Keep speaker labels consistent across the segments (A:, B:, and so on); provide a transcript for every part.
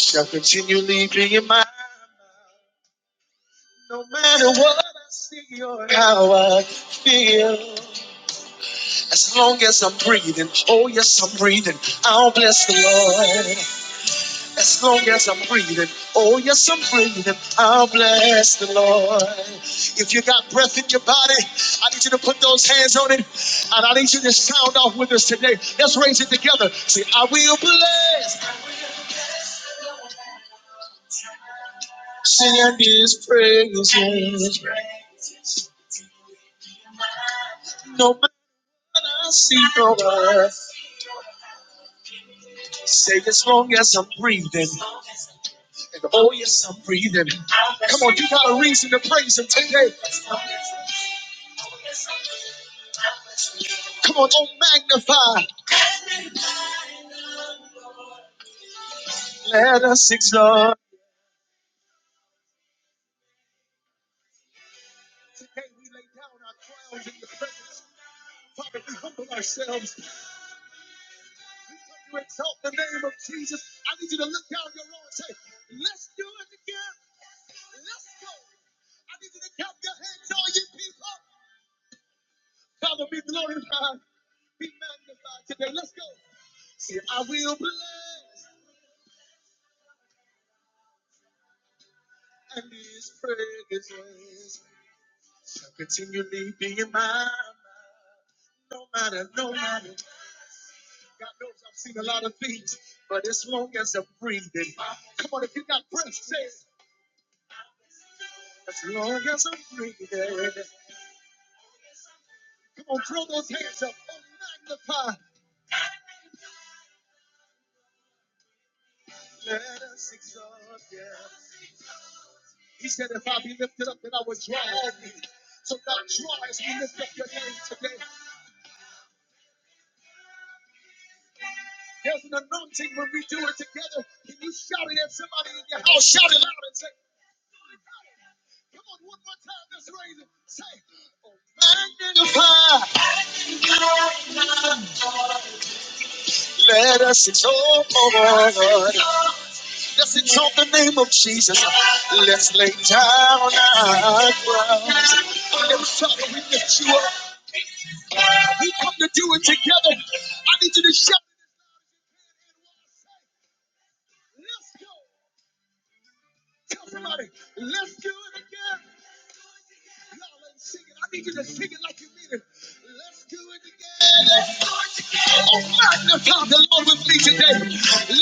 A: shall continually be in my mouth. how I feel, as long as I'm breathing, oh yes, I'm breathing, I'll bless the Lord. and say, Magnify. Let us exalt the Lord. Let's exalt the name of Jesus. Let's lay down our crowns. Father, we lift you up with me today.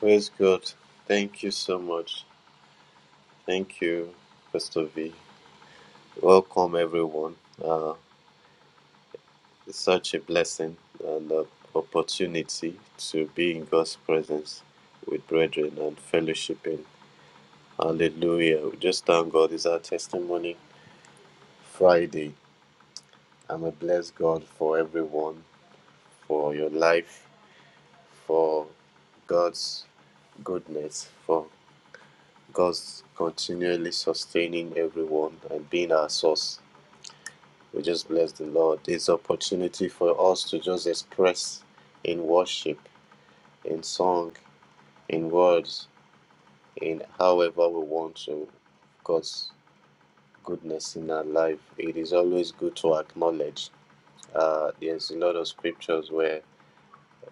B: Praise God. Thank you so much. Thank you, Pastor V. Welcome, everyone. Uh, it's such a blessing and an opportunity to be in God's presence with brethren and fellowshipping. Hallelujah. We just thank God. It's our testimony Friday. I'm a blessed God for everyone, for your life, for God's goodness, for God's continually sustaining everyone and being our source We just bless the Lord. It's an opportunity for us to just express in worship, in song, in words, in however we want to God's goodness in our life. It is always good to acknowledge. Uh, there's a lot of scriptures where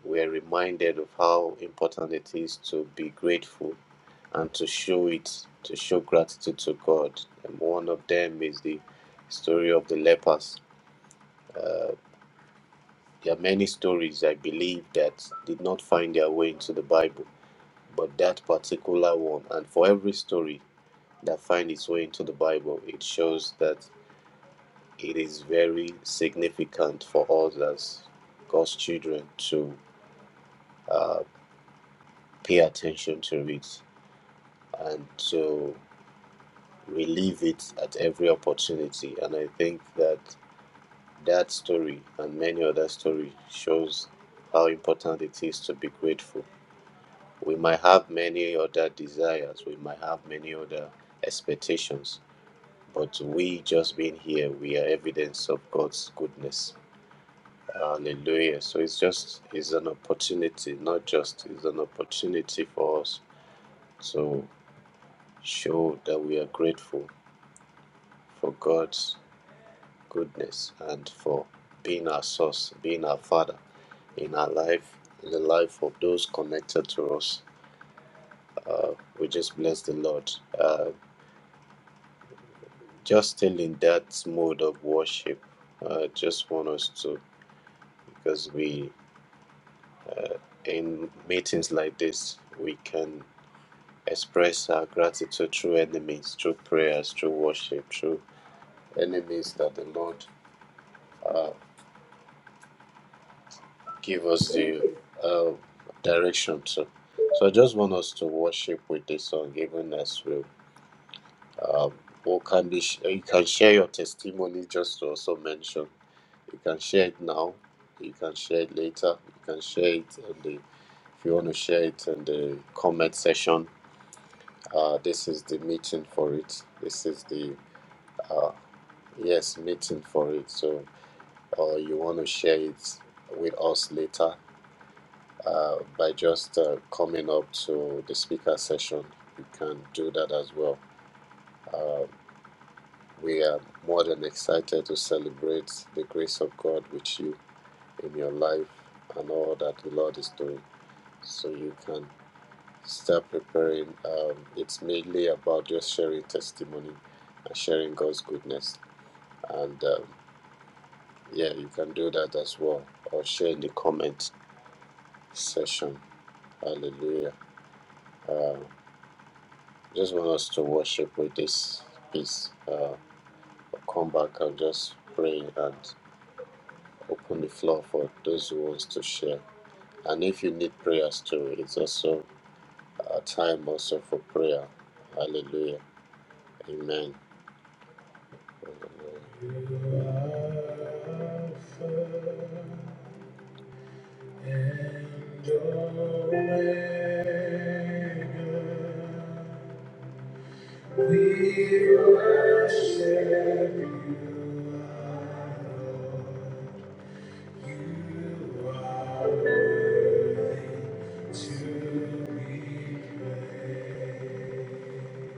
B: we're reminded of how important it is to be grateful and to show it, to show gratitude to God. And one of them is the story of the lepers. Uh, There are many stories I believe that did not find their way into the Bible, but that particular one, and for every story that finds its way into the Bible, it shows that it is very significant for us as God's children to uh, pay attention to it and to relieve it at every opportunity. And I think that that story and many other stories shows how important it is to be grateful We might have many other desires, we might have many other expectations, but we just being here, we are evidence of God's goodness. Hallelujah. So it's just it's an opportunity, not just it's an opportunity for us to show that we are grateful for God's goodness and for being our source, being our father in our life, in the life of those connected to us. We just bless the Lord. Uh, just still in that mode of worship. I just want us to, because we, in meetings like this, we can express our gratitude through enemies, through prayers, through worship, through enemies that the Lord give us the uh, direction to. So I just want us to worship with this song, even as we. Um, or can be, sh- you can share your testimony just to also mention. You can share it now. You can share it later. You can share it in the, if you want to share it in the comment section. Uh, this is the meeting for it. This is the uh, yes meeting for it. So, or uh, you want to share it with us later uh, by just uh, coming up to the speaker session. You can do that as well. Uh, we are more than excited to celebrate the grace of God with you in your life and all that the Lord is doing. so you can start preparing. Um, it's mainly about just sharing testimony and sharing God's goodness. And um, yeah, you can do that as well or share in the comment section. Hallelujah. Uh, just want us to worship with this piece. Uh, come back and just pray and open the floor for those who wants to share. And if you need prayers too, it's also a time also for prayer. Hallelujah. Amen. Alpha and Omega. We worship you, our Lord. You are worthy to be praised.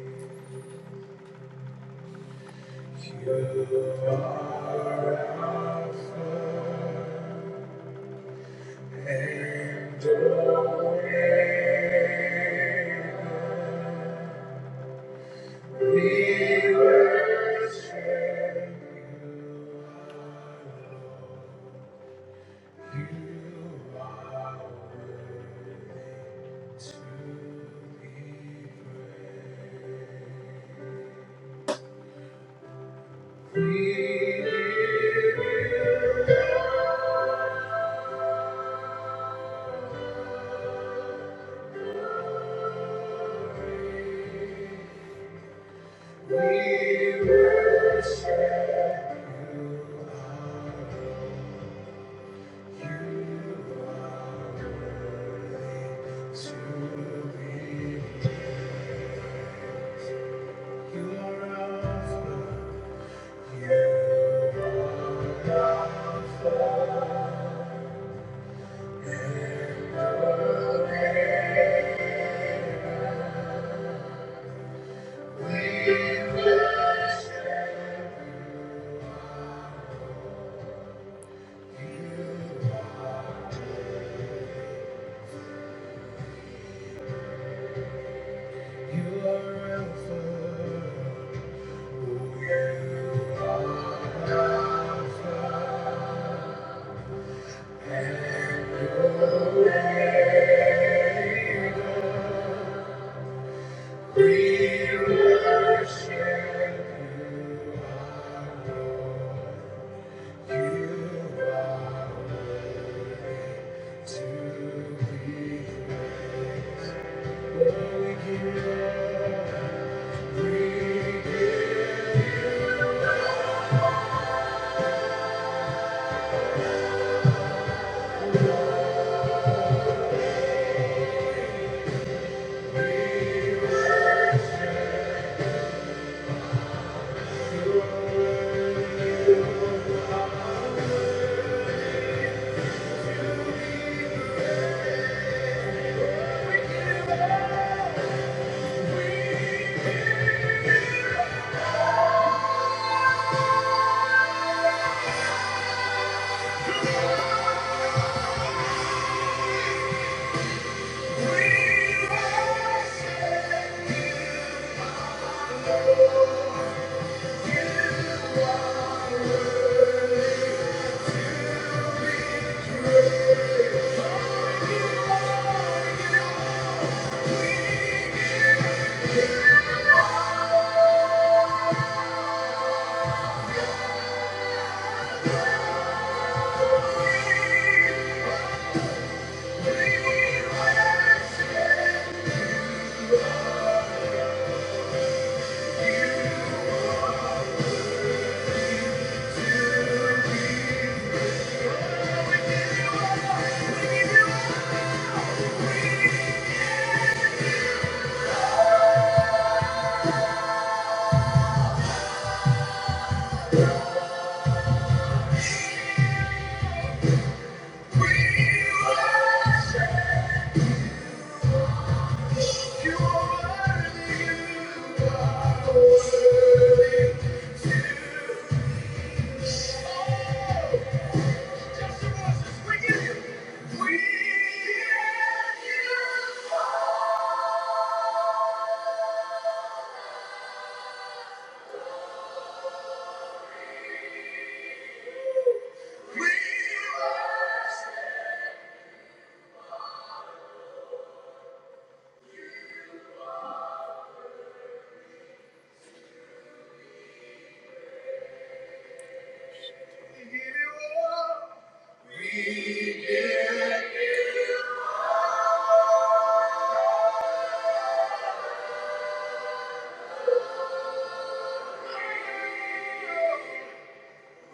B: You are Alpha and Omega. We worship you. You are Alpha. You are Alpha. We worship you. You are Alpha. We are Alpha. We worship you. To be Oh, We give you praise. We worship We give you,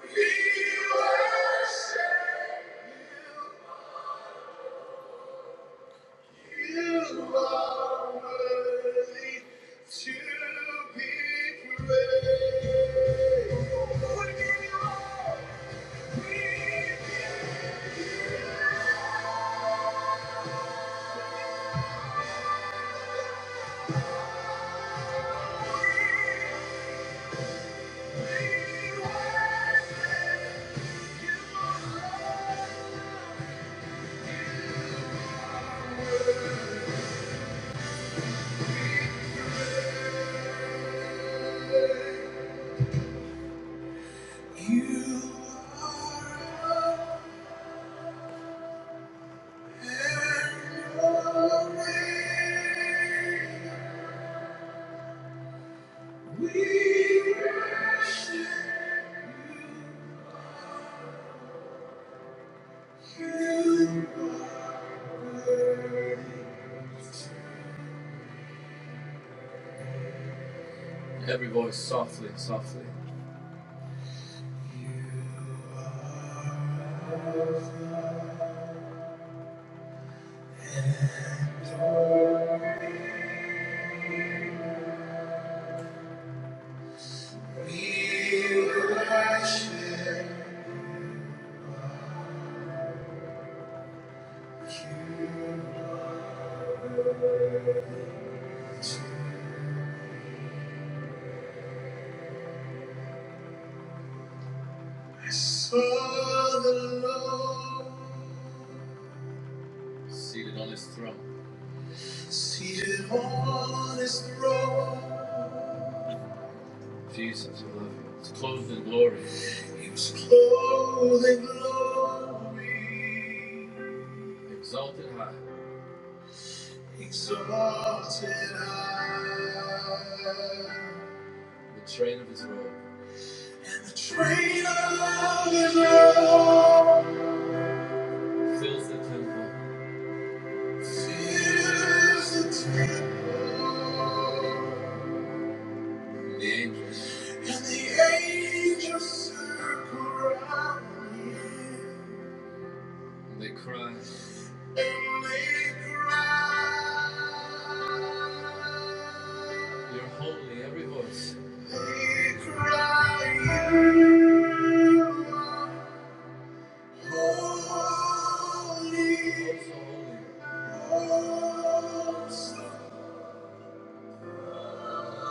B: we worship. You are worthy to be praised. We give You all. We give you all. You are and always we worship. Every voice softly, softly. You Are the Lord. Seated on his throne. Seated on his throne. Jesus, I love you. He was clothed in glory. He was clothed in glory. Exalted high. Exalted high. The train of his robe. And the train of his robe. Fills the temple. Fills the temple. And the angels circle around me. And They cry. And they cry. You're holy, every voice. They cry. You are holy. Oh, so holy. Oh, so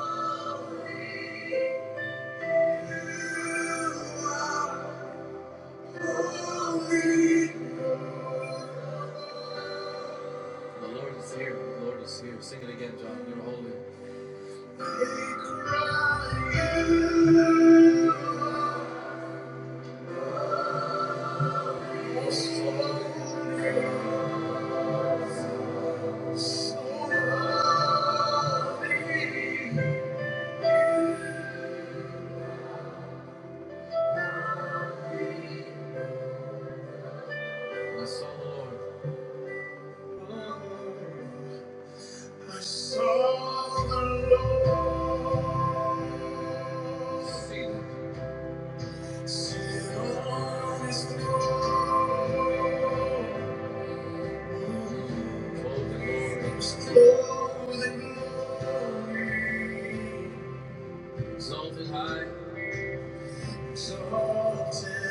B: holy. You are holy. The Lord is here. The Lord is here. Sing it again, John. You're holy. My soul, my soul, the Lord. I saw the Lord. Seated. Seated on his throne. Clothed in glory. Clothed in glory. Exalted high. Exalted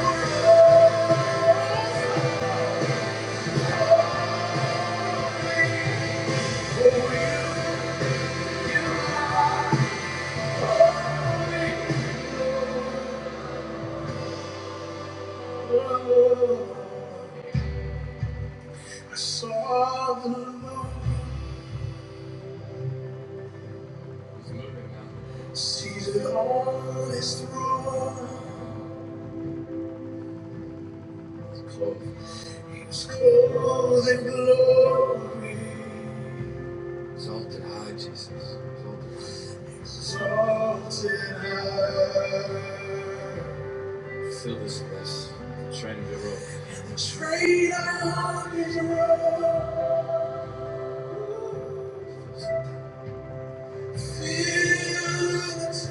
B: high. I saw the Lord seated on his throne. He was clothed in glory. Exalted high, Jesus. Exalted high. Fill this place. The train of your robe. And The train of his robe. Fill the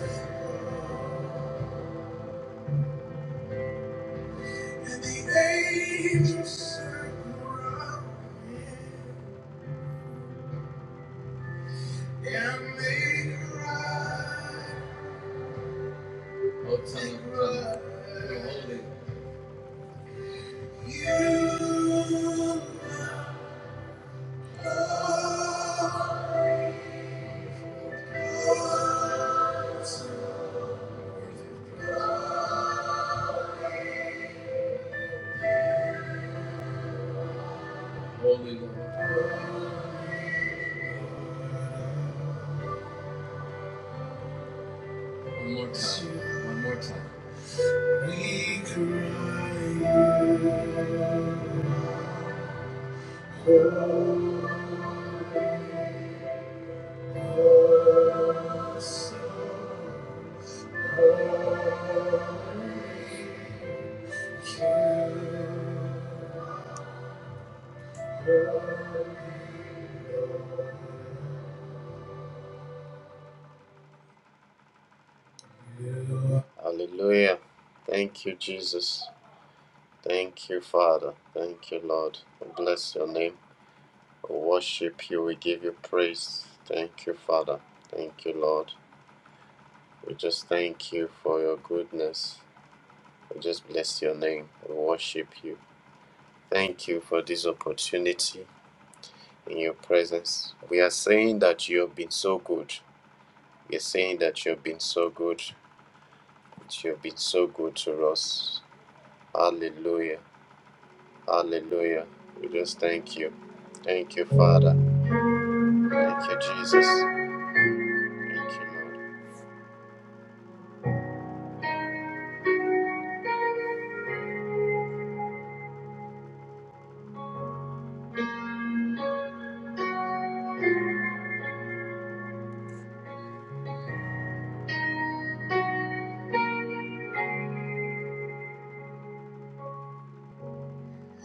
B: And The angels sing around him and they a right. Oh, tell them, tell them. You're holy. You are holy, Lord. One more time. One more time. Hallelujah. Thank you, Jesus. Thank you, Father. Thank you, Lord. We bless your name. We worship you. We give you praise. Thank you, Father. Thank you, Lord. We just thank you for your goodness. We just bless your name. We worship you. Thank you for this opportunity in your presence. We are saying that you have been so good. We are saying that you have been so good. That you have been so good to us. Hallelujah. Hallelujah. We just thank you. Thank you, Father. Thank you, Jesus. Thank you, Lord.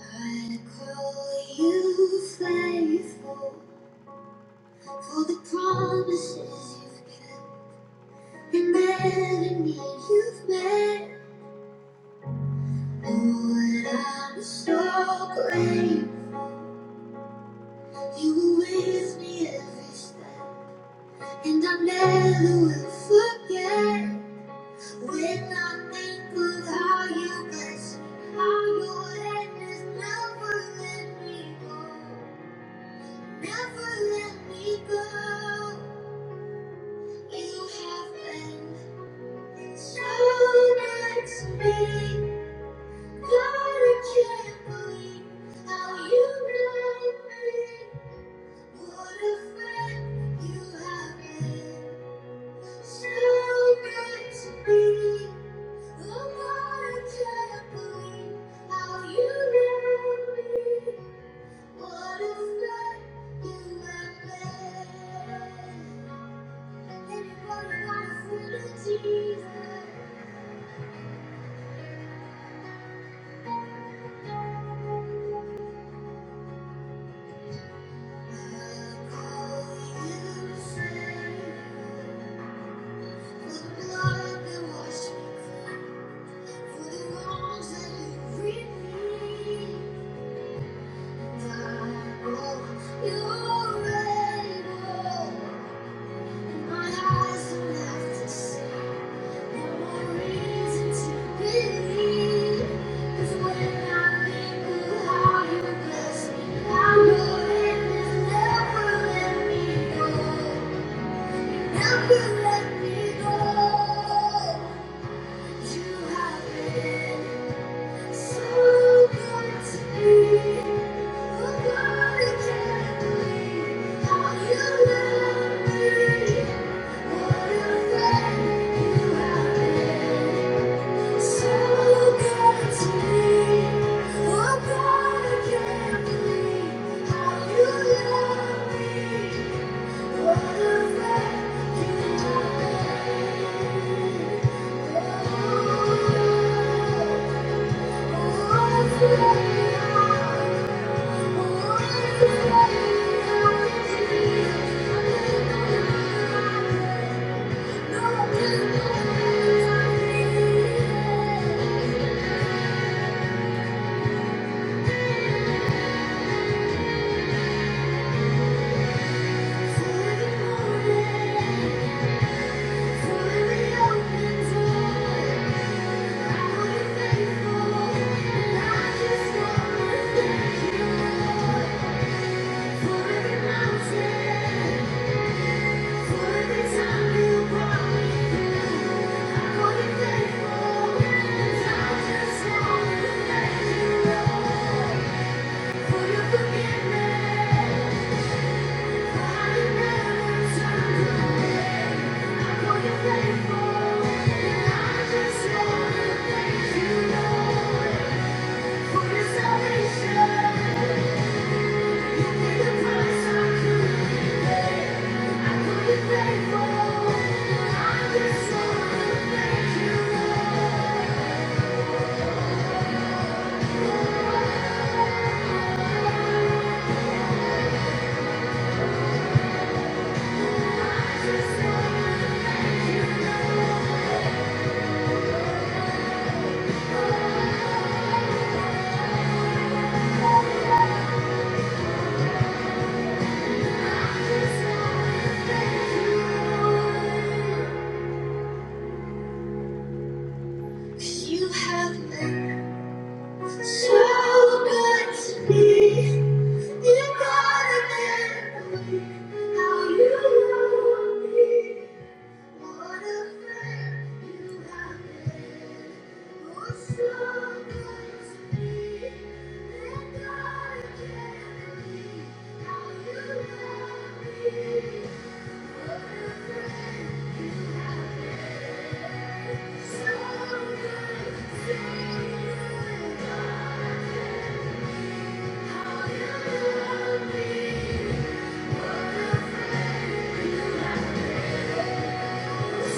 B: I call you faithful for the promises you've kept. And then me you've met. Oh, and I'm so grateful you were with me every step. And I never will forget when I think of how you blessed me, how your hand has never let me go, never let me go. You have been so nice to me. God, I can't believe how you love me. What a friend you have been. So good to me. Oh, God, I can't believe how you love me. What a friend you have been. Anybody got a friend of Jesus? I call you friend. Never let me go. You have been. Oh Thank you. Faithful, and I just want to thank You Lord. You have been So good to be. You gotta get believe how you be. What a friend you have been. Oh, so good to be. You gotta get believe how you be. What a friend you have been. So good to be. What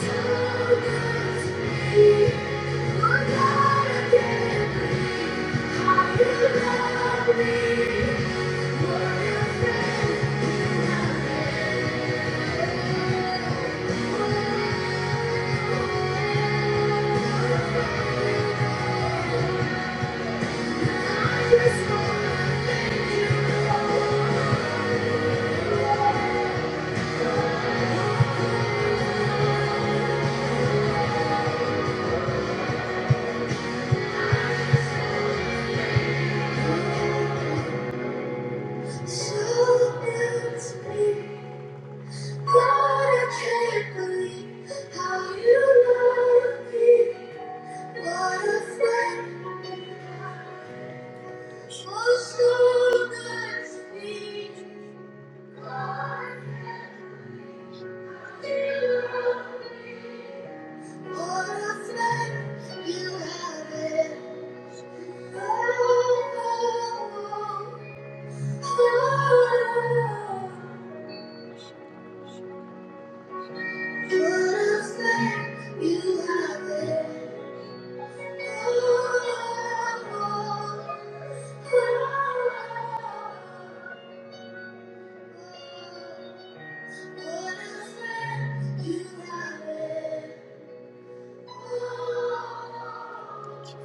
B: a friend you have been. Thank you,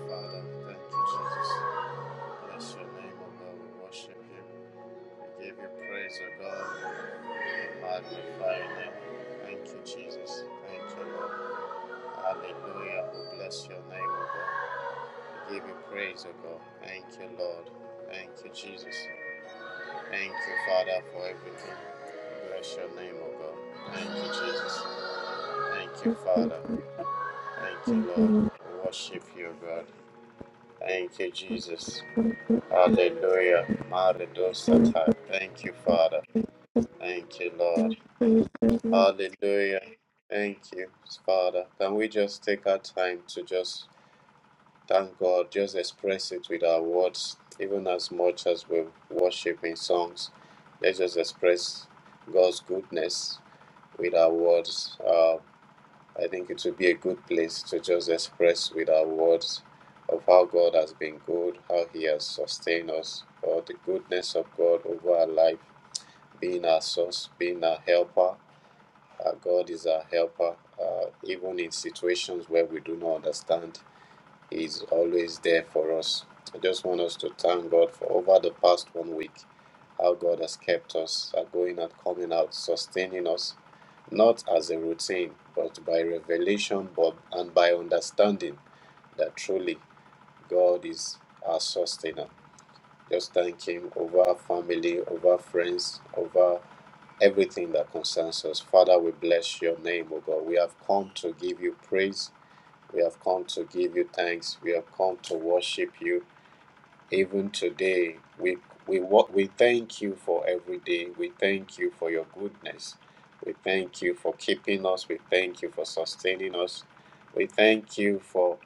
B: Father. Thank you, Jesus. Bless your name, O We worship you. We give you praise, O God. Magnify your name. Thank you, Jesus. Thank you, Lord. Hallelujah. We bless your name, O God. We give you praise, O God. Thank you, Lord. Thank you, Jesus. Thank you, Father, for everything. We Bless your name, O God. Thank you, Jesus. Thank you, Father. Thank you, Lord. We worship you, O God. Thank you, Jesus. Hallelujah. Maridosatai. Thank you, Father. Thank you, Lord. Hallelujah. Thank you, Father. Can we just take our time to just thank God, just express it with our words, even as much as we worship in songs? Let's just express God's goodness with our words. Uh, I think it would be a good place to just express with our words of how God has been good, how He has sustained us, or the goodness of God over our life, being our source, being our helper, uh, God is our helper. Uh, even in situations where we do not understand, He is always there for us. I just want us to thank God for over the past one week, how God has kept us uh, going and coming out, sustaining us, not as a routine, but by revelation but, and by understanding that truly God is our sustainer. Just thank Him over our family, over friends, over everything that concerns us. Father, we bless your name, O God. We have come to give you praise. We have come to give you thanks. We have come to worship you even today we we wa- we thank you for every day we thank you for your goodness we thank you for keeping us we thank you for sustaining us we thank you for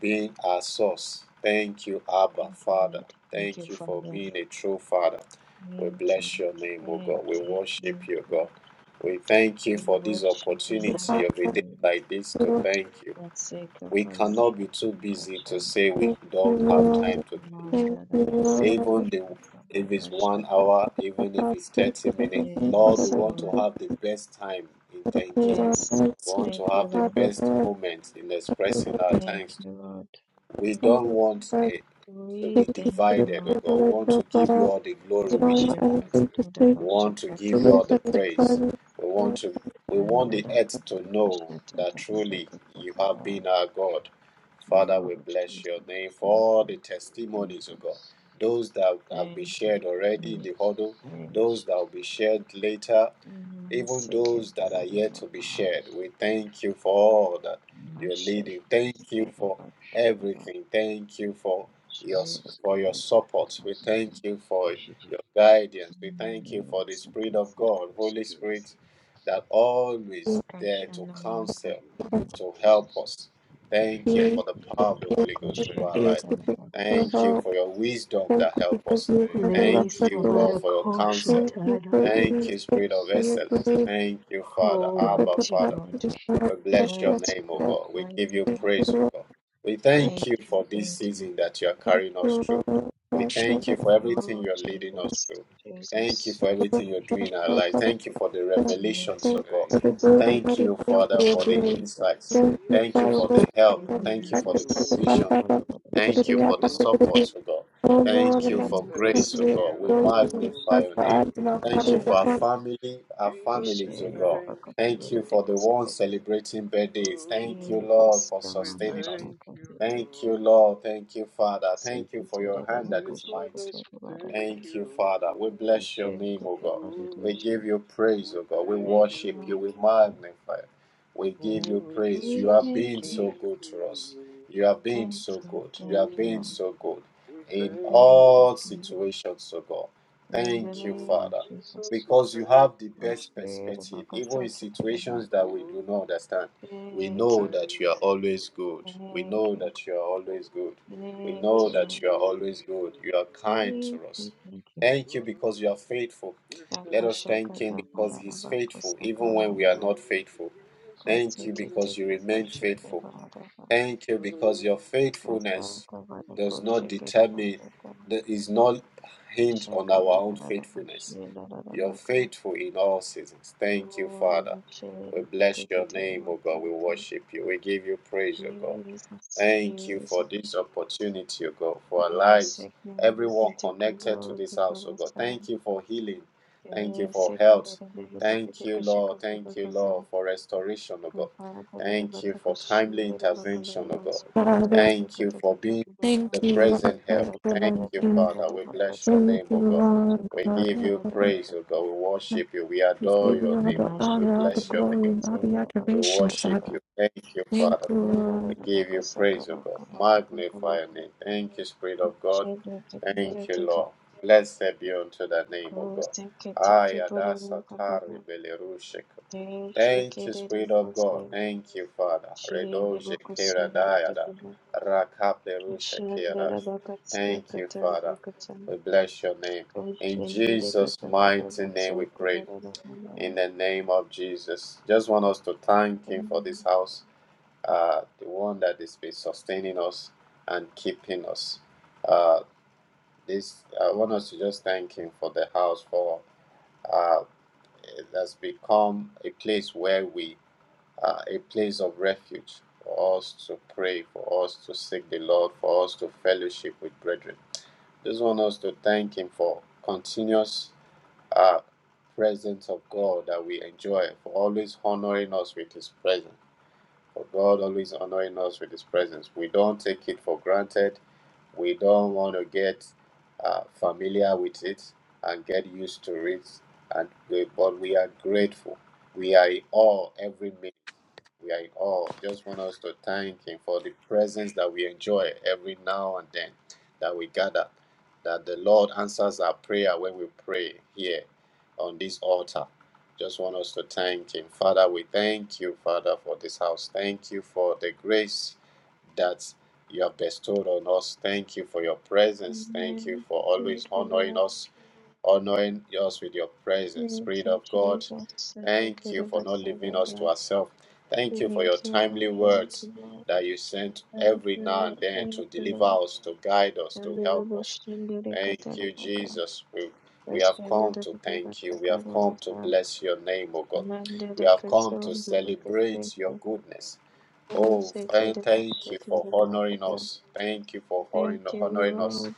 B: being our source thank you abba father thank you for being a true father we bless your name o god we worship you god we thank you for this opportunity of a day like this to thank you we cannot be too busy to say we don't
C: looking
B: have time to thank you even the, if it's one hour, even if it's 30 minutes. Lord, we want to have the best time in thanking you. We want to have the
C: at the
B: best moment in expressing our thanks we don't
C: something
B: want
C: that
B: it to
C: is
B: be divided, oh God. We
C: regulated,
B: want to
C: but
B: give you
C: uh,
B: all the
C: you
B: glory with
C: don't
B: this
C: want
B: moment.
C: anything to
D: Thank you,
C: say
B: We want to
C: to
B: give you
C: look
D: Grace.
B: all the
C: at the
B: praise.
C: current
B: We want to we want the
D: Thank
B: earth to
D: you,
B: know
D: Jesus.
B: that truly you have been our God. Father, we bless your name for all the
D: Thank you,
B: testimonies, oh God.
D: Jesus.
B: Those that have been
D: Thank
B: shared
D: you,
B: already
D: Lord
B: in the
D: Jesus.
B: huddle,
D: Thank you,
B: those that will
D: sister.
B: be
D: Thank
B: shared
D: you,
B: later, even those that are
D: Lord Jesus. Thank you,
B: yet to
D: Lord
B: be shared.
D: Jesus.
B: We thank you for all that you're leading. Thank you for everything. Thank you for your for your support. We thank you for your guidance. We thank you for the Spirit of God, Holy
D: Thank you, Lord
B: Spirit, that always there to counsel, to help
D: Jesus.
B: us. Thank you
C: being
B: for the
D: Thank
B: power of the Holy Ghost
C: the
B: over our
C: case
B: life.
D: you, Lord
C: because of
B: Thank
D: Jesus.
B: you
C: how
B: for your wisdom
C: thank
B: that
C: you
B: help
C: because
B: us.
C: you've
D: Thank you,
C: never left
D: Lord
B: Thank
C: us
B: you,
C: alone.
B: Lord, for your
D: Jesus.
B: counsel.
C: Thank you for
D: Thank
B: Thank
C: eating
B: you,
C: thank you
B: Spirit of
C: for your
B: Excellence.
C: belief,
B: Thank you, Father,
C: you for
B: Abba, Father.
C: capacity for us,
B: We
C: us,
B: bless your
C: us,
B: name, O
C: us,
B: God. We give you
C: we
B: praise, O
C: love
B: God. We thank
D: you,
B: you for
D: Jesus.
B: this season that you are carrying us
C: you,
B: through.
C: Lord,
B: We
C: passion,
B: thank
C: and
B: you
C: I
B: for everything you're leading us through. Thank you for
D: Thank you,
B: everything you're
D: Lord
B: doing in our
C: God
B: lives.
D: Jesus.
C: of
B: Thank you for the
C: God.
B: revelations,
C: Thank
B: O
C: you
B: God.
D: Thank
C: for the
D: you,
C: good
D: Abba.
C: and
B: Thank
C: mighty
B: you,
C: things
B: Father,
C: we are
B: for the
C: doing.
B: insights.
C: Thank you,
B: Thank you
C: Father,
D: Jesus,
B: for
C: Lord,
D: we
B: the help.
D: thank
C: and
B: Thank you
C: I
B: for the
C: just want
D: you.
C: to
B: provision.
C: thank God for the Spirit of
B: Thank you for the
C: the Lord.
B: support,
D: Ooh,
B: O God.
C: O Lord,
B: Thank
C: and
B: you
D: we
B: for
C: my
D: thank
B: grace, O
C: spirit
B: God. We
C: will rejoice
B: magnify
C: because
D: you.
B: your
C: the
B: name.
C: eyes of the
B: Thank
C: body
B: you for our
C: depend
B: family, our
D: Jesus, we
B: families, O God.
D: thank you.
B: Thank you for the ones celebrating birthdays. Thank you,
D: Ooh,
B: Lord, for
D: we
B: sustaining us.
D: thank you.
B: Thank you, Lord. Thank you, Father. Thank you for your hand
D: For
B: that
D: your
B: is mighty.
D: goodness, we thank
B: Thank you, Father. We
D: you.
B: bless your name, O God. We
D: Ooh,
B: give you praise,
D: we
B: O God. We
D: thank
B: worship you. We
D: you.
B: magnify. you. We give you
D: Ooh,
B: praise. You
D: Jesus,
B: have
D: we
B: been so
D: thank
B: good to us.
D: you.
B: You have been so good. You have
D: Ooh,
B: been so good
D: we
B: in
D: thank you.
B: all situations, O God. Thank you,
D: oh
B: Father,
D: Jesus, we
B: because
D: thank
B: you have the best
D: you.
B: perspective, even in situations that we
D: Ooh,
B: do not understand. We
D: we
B: know that
D: thank
B: you are
D: you.
B: always good. We know that you are always
D: oh
B: good. We know
D: Jesus, we
B: that you are
D: thank
B: always
D: you.
B: good. You are kind to us. Thank you because
D: Ooh,
B: you are faithful.
D: we
B: Let us
D: thank
B: thank Him because
D: you.
B: He's faithful, even when we are not faithful.
D: oh Jesus,
B: Thank you
D: we thank
B: because you remain
D: you.
B: faithful. Thank you because
D: Ooh,
B: your faithfulness
D: we
B: does
D: thank
B: not determine, that is not hinged on our own faithfulness. You're faithful in all seasons. Thank you, Father. We bless your name, O God. We worship you. We give you praise, O God. Thank you for this opportunity, O God, for our lives, everyone connected to this house, O God. Thank you for healing. Thank you for health. Thank you, Lord. Thank you, Lord, for restoration, O God. Thank you for timely intervention, O God.
C: on this.
B: Thank you for being
C: Thank
B: the
C: you, Lord,
B: present
C: for
B: help. Thank you,
C: intervention.
B: Father. We bless your
C: Thank
B: name,
C: you,
B: O God.
C: Lord,
B: We
C: God.
B: give
C: I
B: you
C: thank
B: praise, O God. We
C: you.
B: worship you. We
C: We
B: adore
C: give you
B: your
C: all
B: name,
C: the
B: O God. We
C: honor, all the
B: bless your
C: glory,
B: name, O
C: and all
B: God.
C: the
B: We
C: adoration,
B: worship
C: Father.
B: you. Thank you,
C: Thank
B: Father.
C: you,
B: We
C: Lord.
B: give you praise, O God. Magnify your name. Thank you, Spirit of God. Thank you, Lord. Blessed be unto the name, O God. Ayada satari belerushe Thank you, Spirit of God. Thank you, Father. Redoje kera dayada. Rakaplerusha kerash. Thank you, Father. We bless your name. In Jesus' mighty name we pray. In the name of Jesus. Just want us to thank Him for this house, uh, the one that has been sustaining us and keeping us. Uh, this I want us to just thank Him for the house, for uh, it has become a place where we uh, a place of refuge for us to pray, for us to seek the Lord, for us to fellowship with brethren. Just want us to thank Him for continuous uh, presence of God that we enjoy, for always honoring us with His presence for God always honoring us with His presence. We don't take it for granted. We don't want to get uh, familiar with it and get used to it. And we, but we are grateful. We are in awe every minute. We are in awe. Just want us to thank Him for the presence that we enjoy every now and then that we gather. That the Lord answers our prayer when we pray here on this altar. Just want us to thank Him. Father, we thank you, Father, for this house. Thank you for the grace that you have bestowed on us. Thank you for your presence. Thank you for always honoring us, honoring us with your presence. Spirit of God, thank you for not leaving us to ourselves. Thank you for your timely words that you sent every now and then to deliver us, to guide us, to help us. Thank you, Jesus. We, we have come to thank you. We have come to bless your name, O God. We have come to celebrate your goodness. Oh, thank, thank you for honoring us. Thank you for honoring, honoring us.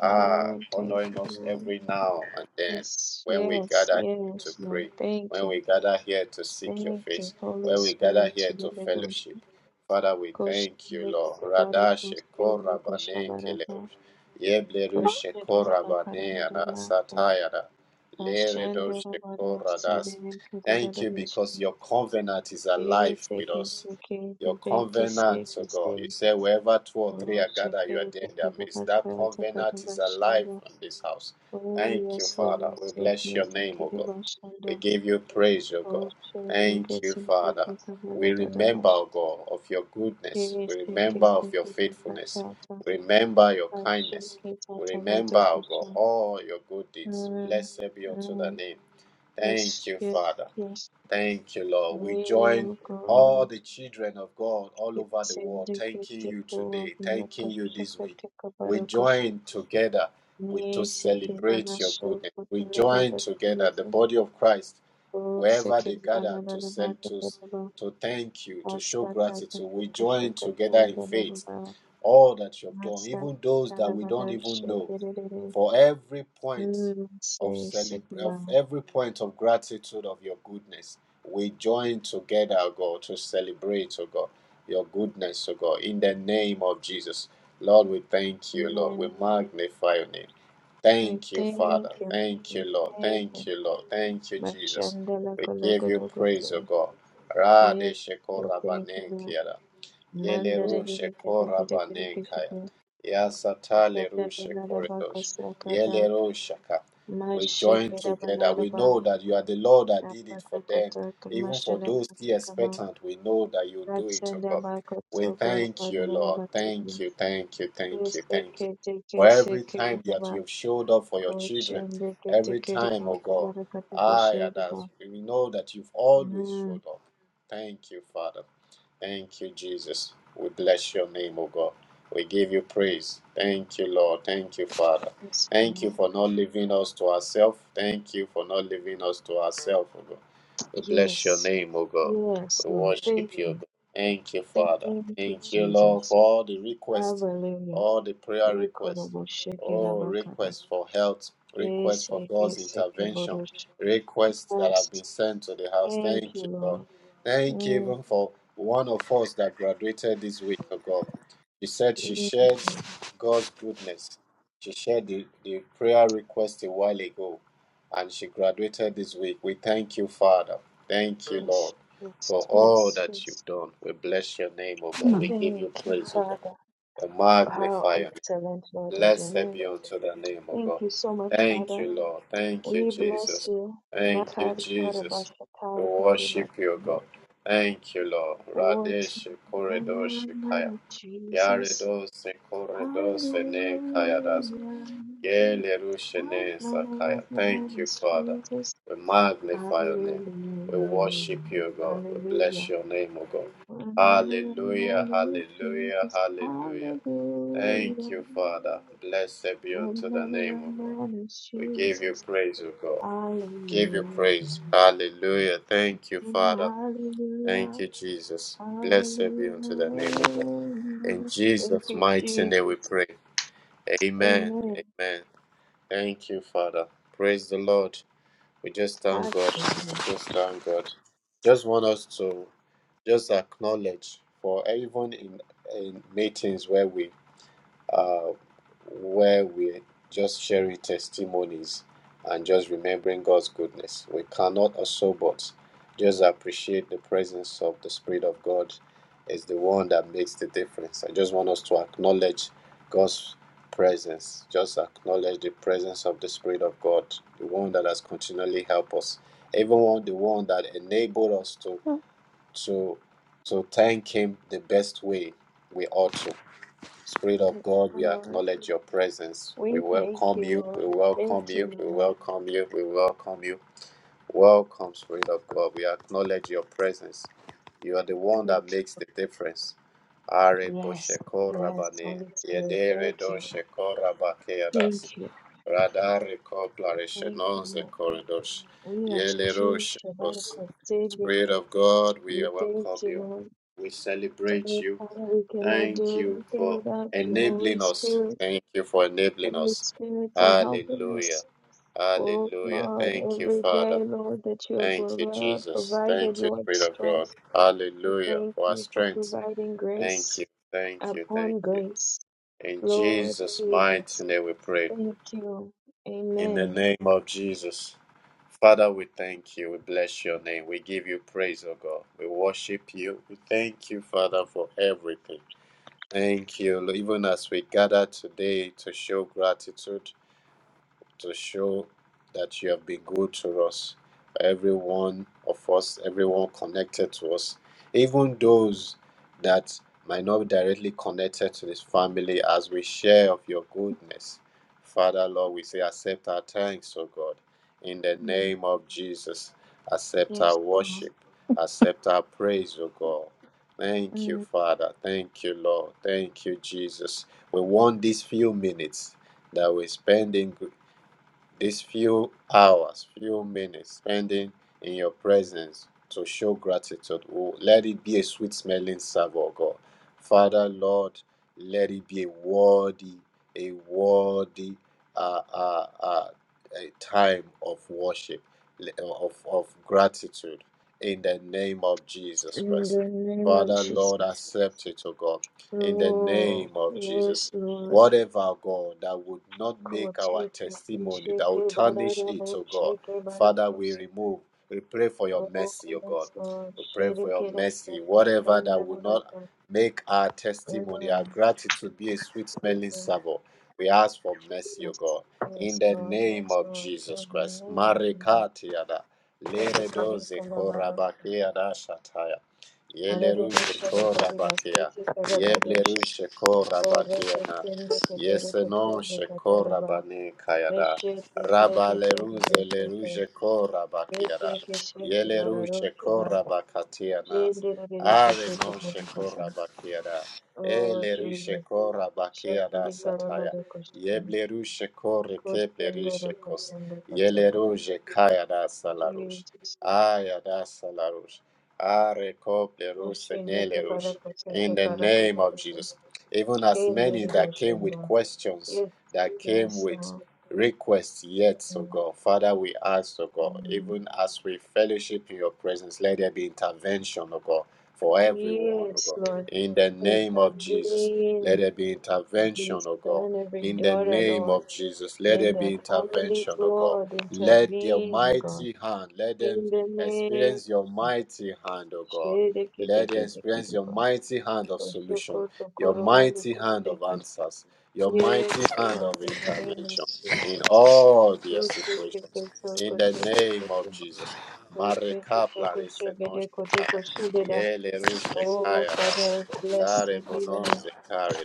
B: Ah, honoring us every now and then when we gather here to pray, when we gather here to seek your face, when we gather here to fellowship. Father, we thank you, Lord. Radashe Korabanenkeleush. Yebleru Yeblerushe korabaneana satayana. Leredoshe koradas. Thank you because your covenant is alive with us. Your covenant, oh God. You say wherever two or three are gathered, you are there in their midst. That covenant is alive in this house. Thank you, Father. We bless your name, O God. We give you praise, O God. Thank you, Father. We remember, O God, of your goodness. We remember of your faithfulness. Remember your kindness. We remember, O God, all your good deeds. Blessed be unto the name. Thank you, Father. Thank you, Lord. We join all the children of God all over the world, thanking you today, thanking you this week. We join together we, to celebrate your goodness. We join together, the body of Christ, wherever they gather to send to, to thank you, to show gratitude. We join together in faith all that you have done, even those that we don't even know, for every point of celebr- of every point of gratitude of your goodness. We join together, O God, to celebrate, O God, your goodness, O God, in the name of Jesus. Lord, we thank you, Lord. We magnify your name. Thank you, Father. Thank you, Lord. Thank you, Lord. Thank you, Jesus. We give you praise, O God. Radeshekorabanenkiada. Yele rushe banenkaya. Yasatale rushe koredosh. Yele rushaka. We join together. We know that you are the Lord that did it for them. Even for those still expectant, we know that you do it, O God. We thank you, Lord. Thank you, thank you, thank you, thank you. For every time that you've showed up for your children, every time, oh God, I and us, we know that you've always showed up. Thank you, Father. Thank you, Jesus. We bless your name, O God. We give you praise. Thank you, Lord. Thank you, Father. Thank you for not leaving us to ourselves. Thank you for not leaving us to ourselves, O God. We bless your name, O God. We worship you, O God. Thank you, Father. Thank you, Lord, for all the requests, all the prayer requests. Oh, requests for health, requests for God's intervention, requests that have been sent to the house. Thank you, Lord. Thank you even for one of us that graduated this week ago. She said she shared God's goodness. She shared the, the prayer request a while ago and she graduated this week. We thank you, Father. Thank you, Lord, for all that you've done. We bless your name, O
E: Okay.
B: God. We give you praise, O God. We magnify you. Blessed be unto the name of God. Thank you, Lord. Thank you, Jesus. Thank you, Jesus. We worship you, God. Thank you, Lord. Radesh Koredosh Kaya. Yaredos Koredos Fene Kaya Das. Yelerushene Sakaya. Thank you, Father. We magnify your name. We worship you, God. We bless your name, O God. Hallelujah, hallelujah, hallelujah. Thank you, Father. Blessed be unto the name, O God. We give you praise, O God. Give you praise. Hallelujah. Thank you, Father. Thank you, Jesus. Blessed be unto the name, O God. In Jesus' mighty name we pray. Amen. Amen. Thank you, Father. Praise the Lord. We just thank God. We just thank God. Just want us to just acknowledge for even in, in meetings where we uh, where we're just sharing testimonies and just remembering God's goodness. We cannot also but just appreciate the presence of the Spirit of God is the one that makes the difference. I just want us to acknowledge God's presence. Just acknowledge the presence of the Spirit of God, the one that has continually helped us. Even one- the one that enabled us to to to thank him the best way we ought to. Spirit of God, we acknowledge your presence. We welcome you. We welcome you. We welcome you. We welcome you. Welcome, Spirit of God. We acknowledge your presence. You are the one that makes the difference. Are bosheko rabane, yedere dosheko rabakeadas, radare koplare koridosh, yele roshekos. Spirit of God, we welcome you. We celebrate you. Thank you for enabling us. Thank you for enabling us. Hallelujah. Hallelujah. Thank you, Father. Thank you, Jesus. Thank you, Spirit of God. Hallelujah. For our strength. Thank you. Thank you. Thank you. In Jesus' mighty name we pray. In the name of Jesus. Father, we thank you. We bless your name. We give you praise, O God. We worship you. We thank you, Father, for everything. Thank you. Even as we gather today to show gratitude, to show that you have been good to us, every one of us, everyone connected to us, even those that might not be directly connected to this family as we share of your goodness. Father, Lord, we say, accept our thanks, O God. In the name of Jesus, accept our worship, accept our praise, O God. Thank you, Father. Thank you, Lord. Thank you, Jesus. We want these few minutes that we spend in, these few hours, few minutes spending in your presence to show gratitude, oh, let it be a sweet smelling savour, God. Father, Lord, let it be a worthy, a worthy uh, uh, uh, a time of worship, of, of gratitude in the name of Jesus Christ. Father, Lord, accept it, O God, in the name of Jesus whatever, God, that would not make our testimony, that would tarnish it, oh God. Father, we remove, we pray for your mercy, oh God. We pray for your mercy, whatever that would not make our testimony, our gratitude be a sweet smelling savour. We ask for mercy, O God, in the name of Jesus Christ. Marekatiada, leredoze korabakea dashataya, yeleruje korabakea, yebleruje Korabakea. Yes, non, Shekora Bane Kayada, Rabba Leruze Leruje Kora Bakiada, Yeleru Shekora Bakatianas, Are no Shekora Bakiada, Eleru Shekora Bakiada Sataya, Yebleru Shekore Keplerishe Kos, Yeleruje Kayada Salarush, Ayada Salarush, Are Koplerus Nelerush, in the name of Jesus even as many that came with questions, that came with requests yet, so God. Father, we ask, oh God, even as we fellowship in your presence, let there be intervention, oh God, for everyone, oh God. In the name of Jesus, let there be intervention, oh God. In the name of Jesus, let there be intervention, oh God. Let your mighty hand, let them experience your mighty hand, oh God. Let them experience your mighty hand of solution your mighty hand of answers, your mighty hand of intervention in all their situations. In the name of Jesus. Marekapla resenoshekaya, yelerushekaya das, larebononzekare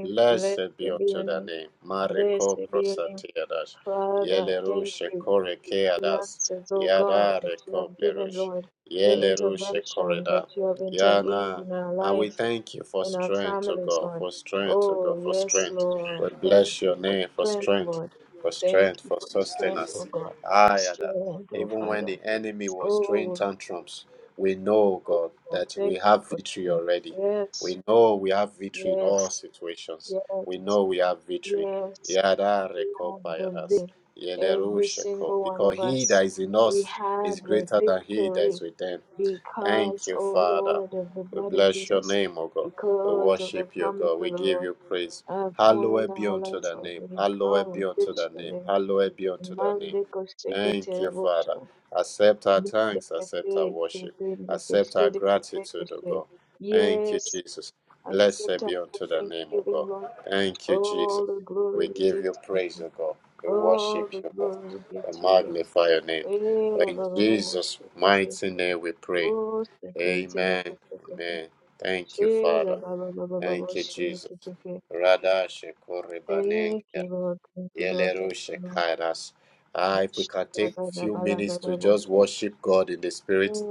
B: Blessed be unto thy name. Mariko prosatiadas. Yelerush kore keadas. Yada rekoplerush. Yelerush koreda. Yana. And we thank you for strength, O God, for strength, O God, for strength. We bless your name for strength, for strength, for sustenance. Ayada. Even when the enemy was throwing tantrums, we know, God, that we have victory already. We know we have victory in all situations. We know we have victory. Yada reko pairas. Yeleru sheko. Because he that is in us is greater than he that is with them. Thank you, Father. We bless your name, O God. We worship you, God. We give you praise. Hallowed be unto the name. Hallowed be unto the name. Hallowed be unto the name. Thank you, Father. Accept our thanks. Accept our worship. Accept our gratitude, O God. Thank you, Jesus. Blessed be unto the name of God. Thank you, Jesus. We give you praise, O God. We worship you, God. We magnify your name. For in Jesus' mighty name we pray. Amen. Amen. Thank you, Father. Thank you, Jesus. Radashe Yelero Shekairas. Ah, if we can take few minutes to just worship God in the spirit,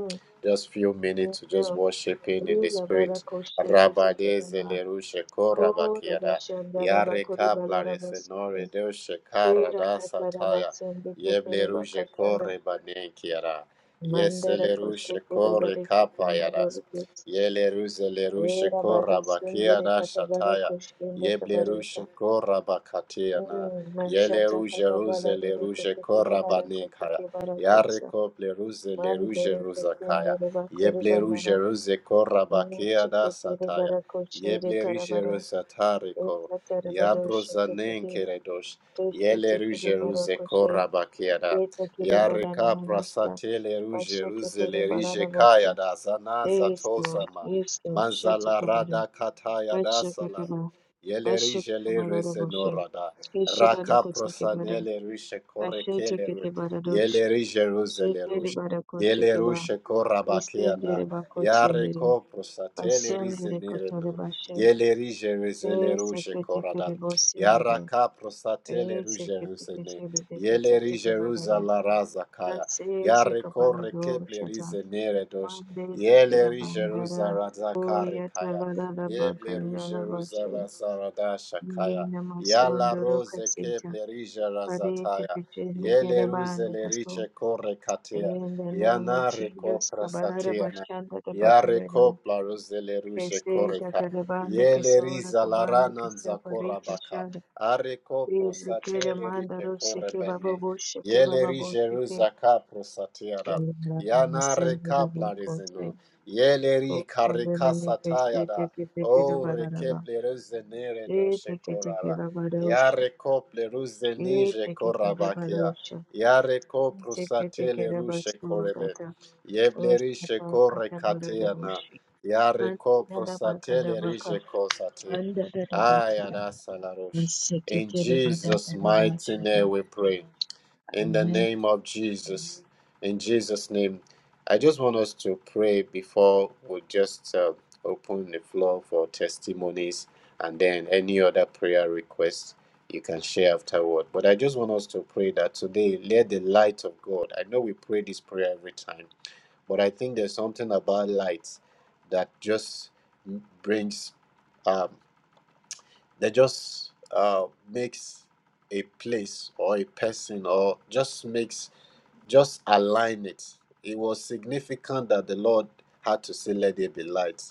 B: just few minutes to just worship Him in the spirit. Rabade Zelero Shekora Bakiada. Yare Kapla Resenore Deo Shekara Da Sataya. Yebleru Shekore Banekiada. Yeselero Shekore Kapayadas. Yeleru Zeleru Shekora Bakiada Shataya. Yebleru Shekora Bakatiana. Yele ruje ruze le ruje korabane kaya. Yare kople ruze le ruje ruzakaya. Yeble ruje ruze korabakia da sataya. Yeble ruje rusatariko. Yabrozanenkere keredosh. Yele ruje ruze korabakia da. Yare kapra satele ruje ruze le rije kaya da zanaza tosama. Manzala rada kataya da salaru. Yele rije le rese norada. Raka prosanele rishe korekele ru- yele rishe ruzele rush yele rushe korabakeana yare ko prosatele rize nerenu yele rishe rizele rushe korada yara ka prosatele rushe ruzene yele rishe ruza la raza kaya yare ko rekeple rize nere dosh yele rishe ruza raza kare kaya yeble rushe ruza la saradasha kaya Yala rose ke plerija razataya. Yele ruze lerishe kore katia. Yana reko prasatiana. Yare kopla ruze leruje koreka. Yele riza laranan zakora baka. Are ko prosatele rishe kore bene. Yele rishe ruza ka prosatiana. Yana rekapla rizeno. Yele ri karika satayada. O rekeple ruze nere do Yare kople ruze nije korabakia. Yare kopru satele rushe korebe. Yeble rishe kore kateana. Yare kopru satele rije kosate. Aya da salarosh. In Jesus' mighty name we pray in the name of Jesus. In Jesus' name, I just want us to pray before we just uh, open the floor for testimonies and then any other prayer requests you can share afterward. But I just want us to pray that today, let the light of God. I know we pray this prayer every time, but I think there's something about light that just brings, um, that just uh, makes a place or a person or just makes just align it. It was significant that the Lord had to say, Let there be light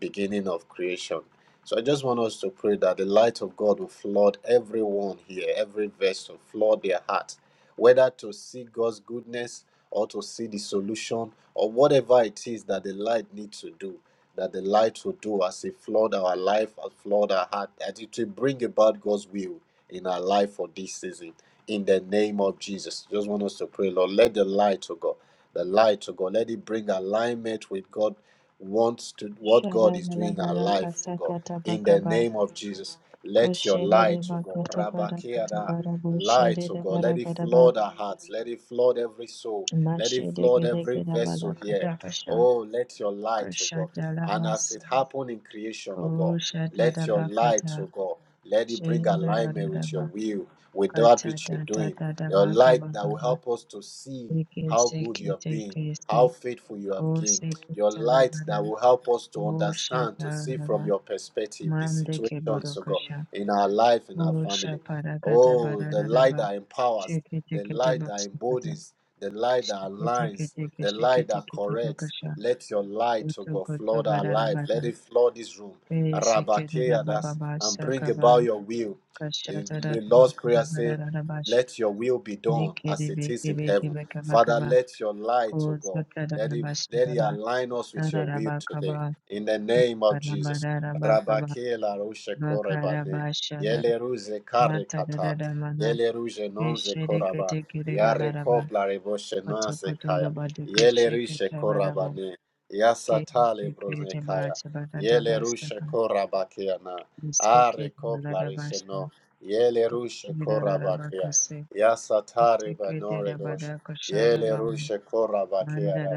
B: beginning of creation. So I just want us to pray that the light of God will flood everyone here, every vessel, flood their heart, whether to see God's goodness or to see the solution or whatever it is that the light needs to do, that the light will do as it flood our life, as flood our heart, that it will bring about God's will in our life for this season. In the name of Jesus, just want us to pray, Lord, let the light, to God, the light, to God, let it bring alignment with God wants to what God is doing in our life, for God. In the name of Jesus, let your light, to God, Rabakeada, light, to God, let it flood our hearts, let it flood every soul, let it flood every vessel here. Oh, let your light, to God, and as it happened in creation, oh God, let your light, oh God, let it bring alignment with your will, with that which you're doing. Your light that will help us to see how good you have been, how faithful you have been, your light that will help us to understand, to see from your perspective the situations, oh God, in our life, in our family. Oh, the light that empowers, the light that embodies, the light that aligns, the light that corrects. Let your light, oh God, flood our life. Let it flood this room. Rabakeadas, and bring about your will. The the Lord's Prayer says, Let your will be done as it is in heaven. Father, let your light, oh God, let it let it align us with your will today. In the name of Jesus. Rabakela rushe korebade. Yele ruze kare kata. Yele ruje nonze koraba. Yare kopla reboshe nanse kaya. Yele rishe korabane. Yasatale broze kaya. Yele rushe korabakeana. Are kopla rishe no. Yele rushe korabakea. Yasatare banore Dosh. Yele rushe kora bakiara.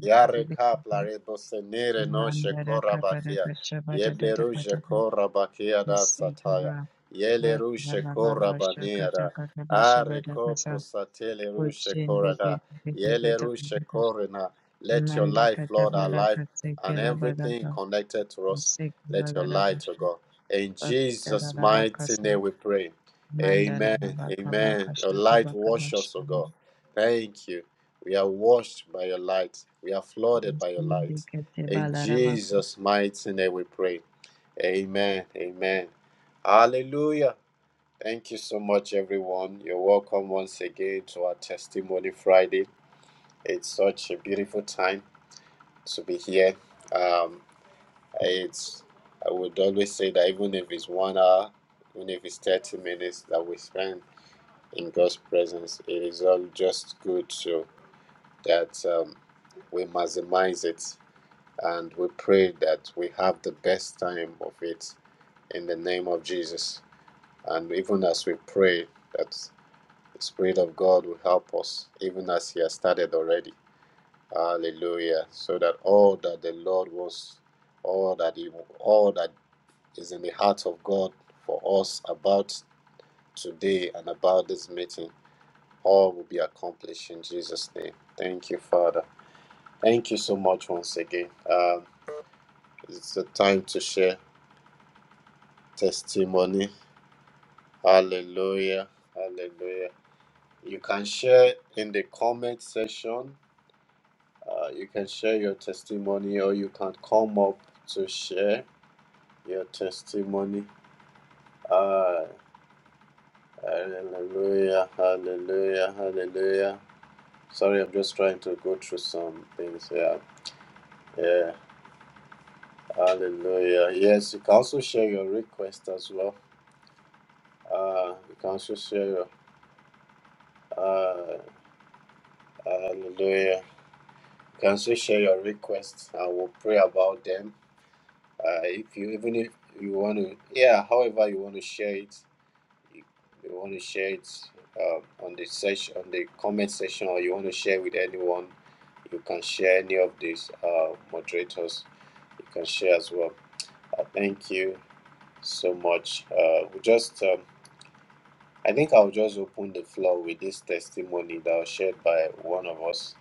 B: Yare kapla rebo senire no shekora bakia. Yeble rushe kora bakia da sataya. Yele rushe kora baniara. Are kopro satele rushe kora da. Yele rushe korena. Let your life, Lord, our life and everything connected to us, let your light, O God. In Jesus' mighty name we pray. Amen. Amen. Your light wash us, O God. Thank you. We are washed by your light. We are flooded by your light. In Jesus' mighty name we pray. Amen. Amen. Hallelujah. Thank you so much, everyone. You're welcome once again to our Testimony Friday. It's such a beautiful time to be here. Um, it's I would always say that even if it's one hour, even if it's 30 minutes that we spend in God's presence, it is all just good. So that um, we maximize it and we pray that we have the best time of it in the name of Jesus. And even as we pray, that the Spirit of God will help us, even as He has started already. Hallelujah. So that all that the Lord wants, all that He, all that is in the heart of God for us about today and about this meeting, all will be accomplished in Jesus' name. Thank you, Father. Thank you so much once again. Um, it's the time to share testimony. Hallelujah. Hallelujah. You can share in the comment section. Uh, you can share your testimony or you can come up to share your testimony. Uh, hallelujah. Hallelujah. Hallelujah. Sorry, I'm just trying to go through some things. here. Yeah. Hallelujah. Yes, you can also share your request as well. Uh, you can also share your uh, hallelujah. You can also share your requests and we'll pray about them. Uh, if you even if you want to, yeah, however you want to share it, you, you want to share it um, on the section on the comment section, or you want to share with anyone, you can share any of these uh, moderators. You can share as well. Uh, thank you so much. Uh, we just um, I think I'll just open the floor with this testimony that was shared by one of us,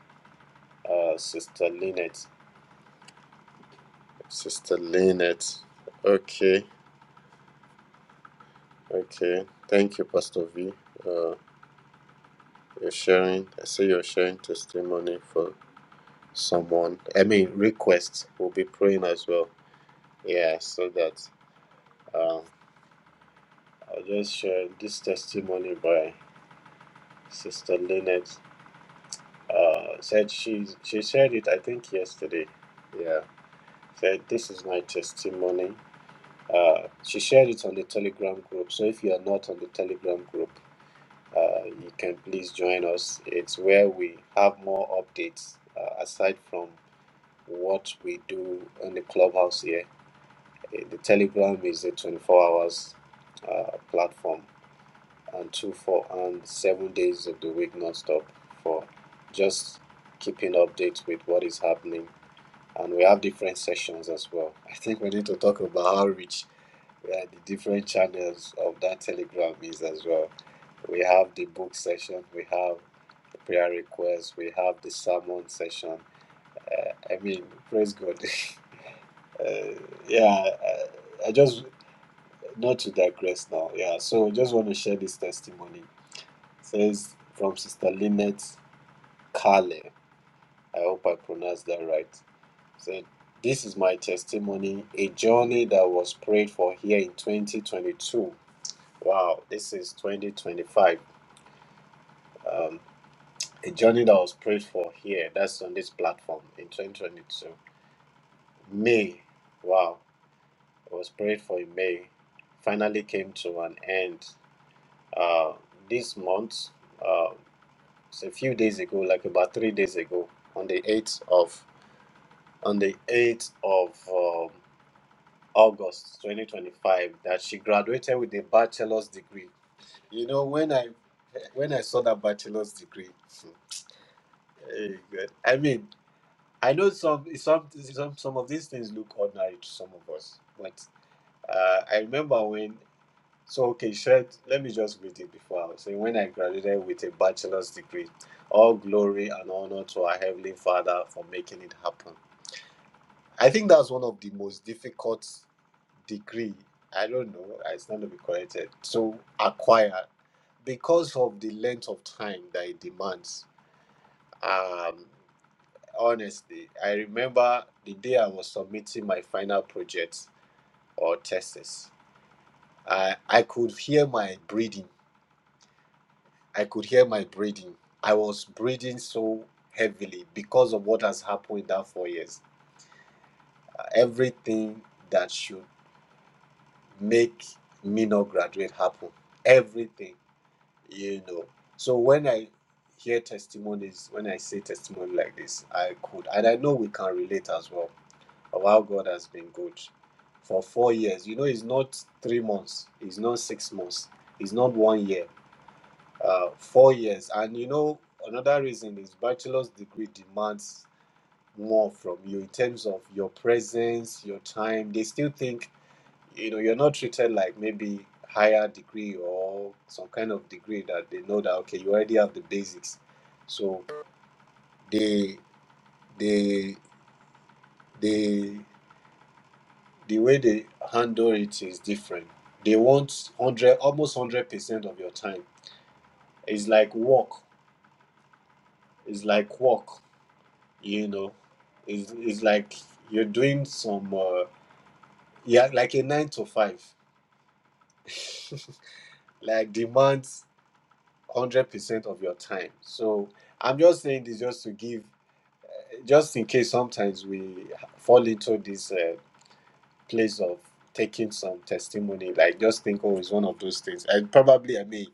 B: uh, Sister Lynette. Sister Lynette. Okay, okay. Thank you, Pastor V. Uh, you're sharing. I see you're sharing testimony for someone. I mean, request. We'll be praying as well. Yeah, so that um, I'll just share this testimony by Sister Lynette. Uh, said she she shared it. I think yesterday. Yeah. said, This is my testimony. Uh, she shared it on the Telegram group. So if you are not on the Telegram group, uh, you can please join us. It's where we have more updates uh, aside from what we do on the clubhouse here. Uh, The Telegram is a 24 hours uh, platform and two, four, and seven days of the week non-stop for just keeping updates with what is happening. And we have different sessions as well. I think we need to talk about outreach yeah, the different channels of that Telegram is as well. We have the book session, we have the prayer requests, we have the sermon session. Uh, I mean, praise God. uh, yeah, uh, I just not to digress now. Yeah, so I just want to share this testimony. It says from Sister Lynette Kale. I hope I pronounced that right. Said this is my testimony, a journey that was prayed for here in 2022 Wow, this is 2025. Um, a journey that was prayed for here, that's on this platform in 2022. May, wow, it was prayed for in May, finally came to an end. Uh, this month, uh, it's a few days ago, like about three days ago, on the 8th of on the 8th of um, August 2025, that she graduated with a bachelor's degree. You know, when I when I saw that bachelor's degree, eh, God, I mean, I know some some some some of these things look ordinary to some of us, but uh, I remember when. So okay, should let me just read it before I say when I graduated with a bachelor's degree, all glory and honor to our heavenly Father for making it happen. I think that's one of the most difficult degree. I don't know. It's not to be corrected. So acquire because of the length of time that it demands. Um, honestly, I remember the day I was submitting my final project or thesis. I, I could hear my breathing. I could hear my breathing. I was breathing so heavily because of what has happened in that four years. Uh, Everything that should make me not graduate happen. Everything, you know. So when I hear testimonies, when I say testimony like this, I could, and I know we can relate as well. of how God has been good for four years. You know, it's not three months, it's not six months, it's not one year, uh, four years. And you know, another reason is bachelor's degree demands more from you in terms of your presence, your time. They still think, you know, you're not treated like maybe higher degree or some kind of degree that they know that okay, you already have the basics. So they they they the way they handle it is different. They want hundred, almost hundred percent of your time. It's like work. It's like work. You know, it's it's like you're doing some uh, yeah, like a nine to five. like demands hundred percent of your time. So I'm just saying this just to give, just in case sometimes we fall into this. Uh, place of taking some testimony like just think oh it's one of those things and probably i mean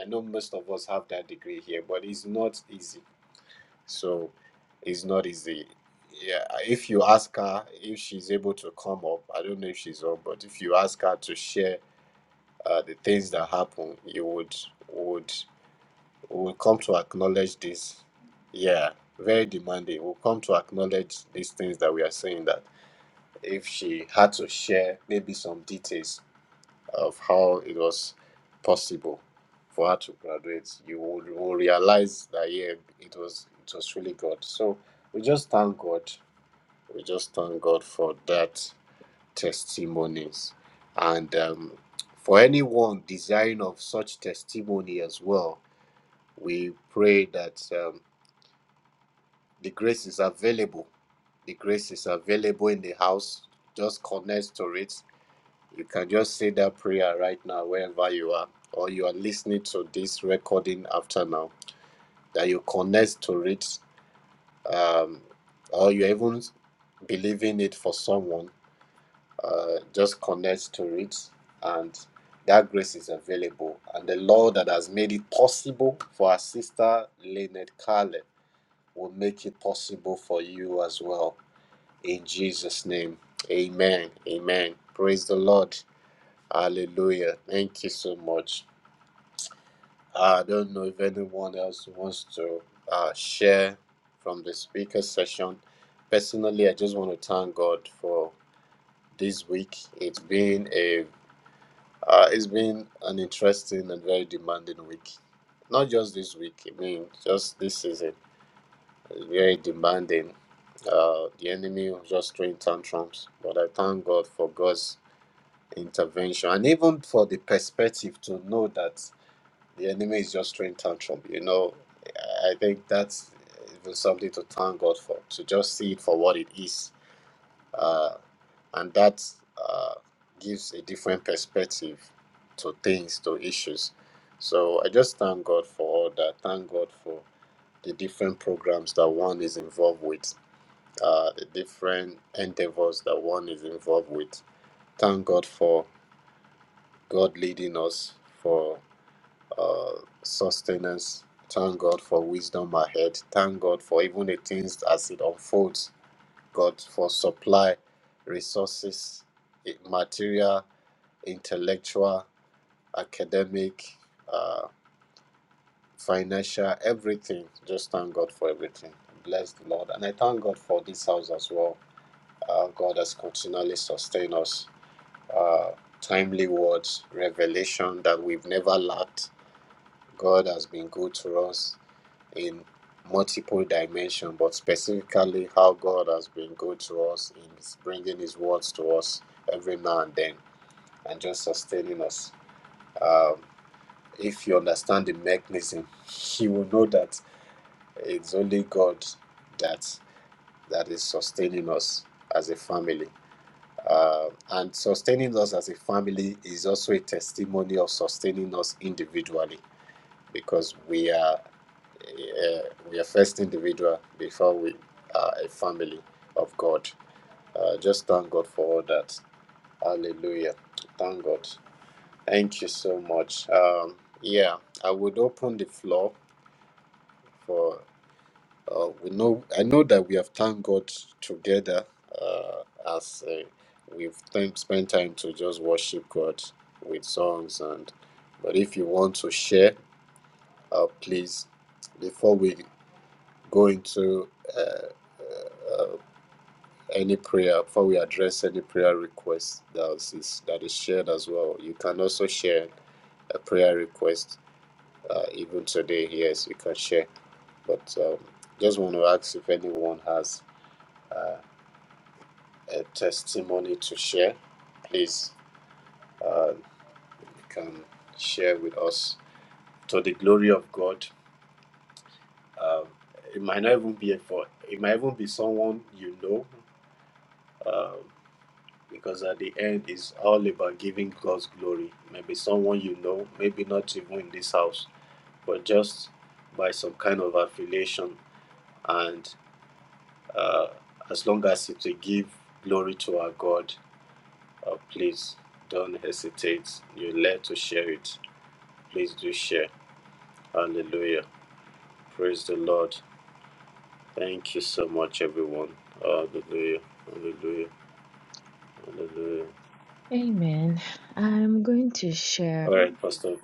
B: i know most of us have that degree here but it's not easy so it's not easy yeah if you ask her if she's able to come up i don't know if she's on but if you ask her to share uh, the things that happen you would would would come to acknowledge this yeah very demanding will come to acknowledge these things that we are saying that if she had to share maybe some details of how it was possible for her to graduate, you will, you will realize that yeah, it was it was really God. So we just thank God. We just thank God for that testimonies, and um, for anyone desiring of such testimony as well, we pray that um, the grace is available. The grace is available in the house. Just connect to it You can just say that prayer right now, wherever you are, or you are listening to this recording after now, that you connect to it, um, or you even believing it for someone, uh, just connect to it, and that grace is available. And the Lord that has made it possible for our sister Lynette Carlin will make it possible for you as well. In Jesus' name, amen. Amen. Praise the Lord. Hallelujah. Thank you so much. Uh, I don't know if anyone else wants to uh, share from the speaker session. Personally, I just want to thank God for this week. It's been a uh, it's been an interesting and very demanding week. Not just this week. I mean, just this season. It's very demanding. Uh, the enemy was just throwing tantrums, but I thank God for God's intervention and even for the perspective to know that The enemy is just throwing tantrum. You know, I think that's even something to thank God for, to just see it for what it is. Uh, and that uh, gives a different perspective to things, to issues. So I just thank God for all that. Thank God for the different programs that one is involved with, uh, the different endeavors that one is involved with. Thank God for God leading us, for uh, sustenance. Thank God for wisdom ahead. Thank God for even the things as it unfolds. God for supply, resources, eh, material, intellectual, academic, uh, financial, everything. Just thank God for everything. Bless the Lord. And I thank God for this house as well. Uh, God has continually sustained us. Uh, timely words, revelation that we've never lacked. God has been good to us in multiple dimension, but specifically how God has been good to us in bringing His words to us every now and then and just sustaining us. Um, if you understand the mechanism, you will know that it's only God that that is sustaining us as a family. Uh, and sustaining us as a family is also a testimony of sustaining us individually because we are uh, we are first individual before we are a family of God. Uh, just thank God for all that. Hallelujah. Thank God. Thank you so much. Um, yeah, I would open the floor for. Uh, we know. I know that we have thanked God together uh, as uh, we've time, spent time to just worship God with songs and. But if you want to share, uh, please before we go into uh, any prayer before we address any prayer request that is that is shared as well you can also share a prayer request uh, even today yes you can share but um, just want to ask if anyone has uh, a testimony to share please uh, you can share with us to the glory of god um, it might not even be a for it might even be someone you know Um, because at the end it's all about giving God's glory. Maybe someone you know, maybe not even in this house, but just by some kind of affiliation. And uh, as long as it's to give glory to our God, uh, please don't hesitate. You're led to share it. Please do share. Hallelujah. Praise the Lord. Thank you so much, everyone. Hallelujah. Hallelujah. Hallelujah. All right, Pastor.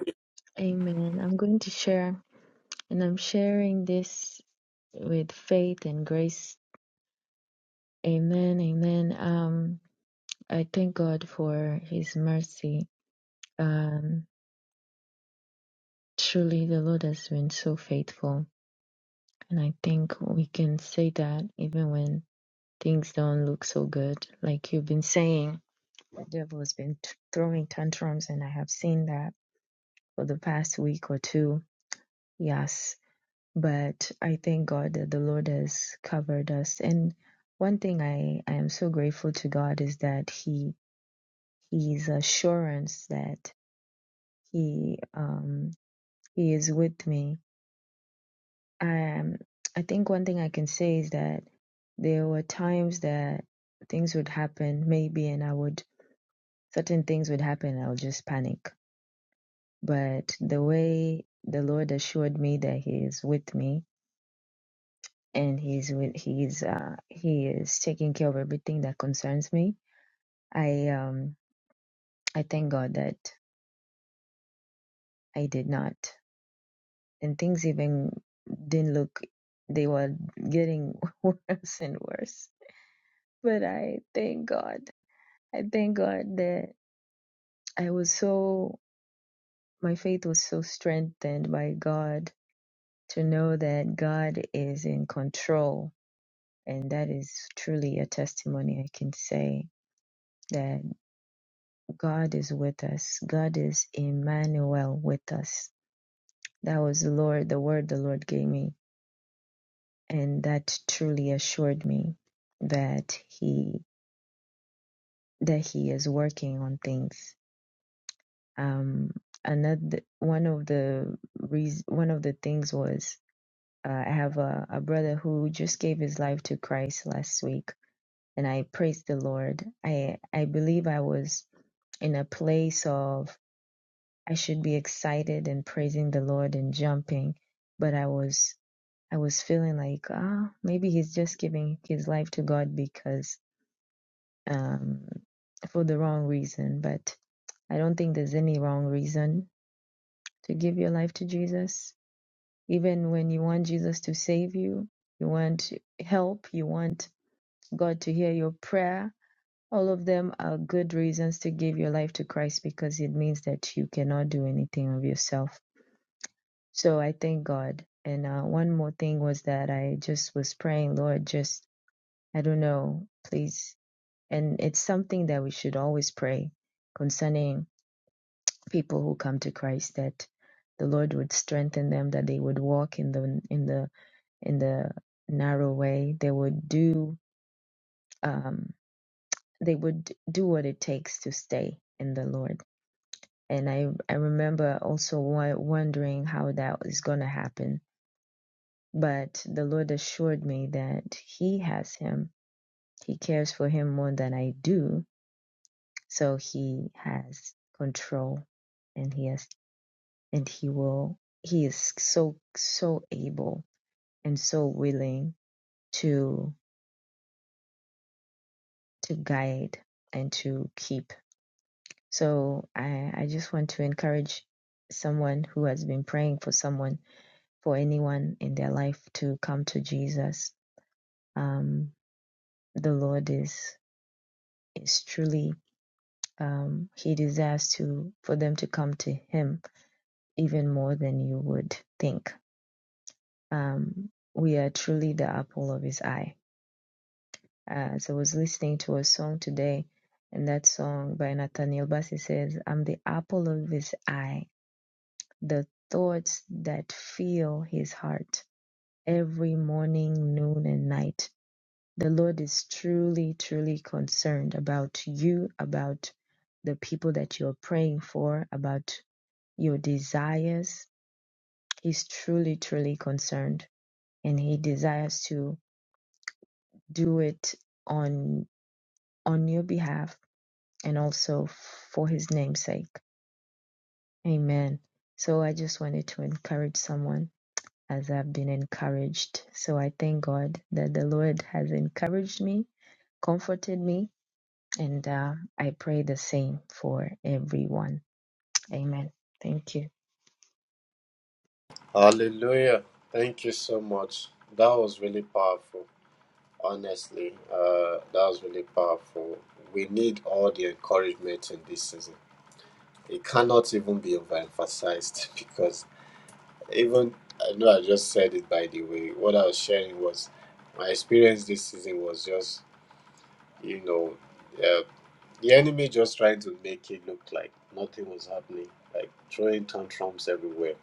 B: Hallelujah. Thank you so much. That was really powerful. Honestly, uh, that was really powerful. We need all the encouragement in this season. It cannot even be overemphasized because even I know I just said it by the way. What I was sharing was my experience this season was just, you know, uh, the enemy just trying to make it look like nothing was happening, like throwing tantrums everywhere,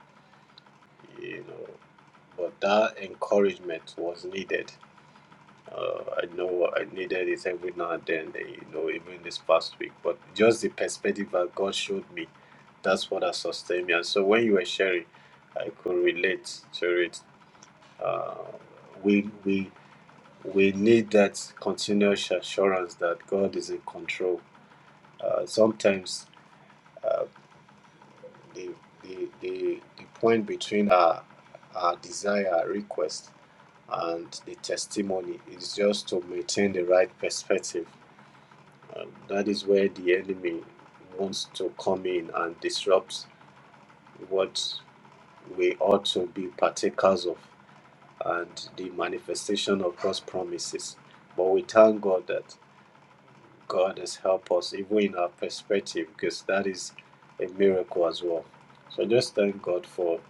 B: you know. But that encouragement was needed Uh, I know I needed it every now and then, eh, you know, even this past week. But just the perspective that God showed me, that's what has sustained me. And so when you were sharing, I could relate to it. Uh, we we we need that continuous assurance that God is in control. Uh, sometimes uh, the, the the the point between our our desire, our request, and the testimony is just to maintain the right perspective Um, that is where the enemy wants to come in and disrupt what we ought to be partakers of and the manifestation of God's promises. But we thank God that God has helped us, even in our perspective, because that is a miracle as well. So just thank God for,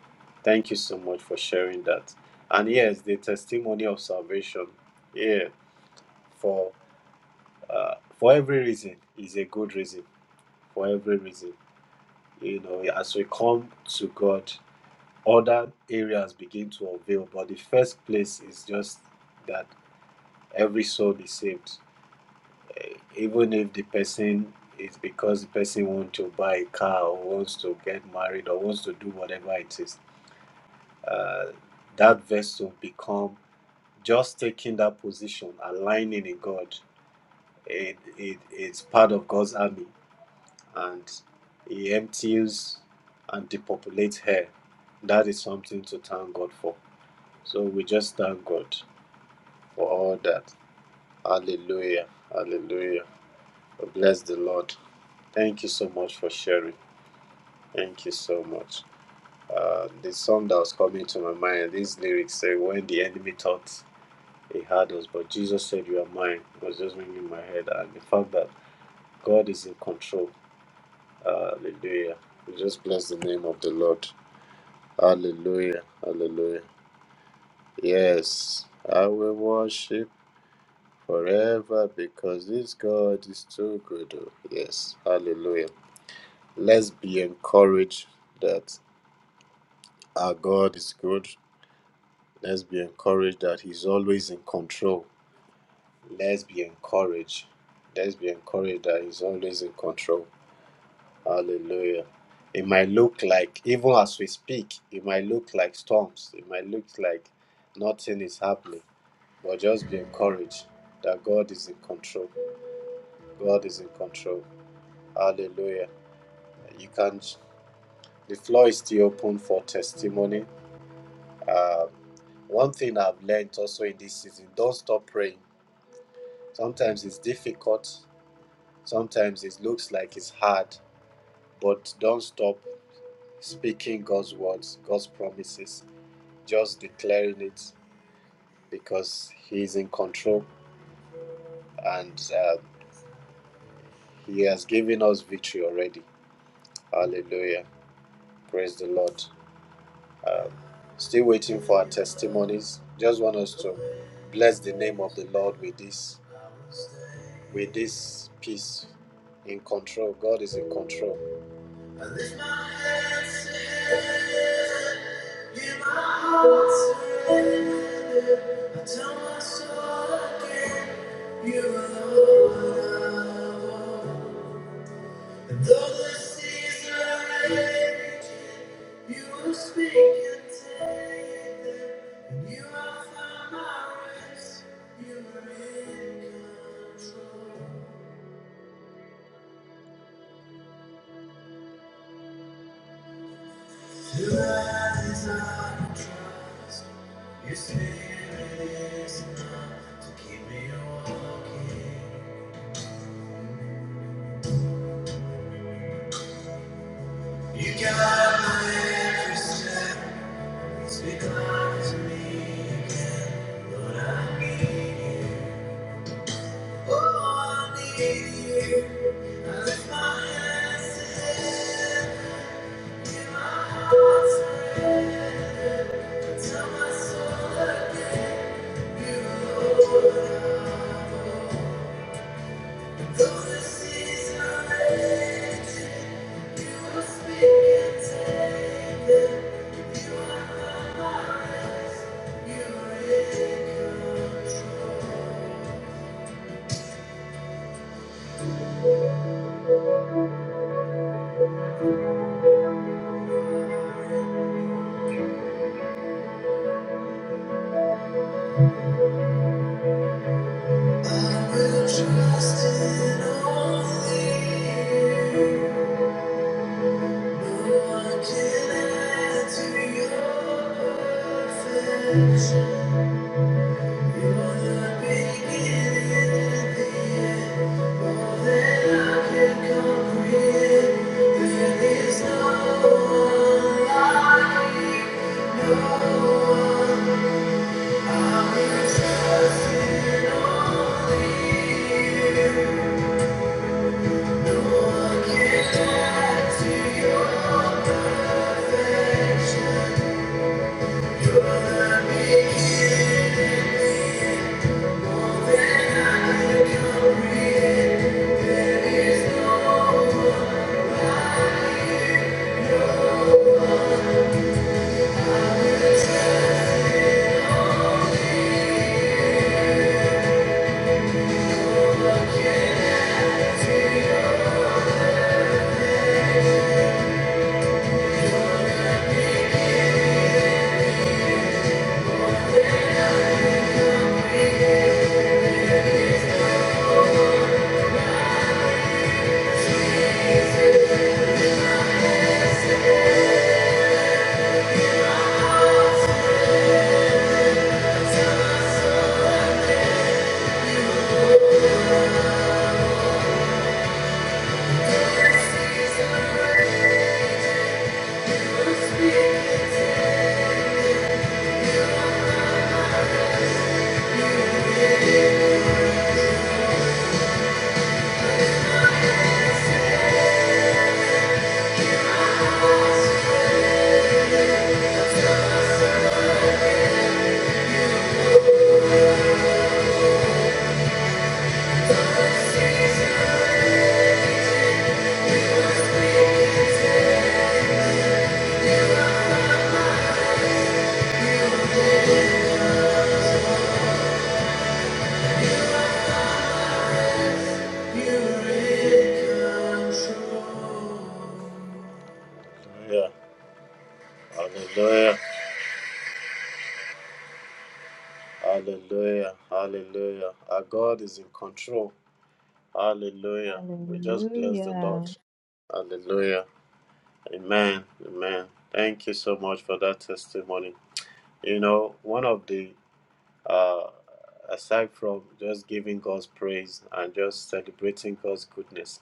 B: thank you so much for sharing that. And yes, the testimony of salvation, yeah, for uh, for every reason is a good reason. For every reason You know, as we come to God, other areas begin to unveil. But the first place is just that every soul is saved. Eh, Even if the person is because the person wants to buy a car or wants to get married or wants to do whatever it is, uh, that vessel become just taking that position, aligning in God. It, it, it's part of God's army and he empties and depopulates hell. That is something to thank God for. So we just thank God for all that. Hallelujah. Hallelujah. Bless the Lord. Thank you so much for sharing. Thank you so much. Uh, the song that was coming to my mind, these lyrics say, When the enemy thought he had us, but Jesus said, You are mine, it was just ringing my head. And the fact that God is in control. Hallelujah. We just bless the name of the Lord. Hallelujah. Hallelujah. Yes, I will worship forever because this God is too good. oh. Yes. Hallelujah. Let's be encouraged that our God is good. Let's be encouraged that He's always in control. Let's be encouraged. Let's be encouraged that He's always in control. Hallelujah. It might look like, even as we speak, it might look like storms. It might look like nothing is happening But just be encouraged that God is in control. God is in control. Hallelujah. You can. The floor is still open for testimony. Um, one thing I've learned also in this season: don't stop praying. Sometimes it's difficult. Sometimes it looks like it's hard, but don't stop speaking God's words, God's promises. Just declaring it because He is in control and uh, He has given us victory already. Hallelujah. Praise the Lord. Still waiting for our testimonies. Just want us to bless the name of the Lord with this, with this peace. In control, God is in control. You will speak and take them, and you will find my rest. You are in control. To my desire your spirit is enough to keep me walking? You guide my every step. Speak life to me again, Lord. I need you. Oh, I need you. I lift my hands and hearts. prayer. Till Hallelujah. Hallelujah. Hallelujah. Hallelujah. Our God is in control. Hallelujah. We just bless the Lord. Hallelujah. Amen. Amen. Thank you so much for that testimony. You know, one of the, uh, aside from just giving God's praise and just celebrating God's goodness,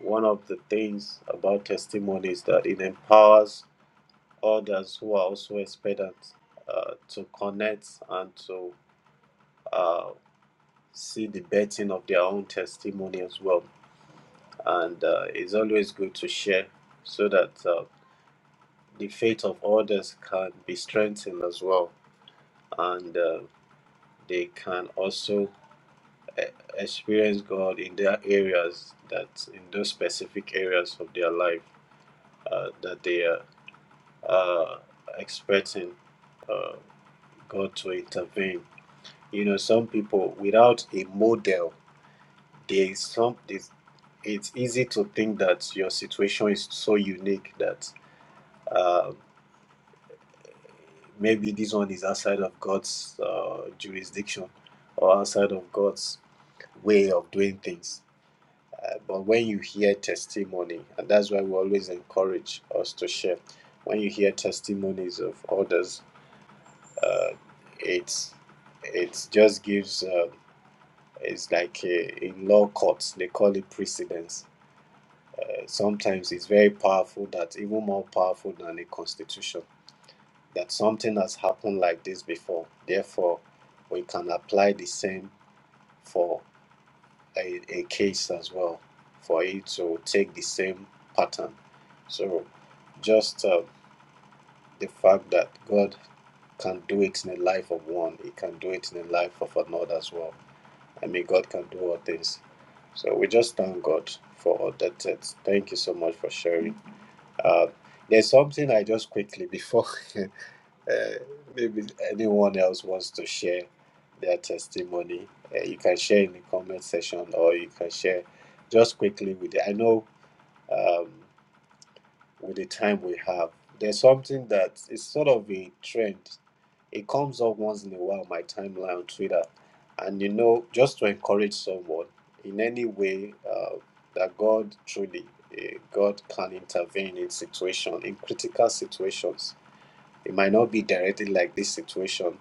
B: one of the things about testimony is that it empowers others who are also expectant uh, to connect and to uh, see the betting of their own testimony as well. And uh, it's always good to share so that uh, the faith of others can be strengthened as well. and uh, they can also e- experience God in their areas that in those specific areas of their life uh, that they are uh, expecting uh, God to intervene. You know, some people without a model, there is some. It's, it's easy to think that your situation is so unique that uh, maybe this one is outside of God's uh, jurisdiction or outside of God's way of doing things But when you hear testimony, and that's why we always encourage us to share. When you hear testimonies of others, uh, it's it just gives uh, it's like a, in law courts they call it precedence. Uh, sometimes it's very powerful. That even more powerful than a constitution. That something has happened like this before. Therefore, we can apply the same for a, a case as well for it to take the same pattern. So, just uh, the fact that God can do it in the life of one, He can do it in the life of another as well. I mean, God can do all things. So, we just thank God for all that. Thank you so much for sharing. Uh, there's something I just quickly before. Uh, maybe anyone else wants to share their testimony. Uh, you can share in the comment section or you can share just quickly with the, I know um, with the time we have, there's something that is sort of a trend. It comes up once in a while, my timeline on Twitter. And you know, just to encourage someone in any way uh, that God truly, uh, God can intervene in situation, in critical situations it might not be directly like this situation,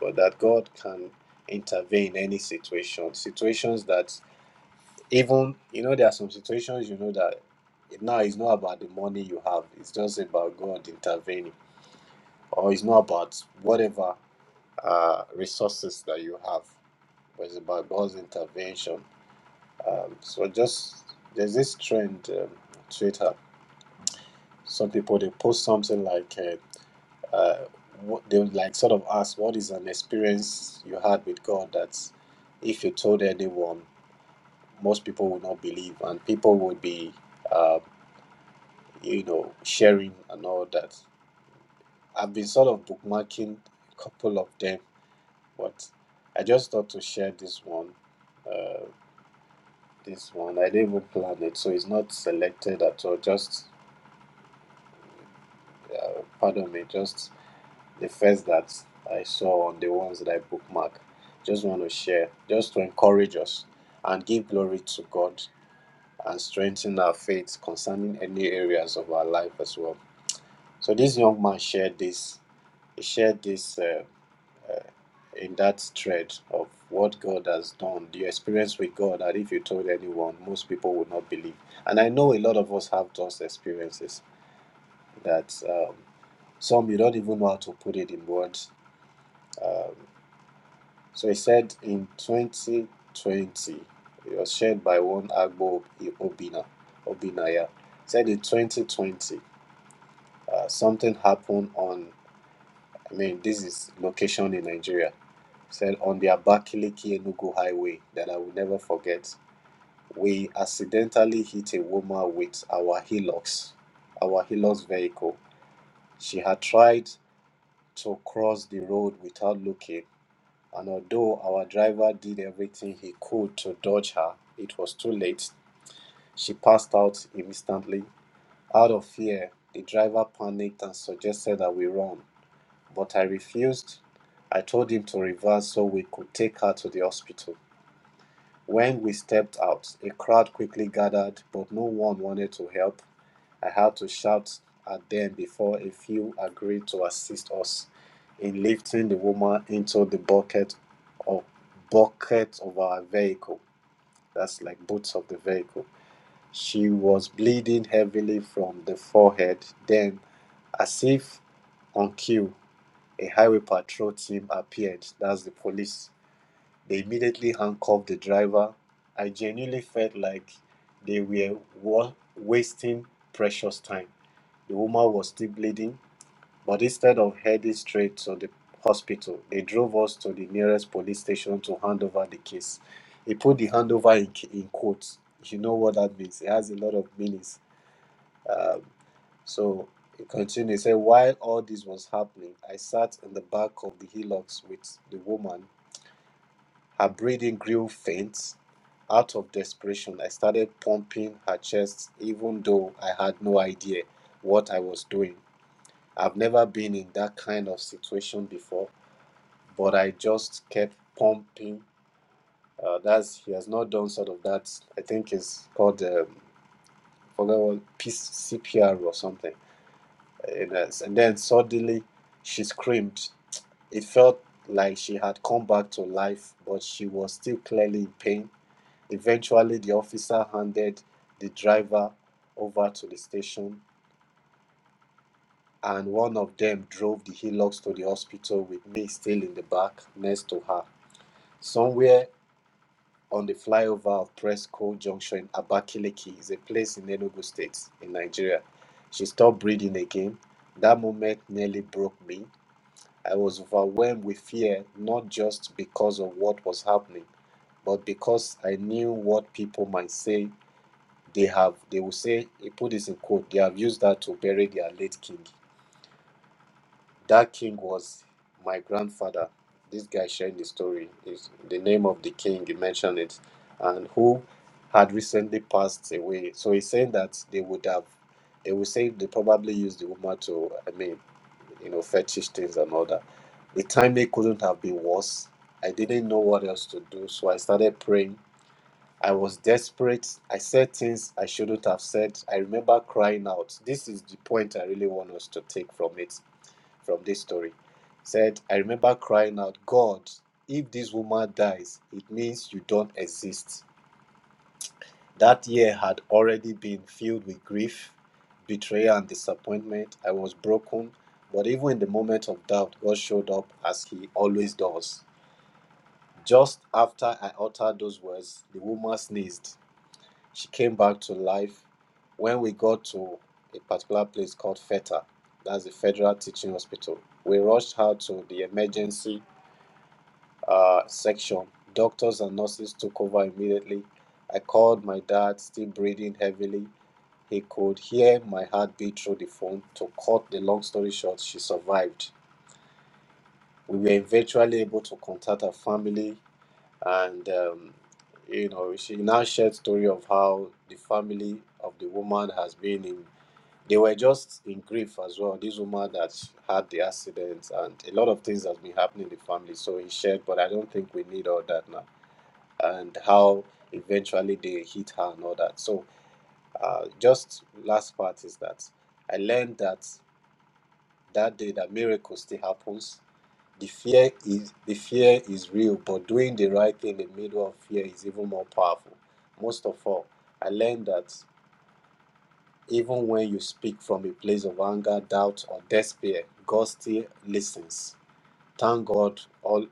B: but that God can intervene in any situation. Situations that even you know there are some situations you know that it now it's not about the money you have. It's just about God intervening, or it's not about whatever uh, resources that you have. But it's about God's intervention. Um, so just there's this trend um, on Twitter. Some people they post something like. Uh, uh, what they would like sort of ask what is an experience you had with God that if you told anyone, most people would not believe, and people would be, uh, you know, sharing and all that. I've been sort of bookmarking a couple of them, but I just thought to share this one. Uh, this one I didn't even plan it, so it's not selected at all. Just pardon me, just the first that I saw on the ones that I bookmark. Just want to share, just to encourage us and give glory to God and strengthen our faith concerning any areas of our life as well. So this young man shared this, he shared this uh, in that thread of what God has done, the experience with God that if you told anyone, most people would not believe. And I know a lot of us have those experiences that um, some you don't even know how to put it in words. Um, So he said in 2020, it was shared by one Agbo Obina, Obina, yeah. Said in 2020, uh, something happened on, I mean, this is location in Nigeria. Said on the Abakaliki Enugu highway that I will never forget. We accidentally hit a woman with our Hilux, our Hilux vehicle. She had tried to cross the road without looking and although our driver did everything he could to dodge her, it was too late. She passed out instantly. Out of fear, the driver panicked and suggested that we run, but I refused. I told him to reverse so we could take her to the hospital. When we stepped out, a crowd quickly gathered, but no one wanted to help. I had to shout at them before a few agreed to assist us in lifting the woman into the bucket of bucket of our vehicle. That's like boots of the vehicle. She was bleeding heavily from the forehead. Then, as if on cue, a highway patrol team appeared. That's the police. They immediately handcuffed the driver. I genuinely felt like they were wa- wasting precious time. The woman was still bleeding, but instead of heading straight to the hospital, they drove us to the nearest police station to hand over the case. He put the handover in, in quotes. You know what that means. It has a lot of meanings. Um, so he continued, he said, While all this was happening, I sat in the back of the hillocks with the woman. Her breathing grew faint. Out of desperation, I started pumping her chest, even though I had no idea what I was doing. I've never been in that kind of situation before, but I just kept pumping. Uh, that's he has not done sort of that. I think it's called um, forgot what peace CPR or something. And, uh, and then suddenly she screamed. It felt like she had come back to life, but she was still clearly in pain. Eventually, the officer handed the driver over to the station and one of them drove the Hilux to the hospital with me still in the back next to her. Somewhere on the flyover of Presco Junction in Abakaliki is a place in Enugu State in Nigeria. She stopped breathing again. That moment nearly broke me. I was overwhelmed with fear, not just because of what was happening, but because I knew what people might say they have. They will say, he put this in quote, they have used that to bury their late king. That king was my grandfather. This guy sharing the story is the name of the king, he mentioned it, and who had recently passed away. So he's saying that they would have, they would say they probably used the woman to, I mean, you know, fetish things and all that. The timing couldn't have been worse. I didn't know what else to do, so I started praying. I was desperate. I said things I shouldn't have said. I remember crying out. This is the point I really want us to take from it from this story. Said, I remember crying out, God, if this woman dies, it means you don't exist. That year had already been filled with grief, betrayal, and disappointment. I was broken, but even in the moment of doubt, God showed up as He always does. Just after I uttered those words, the woman sneezed. She came back to life. When we got to a particular place called FETA, that's the Federal Teaching Hospital, we rushed her to the emergency uh, section. Doctors and nurses took over immediately. I called my dad, still breathing heavily. He could hear my heartbeat through the phone. To cut the long story short, she survived. We were eventually able to contact her family, and um, you know, she now shared story of how the family of the woman has been in. They were just in grief as well. This woman that had the accident, and a lot of things has been happening in the family. So he shared, but I don't think we need all that now and how eventually they hit her and all that. So, uh, just last part is that I learned that that day that miracle still happens. The fear is the fear is real, but doing the right thing in the middle of fear is even more powerful. Most of all, I learned that even when you speak from a place of anger, doubt, or despair, God still listens. Thank God all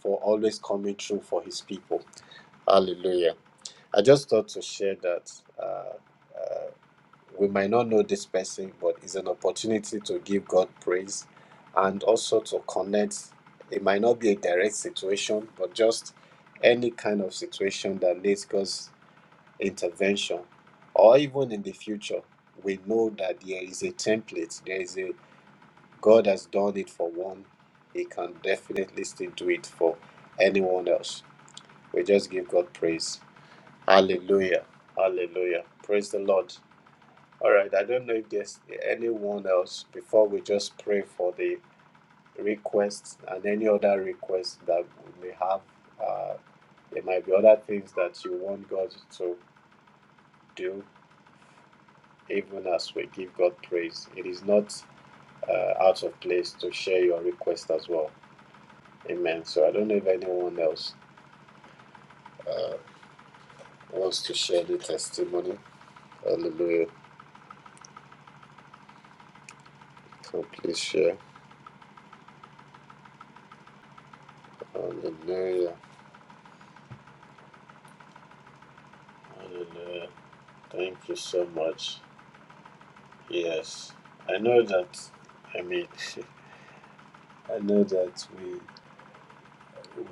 B: for always coming through for His people. Hallelujah. I just thought to share that. Uh, we might not know this person, but it's an opportunity to give God praise and also to connect. It might not be a direct situation, but just any kind of situation that needs God's intervention, or even in the future, we know that there is a template. There is a God has done it for one. He can definitely still do it for anyone else. We just give God praise. Hallelujah. Hallelujah. Praise the Lord. All right, I don't know if there's anyone else before we just pray for the requests and any other requests that we may have. Uh, there might be other things that you want God to do, even as we give God praise. It is not uh, out of place to share your request as well. Amen. So I don't know if anyone else uh, wants to share the testimony. Hallelujah. So please share. Hallelujah. Hallelujah. Thank you so much. Yes, I know that. I mean, I know that we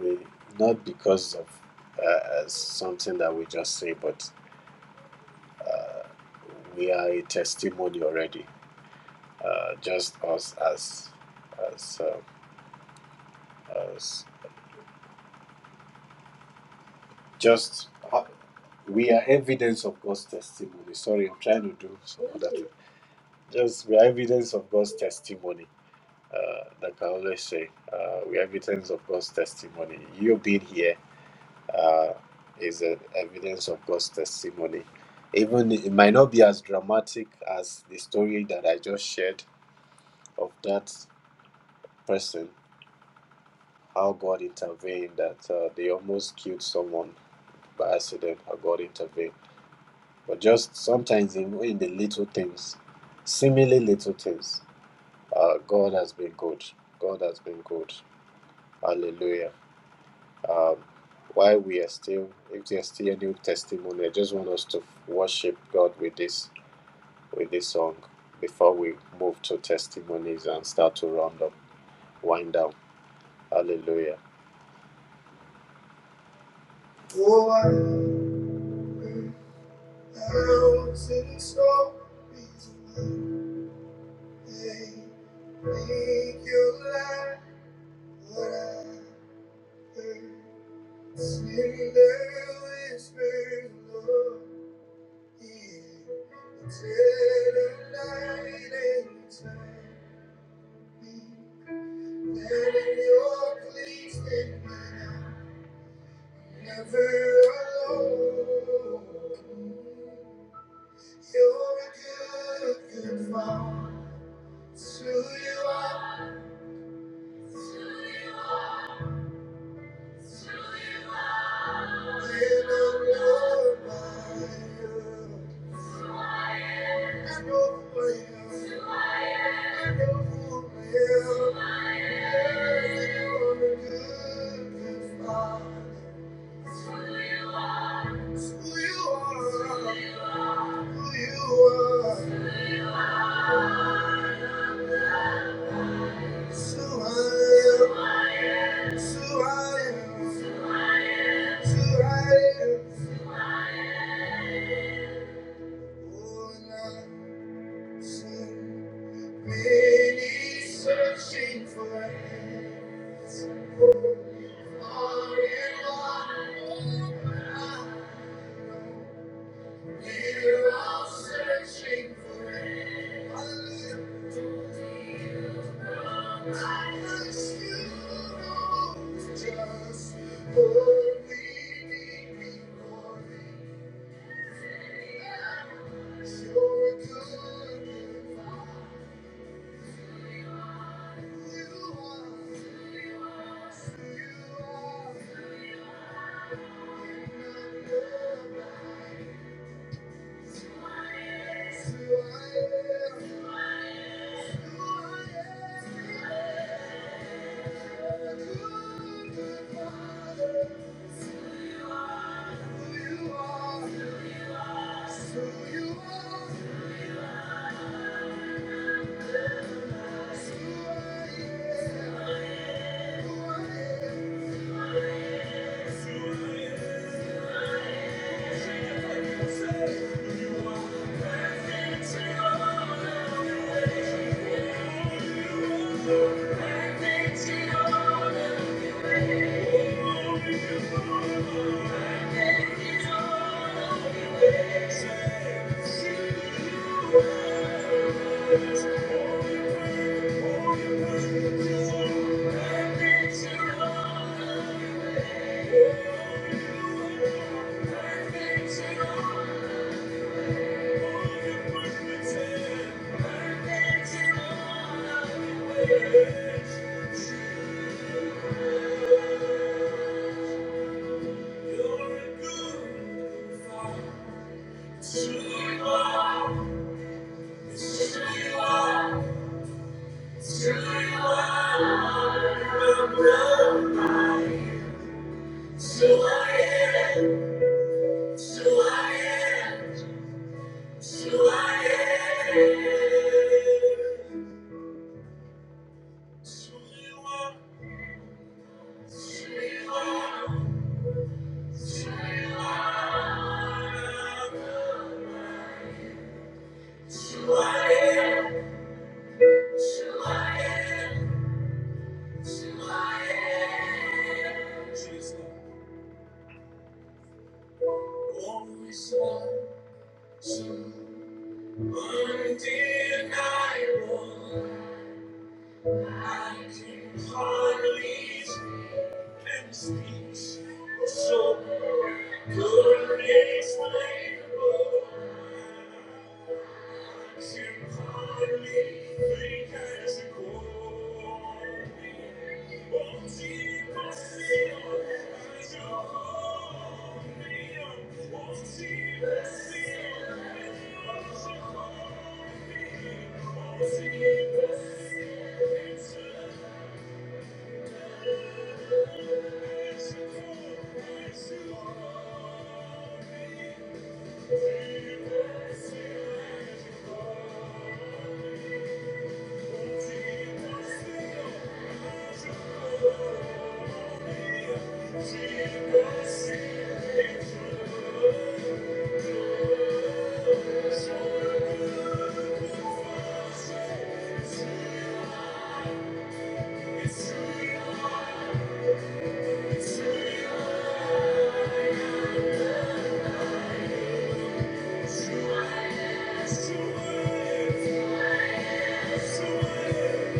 B: we not because of uh, as something that we just say, but uh, we are a testimony already. Uh, just us as as uh, as just ho- we are evidence of God's testimony. Sorry, I'm trying to do some other thing. Just we are evidence of God's testimony. Uh, like I always say, uh, we are evidence of God's testimony. You being here uh, is a evidence of God's testimony. Even it might not be as dramatic as the story that I just shared of that person, how God intervened, that uh, they almost killed someone by accident, how God intervened. But just sometimes in, in the little things, seemingly little things, uh, God has been good. God has been good. Hallelujah. Um, while we are still, if there's still a new testimony, I just want us to worship God with this with this song before we move to testimonies and start to round up, wind down. Hallelujah. Oh, I will announce in song his name. Make you laugh, what I heard. Sing the whisper, Lord, yeah. Eternal light and time. Let your please in my life. Never alone. You're a good, good father. It's who you are, I'm loved you. I know who I am, I know who I am. You're a good, good father. who you are, who you are. It's who I am, it's who I am, it's who I am. Oh, and I sing. Many searching for him. All in one, we're all searching for him. Hallelujah. I ask you, Lord, just what we need before him. You're a good God. You are. You are. You're not good. Who you are, who you are. Thank you. True you are, true you are. So I am, so I am, so I am. Sriwa, Sriwa, Sriwa. So I am, so I am, so I am. Jesus, always love, so undeniable. Thank you. Thank you.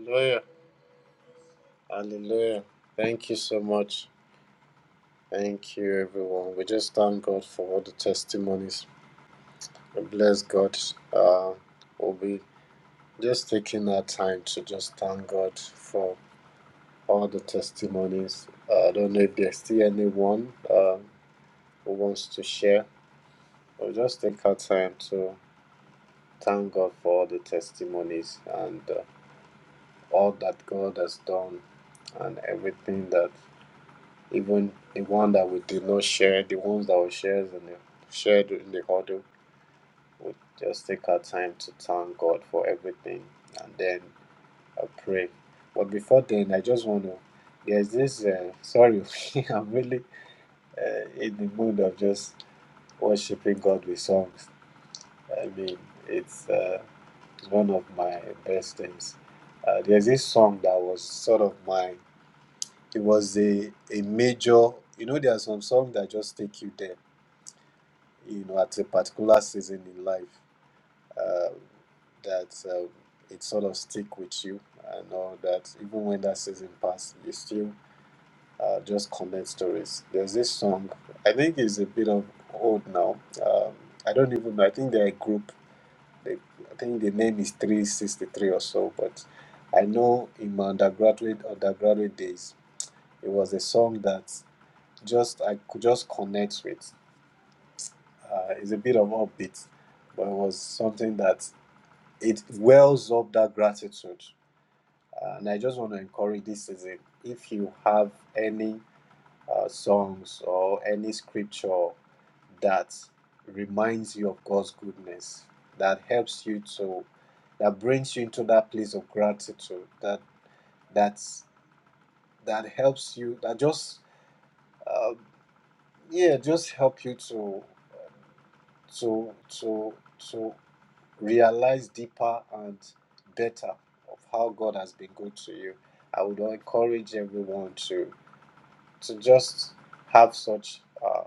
B: Hallelujah. Hallelujah. Thank you so much. Thank you, everyone. We just thank God for all the testimonies. Bless God. Uh, we'll be just taking our time to just thank God for all the testimonies. Uh, I don't know if there's still anyone uh, who wants to share. We'll just take our time to thank God for all the testimonies and uh, all that God has done and everything that even the one that we did not share, the ones that we shared in the shared in the huddle, we just take our time to thank God for everything and then I pray. But before then, I just want to. There's this. Uh, sorry, I'm really uh, in the mood of just worshiping God with songs. I mean, it's uh, it's one of my best things. Uh, there's this song that was sort of my. It was a a major. You know, there are some songs that just take you there. You know, at a particular season in life, uh, that uh, it sort of stick with you. and all that even when that season passes, you still uh, just comment stories. There's this song, I think it's a bit of old now. Um, I don't even know. I think they're a group. They, I think the name is 363 or so, but I know in my undergraduate undergraduate days, it was a song that just I could just connect with. Uh, it's a bit of upbeat, but it was something that it wells up that gratitude. Uh, and I just want to encourage this season. If you have any uh, songs or any scripture that reminds you of God's goodness, that helps you to, that brings you into that place of gratitude, that that's that helps you, that just uh, yeah, just help you to to to to realize deeper and better of how God has been good to you. I would encourage everyone to to just have such uh,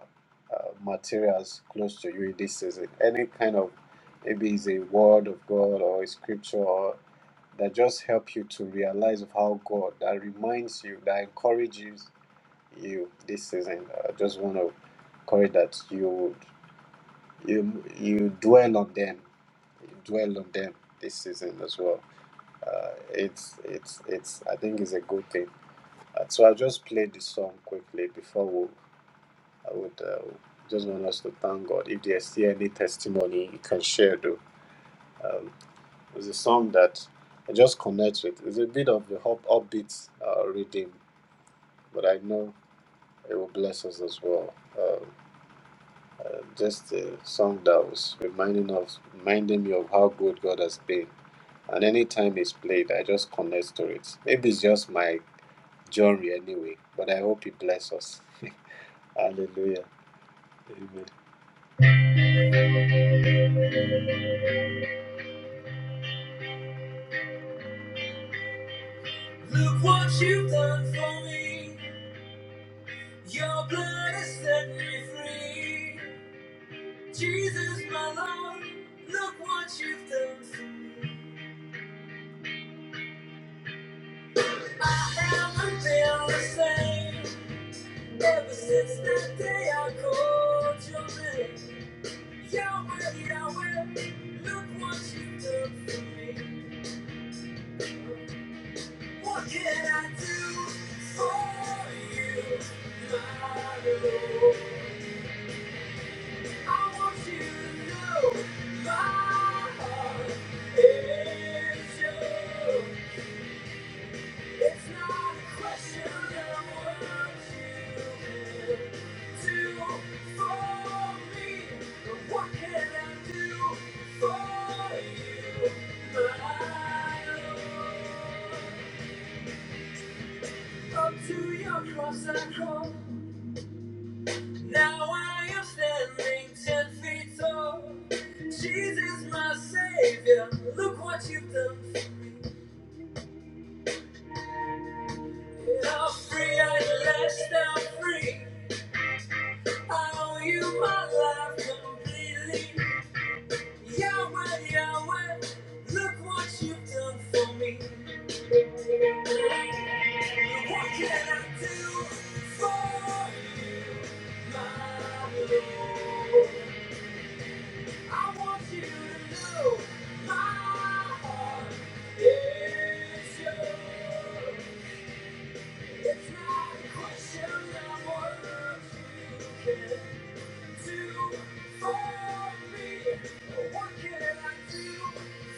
B: uh, materials close to you in this season, any kind of maybe it's a word of God or a scripture or that just help you to realize of how God that reminds you that encourages you this season. I just want to encourage that you would- you you dwell on them, you dwell on them this season as well. Uh, it's it's it's I think it's a good thing. Uh, so I'll just play the song quickly before I would uh, just want us to thank God. If there's still any testimony you can share, though, um, it's a song that I just connect with. It's a bit of the up, upbeat uh, rhythm, but I know it will bless us as well. Um uh, just a song that was reminding us, reminding me of how good God has been. And anytime it's played, I just connect to it. Maybe it's just my genre anyway, but I hope it bless us. Hallelujah. Amen. Look what you've done for me. Your blood has set me free. Jesus, my Lord, look what you've done for me. I haven't been the same ever since that day I called your name. Yahweh, Yahweh, look what you've done for me. What can I do for you, my Lord? Up to your cross I come. Now I am standing ten feet tall. Jesus, my Savior, look what you've done. for me. Now free at last, I'm free. I owe you my life completely. Yahweh, Yahweh, look what you've done for me. What can I do for you, my Lord? I want you to know my heart is yours. It's not a of what you can do for me. but What can I do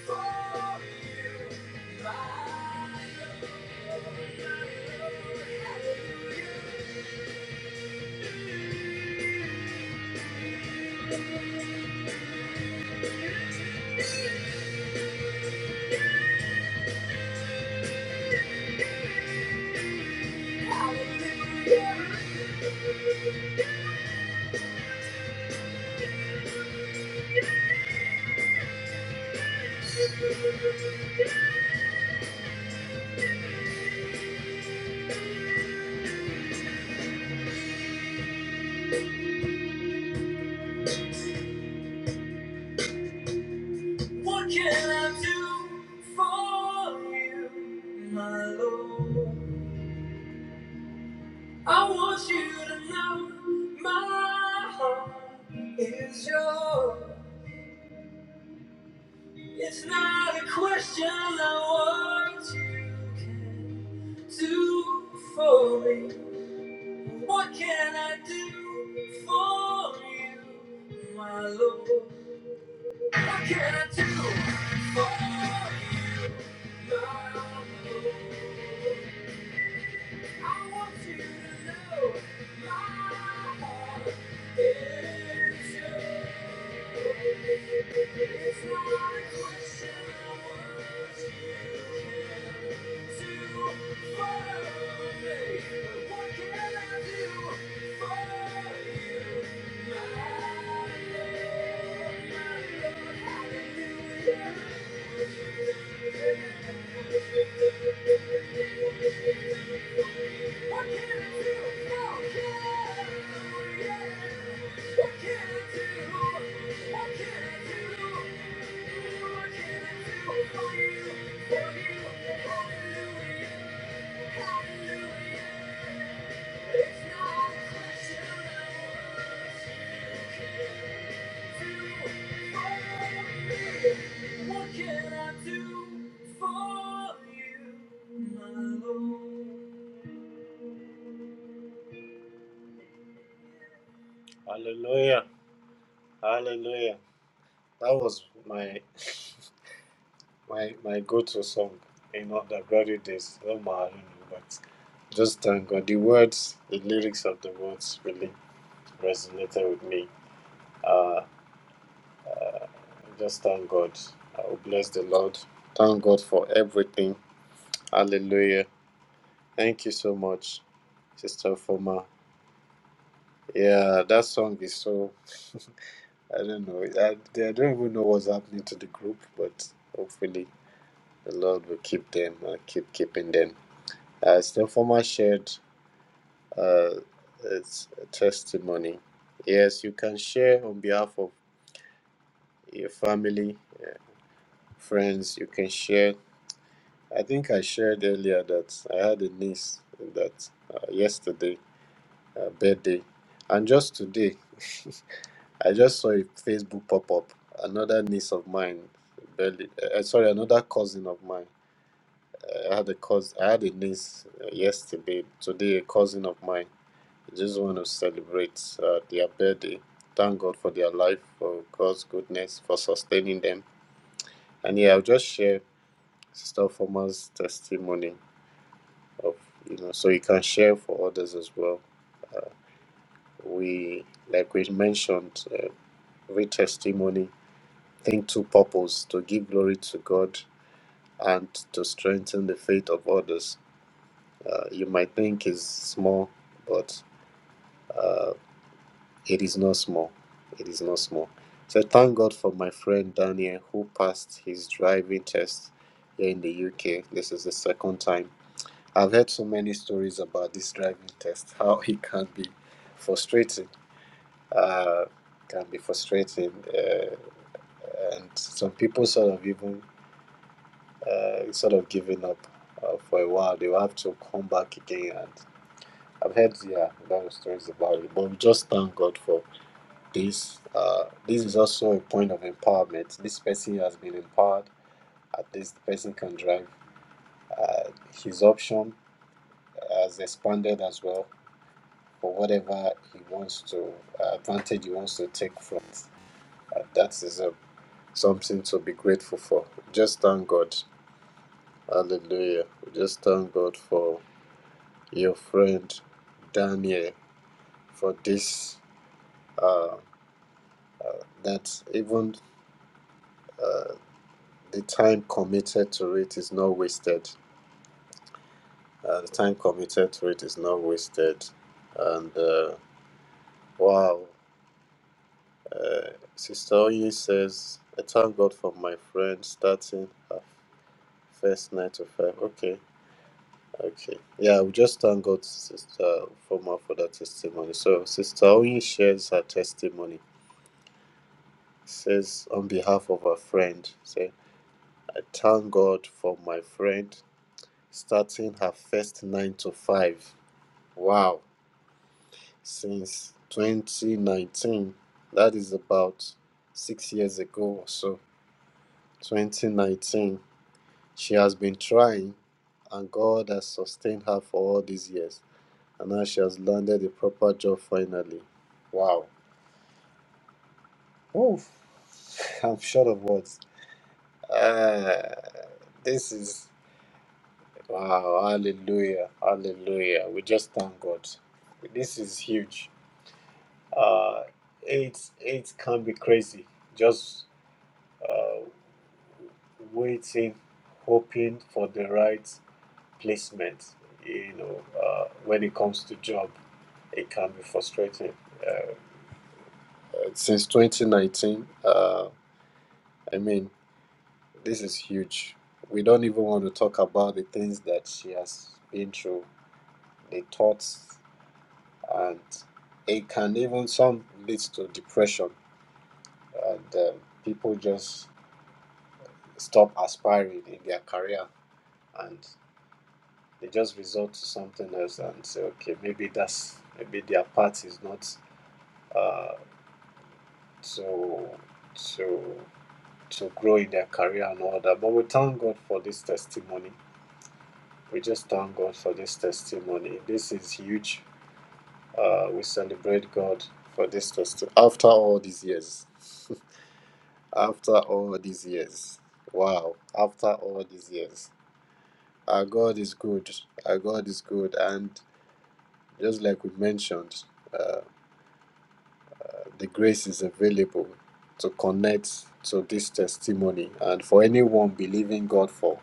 B: for you, my love? What can I do for you, my Lord? I want you to know my heart is yours. It's not a question of what you can do for me. What can I do for you, my Lord? What can I do for you, my Lord? Hallelujah. Hallelujah. Hallelujah, hallelujah. That was my my my go-to song in all the glory days. Oh my, I don't know, but just thank God. The words, the lyrics of the words really resonated with me. Uh, Just thank God. I will bless the Lord. Thank God for everything. Hallelujah. Thank you so much, Sister Foma. Yeah, that song is so, I don't know. I, I don't even know what's happening to the group, but hopefully the Lord will keep them and keep keeping them. Uh, Sister Foma shared uh, its testimony. Yes, you can share on behalf of your family, friends. You can share I think I shared earlier that I had a niece that uh, yesterday, uh, birthday, and just today, I just saw a Facebook pop up. Another niece of mine, barely, uh, uh, sorry, another cousin of mine. I had a cousin, I had a niece uh, yesterday. Today, a cousin of mine. I just want to celebrate uh, their birthday. Thank God for their life, for God's goodness, for sustaining them. And yeah, I'll just share Sister Former's testimony of you know so you can share for others as well we like we mentioned uh, every testimony think to purpose to give glory to god and to strengthen the faith of others uh, you might think is small but uh, it is not small it is not small so thank god for my friend daniel who passed his driving test here in the uk this is the second time i've heard so many stories about this driving test how it can be frustrating uh, can be frustrating, uh, and some people sort of even uh, sort of giving up uh, for a while. They will have to come back again, and I've heard yeah a lot of stories about it. But we just thank God for this. Uh, this is also a point of empowerment. This person has been empowered. At least the person can drive. Uh, his option has expanded as well for whatever he wants to uh, advantage he wants to take from it. Uh, that is a something to be grateful for. Just thank God. Hallelujah. Just thank God for your friend Daniel for this. Uh, that even uh, the time committed to it is not wasted. Uh, the time committed to it is not wasted. And uh, wow, uh, Sister Oyin says, I thank God for my friend starting her first nine to five. Okay, Okay. Yeah, we just thank God, Sister Foma, for that testimony. So, Sister Oyin shares her testimony. Says, on behalf of her friend, say, I thank God for my friend starting her first nine to five. Wow. Since 2019. That is about six years ago or so. 2019. She has been trying, and God has sustained her for all these years. and now she has landed a proper job finally. Wow. Oh, I'm short of words. Uh, this is wow. Hallelujah. Hallelujah. We just thank God. This is huge. Uh, it it can be crazy. Just uh, waiting, hoping for the right placement. You know, uh, when it comes to job, it can be frustrating. Uh, since 2019, uh, I mean. This is huge. We don't even want to talk about the things that she has been through, the thoughts, and it can even some leads to depression, and um, people just stop aspiring in their career, and they just resort to something else and say, okay, maybe that's maybe their path is not uh, to to to grow in their career and all that. But we thank God for this testimony. We just thank God for this testimony. This is huge. Uh, we celebrate God for this testimony. After all these years, after all these years, wow, after all these years, our God is good. Our God is good. And just like we mentioned, uh, the grace is available to connect to this testimony. And for anyone believing God for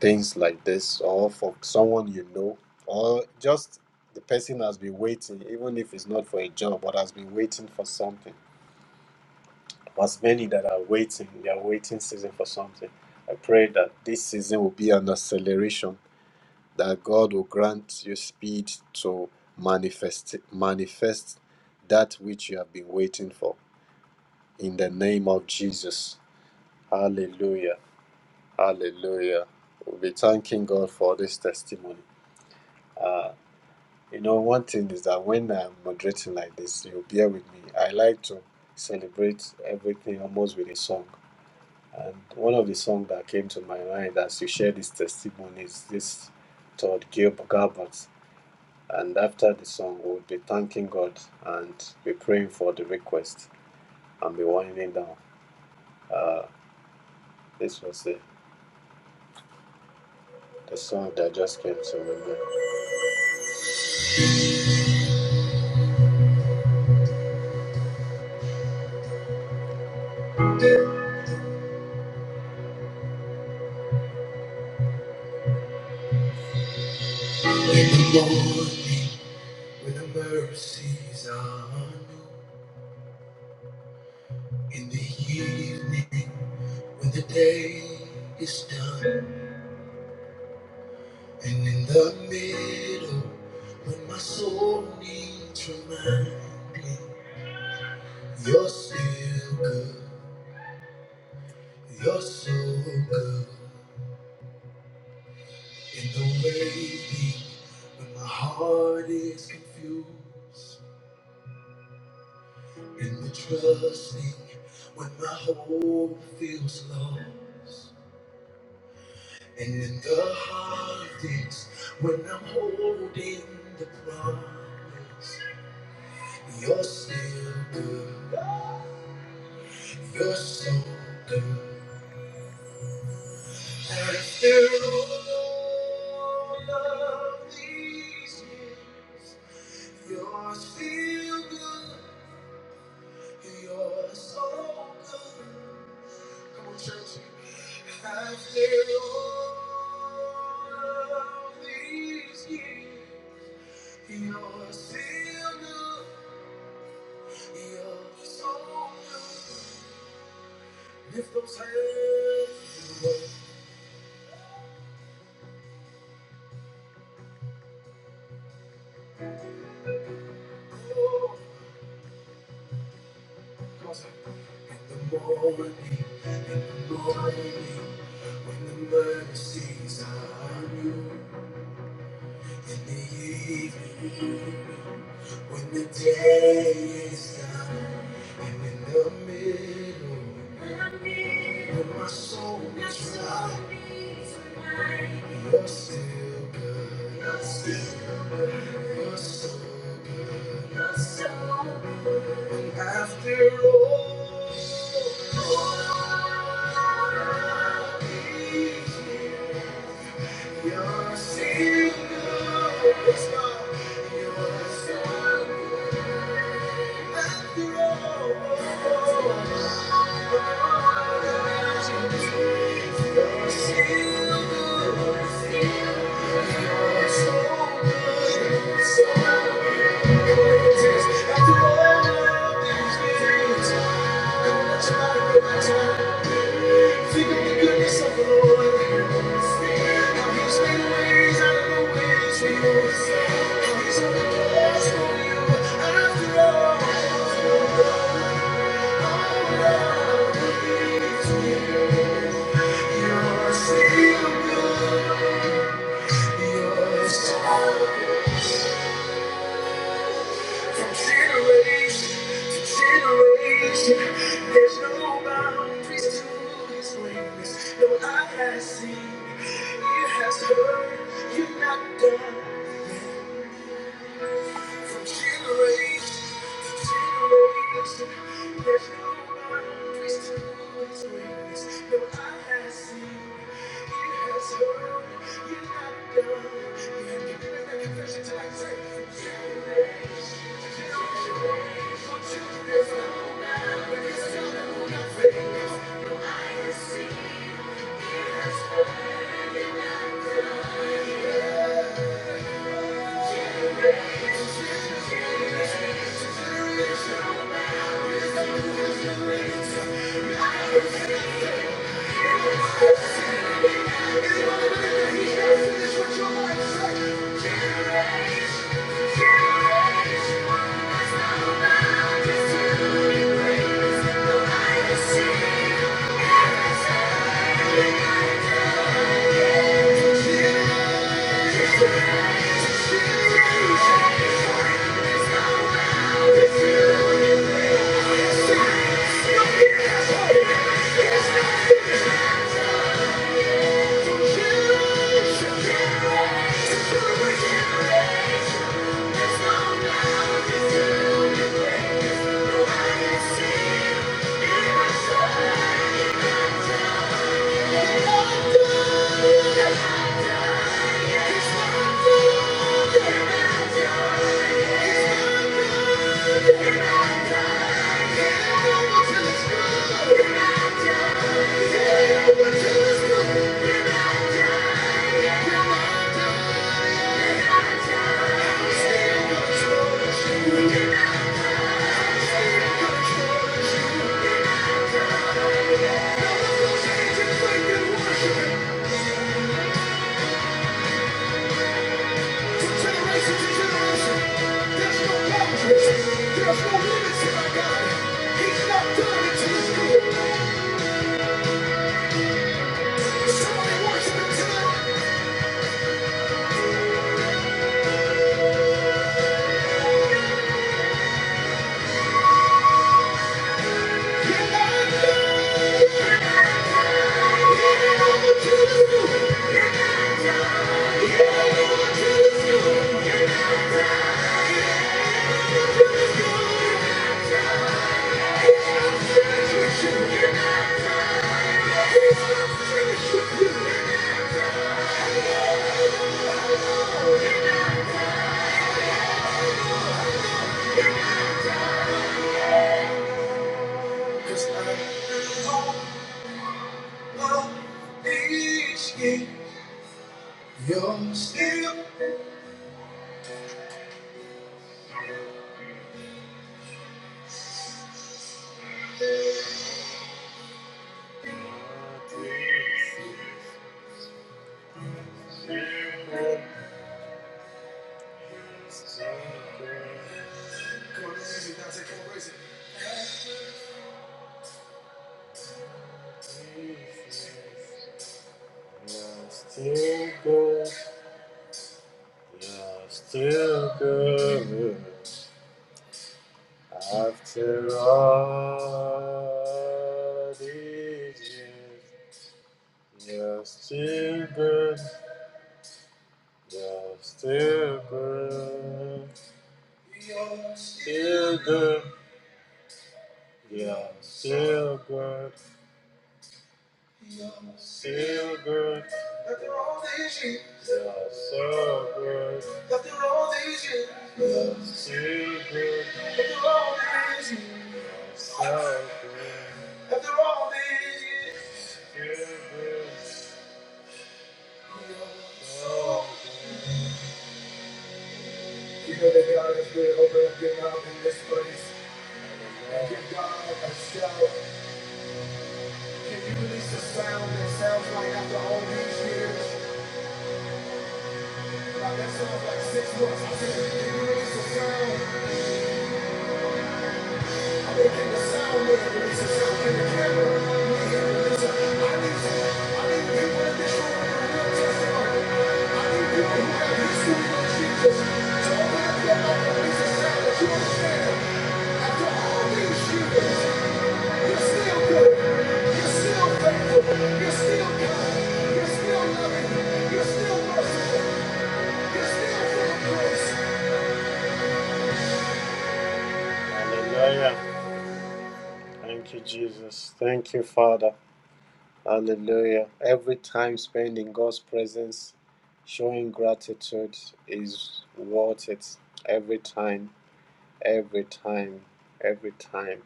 B: things like this, or for someone you know, or just the person has been waiting, even if it's not for a job, but has been waiting for something As many that are waiting, they are waiting season for something. I pray that this season will be an acceleration, that God will grant you speed to manifest manifest that which you have been waiting for. In the name of Jesus. Hallelujah. Hallelujah. We'll be thanking God for this testimony. Uh, you know, one thing is that when I'm moderating like this, you bear with me. I like to celebrate everything almost with a song. And one of the songs that came to my mind as you shared this testimony is this Todd Gil Gabbard. And after the song, we'll be thanking God and be praying for the request and be winding down. Uh, this was the, the song that just came to my mind. In the morning, when the mercies are new, in the evening, when the day is done. And in the middle, when my soul needs reminding, you're still good, you're so good. In the waiting, when my heart is confused, in the trusting, when my hope feels lost, and in the hardest, when I'm holding the promise, you're still good. You're so good. After all of these years, you're still good. You're so good. Come on, church. After all of these years, you're still good. You're so good. Lift those hands. the morning, in the morning, when the mercies are new, in the evening, when the day is done, and in the middle, when my soul is tried, you're still good, you're still you're so good after all. all these years, Think of the goodness of the Lord. There's no boundaries to his greatness. No eye has seen, ear has heard, you're not done. From generation to generation, there's no boundaries to His greatness. No eye has seen, ear has heard. You're not done. You have to declare that confession till I say, from generation to generation, until there's no boundaries to His greatness. No eye has seen, ear has heard. Hallelujah! He's gonna finish what your life say. Thank you. We're not you. Generation to generation, there's no boundaries, there's no limits in God. He's not done until it's good. Somebody worship him tonight. Until Jesus comes, each you're still Still good, still good. God is just too good, just too good, too good, just too, too good. After all these years, after all these years, just too good. After all these years, so good. after all these years, too good, so good. You know that God is good over and good out in this place. Give God a shout. Can you release a sound that sounds like after all these years? Like that sounds like six months. I said, can you release a sound? I mean, can the sound man release a sound? Can the camera man release a I need some, I need people in this room with a real testimony. I need people who have history with Jesus to open up their mouth and release a sound that you understand. After all these years, Hallelujah. Thank you, Jesus. Thank you, Father. Hallelujah. Every time spent in God's presence, showing gratitude is worth it. Every time, every time, every time,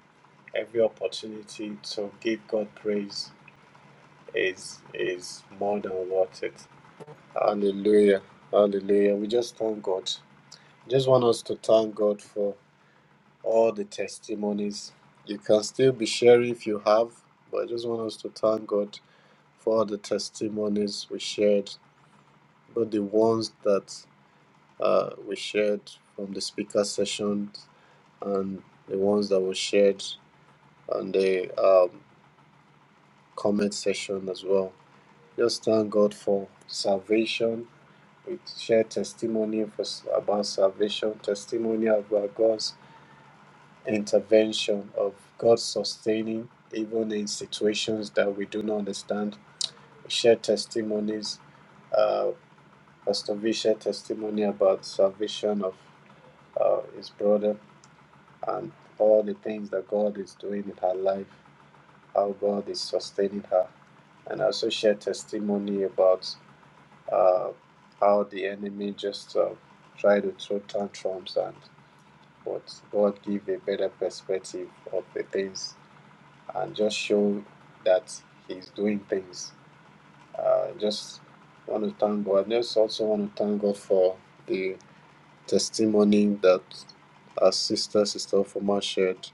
B: every opportunity to give God praise is is more than worth it. Hallelujah. Hallelujah. We just thank God. Just want us to thank God for all the testimonies. You can still be sharing if you have, but I just want us to thank God for all the testimonies we shared, but the ones that uh, we shared from the speaker session and the ones that were shared on the um, comment session as well. Just thank God for salvation. We share testimony for, about salvation, testimony about God's intervention, of God sustaining, even in situations that we do not understand. We share testimonies. Uh, Pastor V shared testimony about salvation of uh, his brother and all the things that God is doing in her life, how God is sustaining her and I also share testimony about uh, how the enemy just uh, try to throw tantrums and but God give a better perspective of the things and just show that He's doing things. Uh, just want to thank God. I Just also want to thank God for the testimony that our sister, Sister Foma shared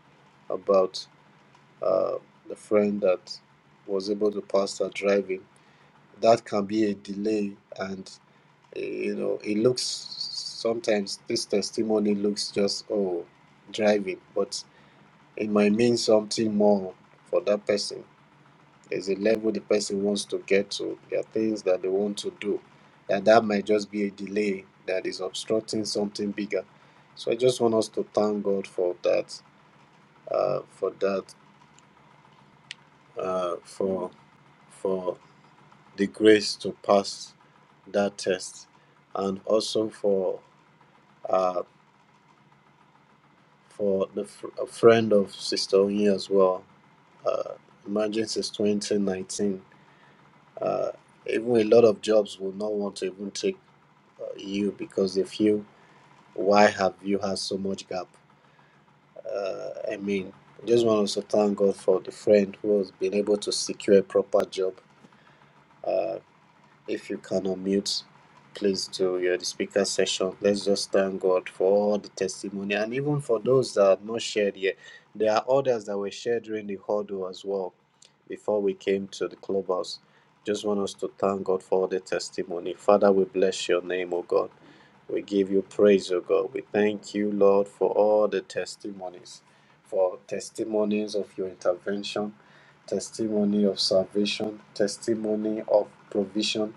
B: about uh, the friend that was able to pass her driving. That can be a delay and you know it looks sometimes this testimony looks just oh driving but it might mean something more for that person there's a level the person wants to get to there are things that they want to do and that might just be a delay that is obstructing something bigger so i just want us to thank god for that uh, for that uh, for for the grace to pass that test and also for Uh, for the fr- a friend of Sister Onye as well. Uh, imagine since 2019, uh, even a lot of jobs will not want to even take uh, you because they feel, why have you had so much gap? Uh, I mean, I just want to also thank God for the friend who has been able to secure a proper job. Uh, If you can unmute, please do. You're the speaker session. Let's just thank God for all the testimony and even for those that are not shared yet. There are others that were shared during the huddle as well before we came to the clubhouse. Just want us to thank God for all the testimony. Father, we bless your name, O God. We give you praise, O God. We thank you, Lord, for all the testimonies, for testimonies of your intervention testimony of salvation, testimony of provision,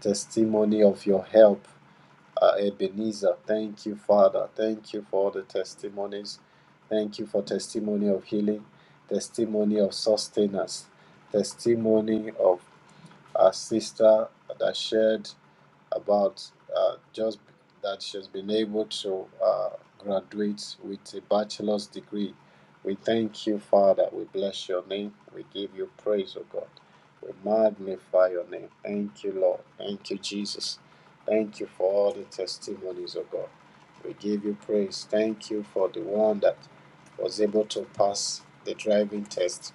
B: testimony of your help, uh, Ebenezer. Thank you, Father. Thank you for all the testimonies. Thank you for testimony of healing, testimony of sustenance, testimony of our sister that shared about uh, just that she's been able to uh, graduate with a bachelor's degree. We thank you, Father. We bless your name. We give you praise, O God. We magnify your name. Thank you, Lord. Thank you, Jesus. Thank you for all the testimonies, O God. We give you praise. Thank you for the one that was able to pass the driving test.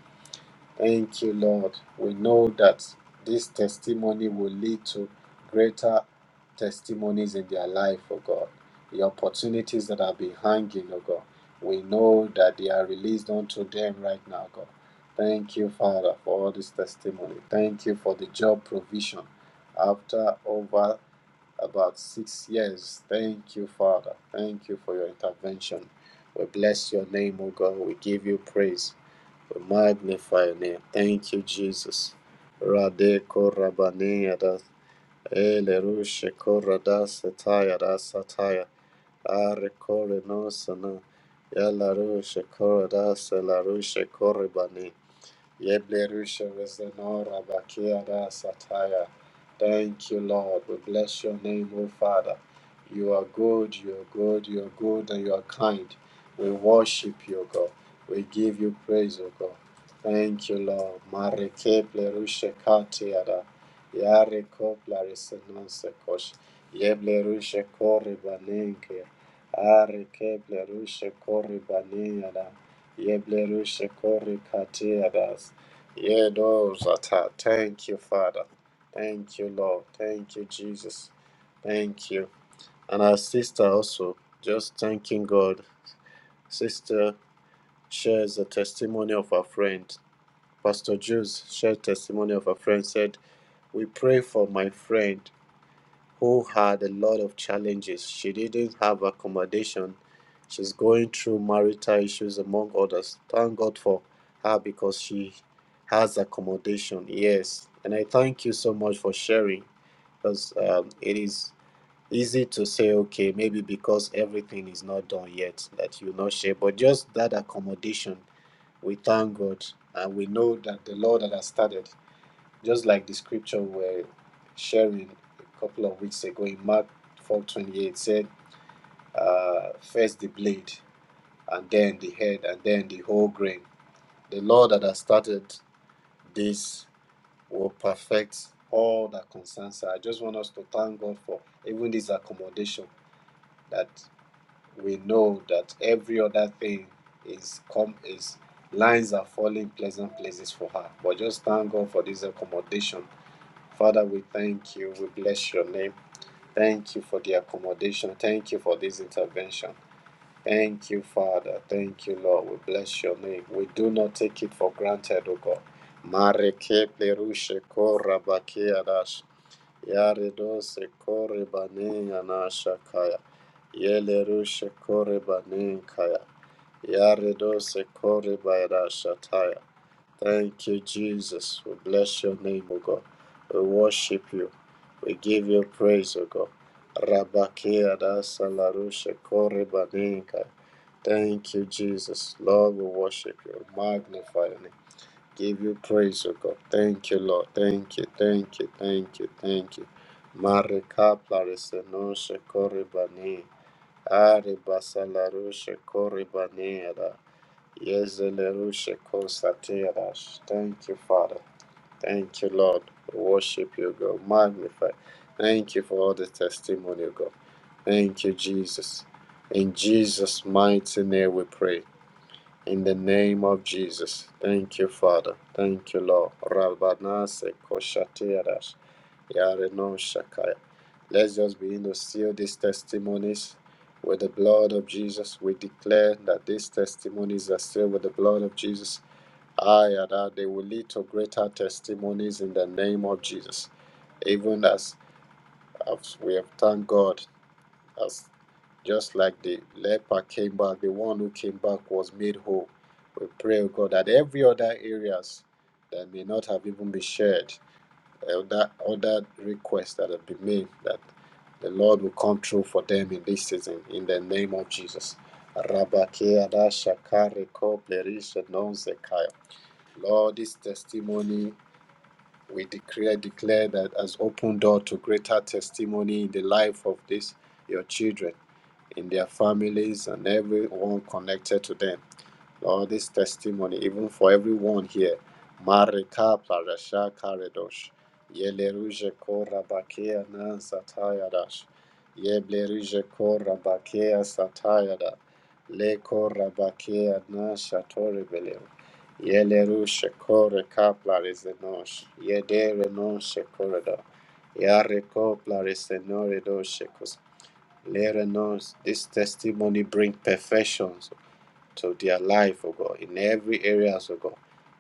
B: Thank you, Lord. We know that this testimony will lead to greater testimonies in their life, oh God. The opportunities that have been hanging, oh God. We know that they are released unto them right now, God. Thank you, Father, for all this testimony. Thank you for the job provision after over about six years. Thank you, Father. Thank you for your intervention. We bless your name, O God. We give you praise. We magnify your name. Thank you, Jesus. Rade korabaneyada, ele rushe korada sataya da sataya, are kore no sana, yala rushe korada sela rushe koribane. Yeblerusha Vezenora Bakiada Sataya. Thank you, Lord. We bless your name, O Father. You are good, you are good, you are good, and you are kind. We worship you, God. We give you praise, O God. Thank you, Lord. Mareke Blerusha Katiada. Yare Kopla Resenonse Kosh. Yeblerusha Koribanenke. Are Keblerusha Koribaniada. Yeblerusha Korikatiadas. Yeah, those that are Thank you, Father. Thank you, Lord. Thank you, Jesus. Thank you. And our sister also, just thanking God. Sister shares the testimony of her friend. Pastor Jules shared testimony of her friend, said, We pray for my friend. who had a lot of challenges. She didn't have accommodation. She's going through marital issues, among others. Thank God for her because she has accommodation. Yes. And I thank you so much for sharing because um, it is easy to say, okay, maybe because everything is not done yet that you not share, but just that accommodation, we thank God and we know that the Lord that has started just like the scripture we're sharing a couple of weeks ago in Mark 4:28 said, uh, "First the blade, and then the head, and then the whole grain." The Lord that has started this will perfect all that concerns her. I just want us to thank God for even this accommodation that we know that every other thing is come is lines are falling pleasant places for her. But just thank God for this accommodation Father, we thank you. We bless your name. Thank you for the accommodation. Thank you for this intervention. Thank you, Father. Thank you, Lord. We bless your name. We do not take it for granted, O God. Mareke plerushe kora bakia dash. Yare dose kaya. Yele rushe kaya. Yare dose taya. Thank you, Jesus. We bless your name, O God. We worship you. We give you praise, O God. Rabakia da salarusha korebaninka. Thank you, Jesus. Lord, we worship you, magnify you, give you praise, O God. Thank you, Lord. Thank you, thank you, thank you, thank you. Marika plarisenosha korebani. Ari basalarusha korebaniada. Yezelerusha kosatiadash. Thank you, Father. Thank you, Lord. We Worship you, God. Magnify. Thank you for all the testimony, God. Thank you, Jesus. In Jesus' mighty name we pray. In the name of Jesus. Thank you, Father. Thank you, Lord. Rabanase koshatirash yarenon shakaya. Let's just begin to seal these testimonies with the blood of Jesus. We declare that these testimonies are sealed with the blood of Jesus. I and I, they will lead to greater testimonies in the name of Jesus even as, as we have thanked God, as just like the leper came back, the one who came back was made whole. We pray, oh God, that every other areas that may not have even been shared, other other requests that have been made, that the Lord will come through for them in this season, in the name of Jesus. Lord, this testimony We declare, declare that as open door to greater testimony in the life of this your children, in their families, and everyone connected to them. Lord, this testimony, even for everyone here. Marika Plarasha Karadosh. Yeleruje Kora Bakea Nan Satayadash. Yebleruje Kora Bakea Satayada. Le Kora Bakea Nan Shatori Beleu. Yeleruje Kore Kaplarezenosh. Yedere Non Shekorada. Yareko Plaresenore Doshekos. Lere Nos. This testimony bring perfections to their life, O God, in every area, O God.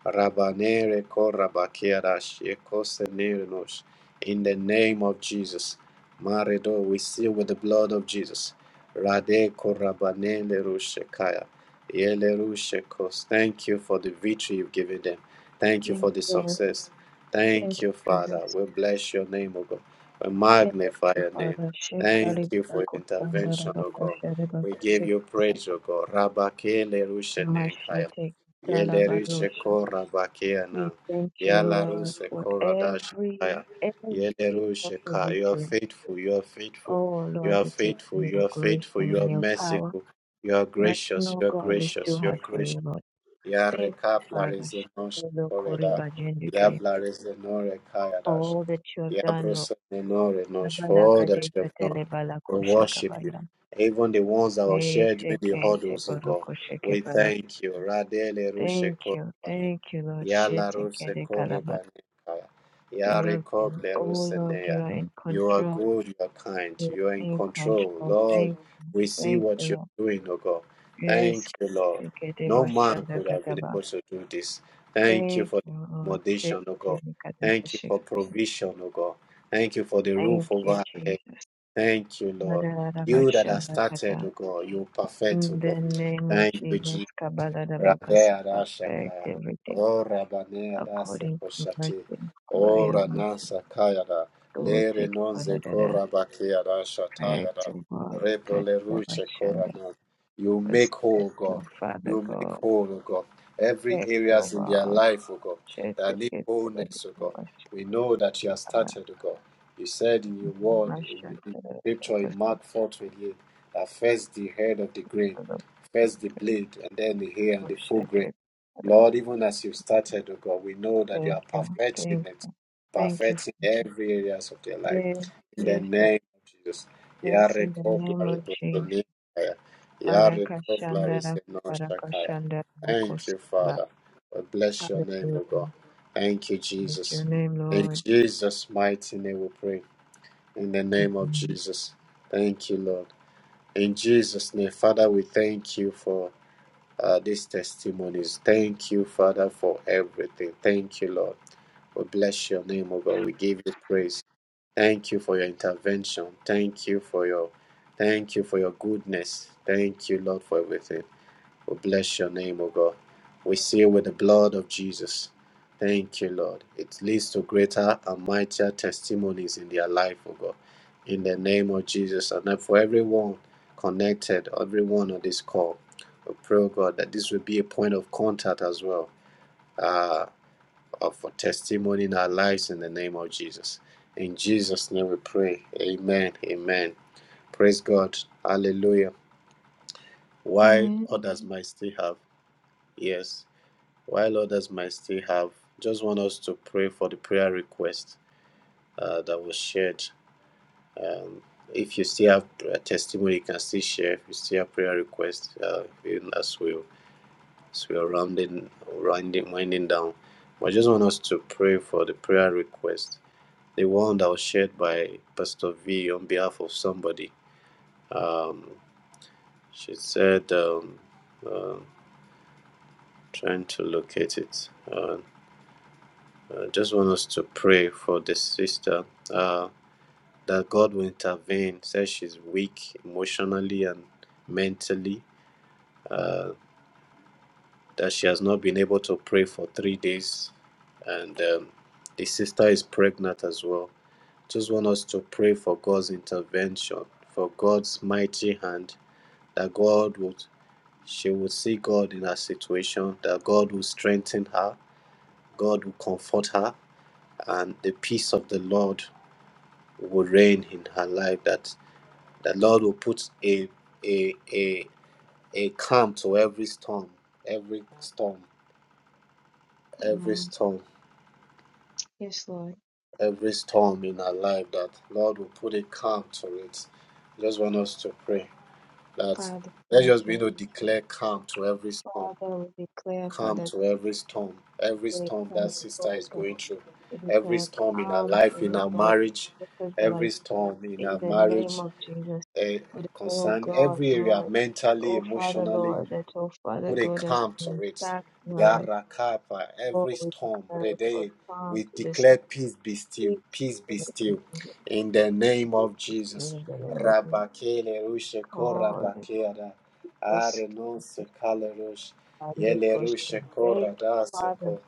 B: Rabanere korabakiarash, ekosenerenos. In the name of Jesus. Maredo, we seal with the blood of Jesus. Rade korabanele rushekaya. Yele rushekos. Thank you for the victory you've given them. Thank you for the success. Thank you, Father. We bless your name, O God. We magnify your name. Thank you for your intervention, O God. We give you praise, O God. Rabakele rushenenkaya. Yele rushe kora bakiana. Yala rushe kora dashaya. Yele rushe ka. You are faithful. You are faithful. You are faithful. You are faithful. You are merciful. You are gracious. You are gracious. You are gracious. Ya rekapla rezenoshe koreda. Ya bla rezenore kaya dash. Yabrosa Nenore Nosh, for all that you have done. We worship you. Even the ones that were shared during the huddles, oh God. We thank you. Radele Rushe Korabane. Yala Ruse Korebane Kaya. Yare Kople Ruse Neya. You are good, you are kind, you are in control. Lord, we see what you're doing, oh God. Thank you, Lord. No man could have been able to do this. Thank you for the accommodation, oh God. Thank you for provision, oh God. Thank you for the roof over our head. Thank you, Lord. You that have started, oh God, you perfect, oh God. Thank you, Jesus. Radea Rashaka, O Rabanea Rase Koshati, O Ranasa Kayada, Lere Nonze Korabakia Rasha Tayada, Rebele Rushe Korana. You make whole, God. You make whole, O God. Every areas in their life, O God, that need wholeness, O God. We know that you have started, O God. You said in your word, in, in scripture, in Mark 4 28, that first the head of the grain first the blade and then the hair and the full grain. Lord, even as you started, oh God, we know that you are perfecting it, perfecting every areas of their life. In the name of Jesus. Yare koplari bosonikaya. Yare koplari senoshakaya. Thank you, Father. We bless your name, O God. Thank you, Jesus. In Jesus' mighty name we pray. In the name of Jesus. Thank you, Lord. In Jesus' name, Father, we thank you for uh, these testimonies. Thank you, Father, for everything. Thank you, Lord. We bless your name, O God. We give you praise. Thank you for your intervention. Thank you for your thank you for your goodness. Thank you, Lord, for everything. We bless your name, O God. We seal with the blood of Jesus. Thank you, Lord. It leads to greater and mightier testimonies in their life, O God. In the name of Jesus, and that for everyone connected, everyone on this call, we pray, O God, that this will be a point of contact as well uh, of- for testimony in our lives in the name of Jesus. In Jesus' name we pray. Amen. Amen. Praise God. Hallelujah. While others might still have, ears. while others might still have. Just want us to pray for the prayer request uh, that was shared. Um, if you still have a testimony, you can still share. If you still have prayer requests, uh, even as we as we are rounding, rounding, winding down, I just want us to pray for the prayer request, the one that was shared by Pastor V on behalf of somebody. Um, she said, um, uh, trying to locate it. Uh, I just want us to pray for the sister uh, that God will intervene. Says she's weak emotionally and mentally, uh, that she has not been able to pray for three days, and um, the sister is pregnant as well. Just want us to pray for God's intervention, for God's mighty hand, that God would, she would see God in her situation, that God will strengthen her, God will comfort her, and the peace of the Lord will reign in her life, that the Lord will put a a a a calm to every storm, every storm, every storm, every storm in our life, that Lord will put a calm to it. I just want us to pray that let's just be able to declare calm to every storm, calm to every storm, every storm that sister is going through, every storm in her life, in her marriage, every storm in her marriage, uh, concern, every area, mentally, emotionally, who they come to it. Yarakapa, every storm, Rede, we declare peace be still, peace be still. In the name of Jesus. Rabakele rushe kora bakera. Are non se kale rush. Yele rushe kora da se ko.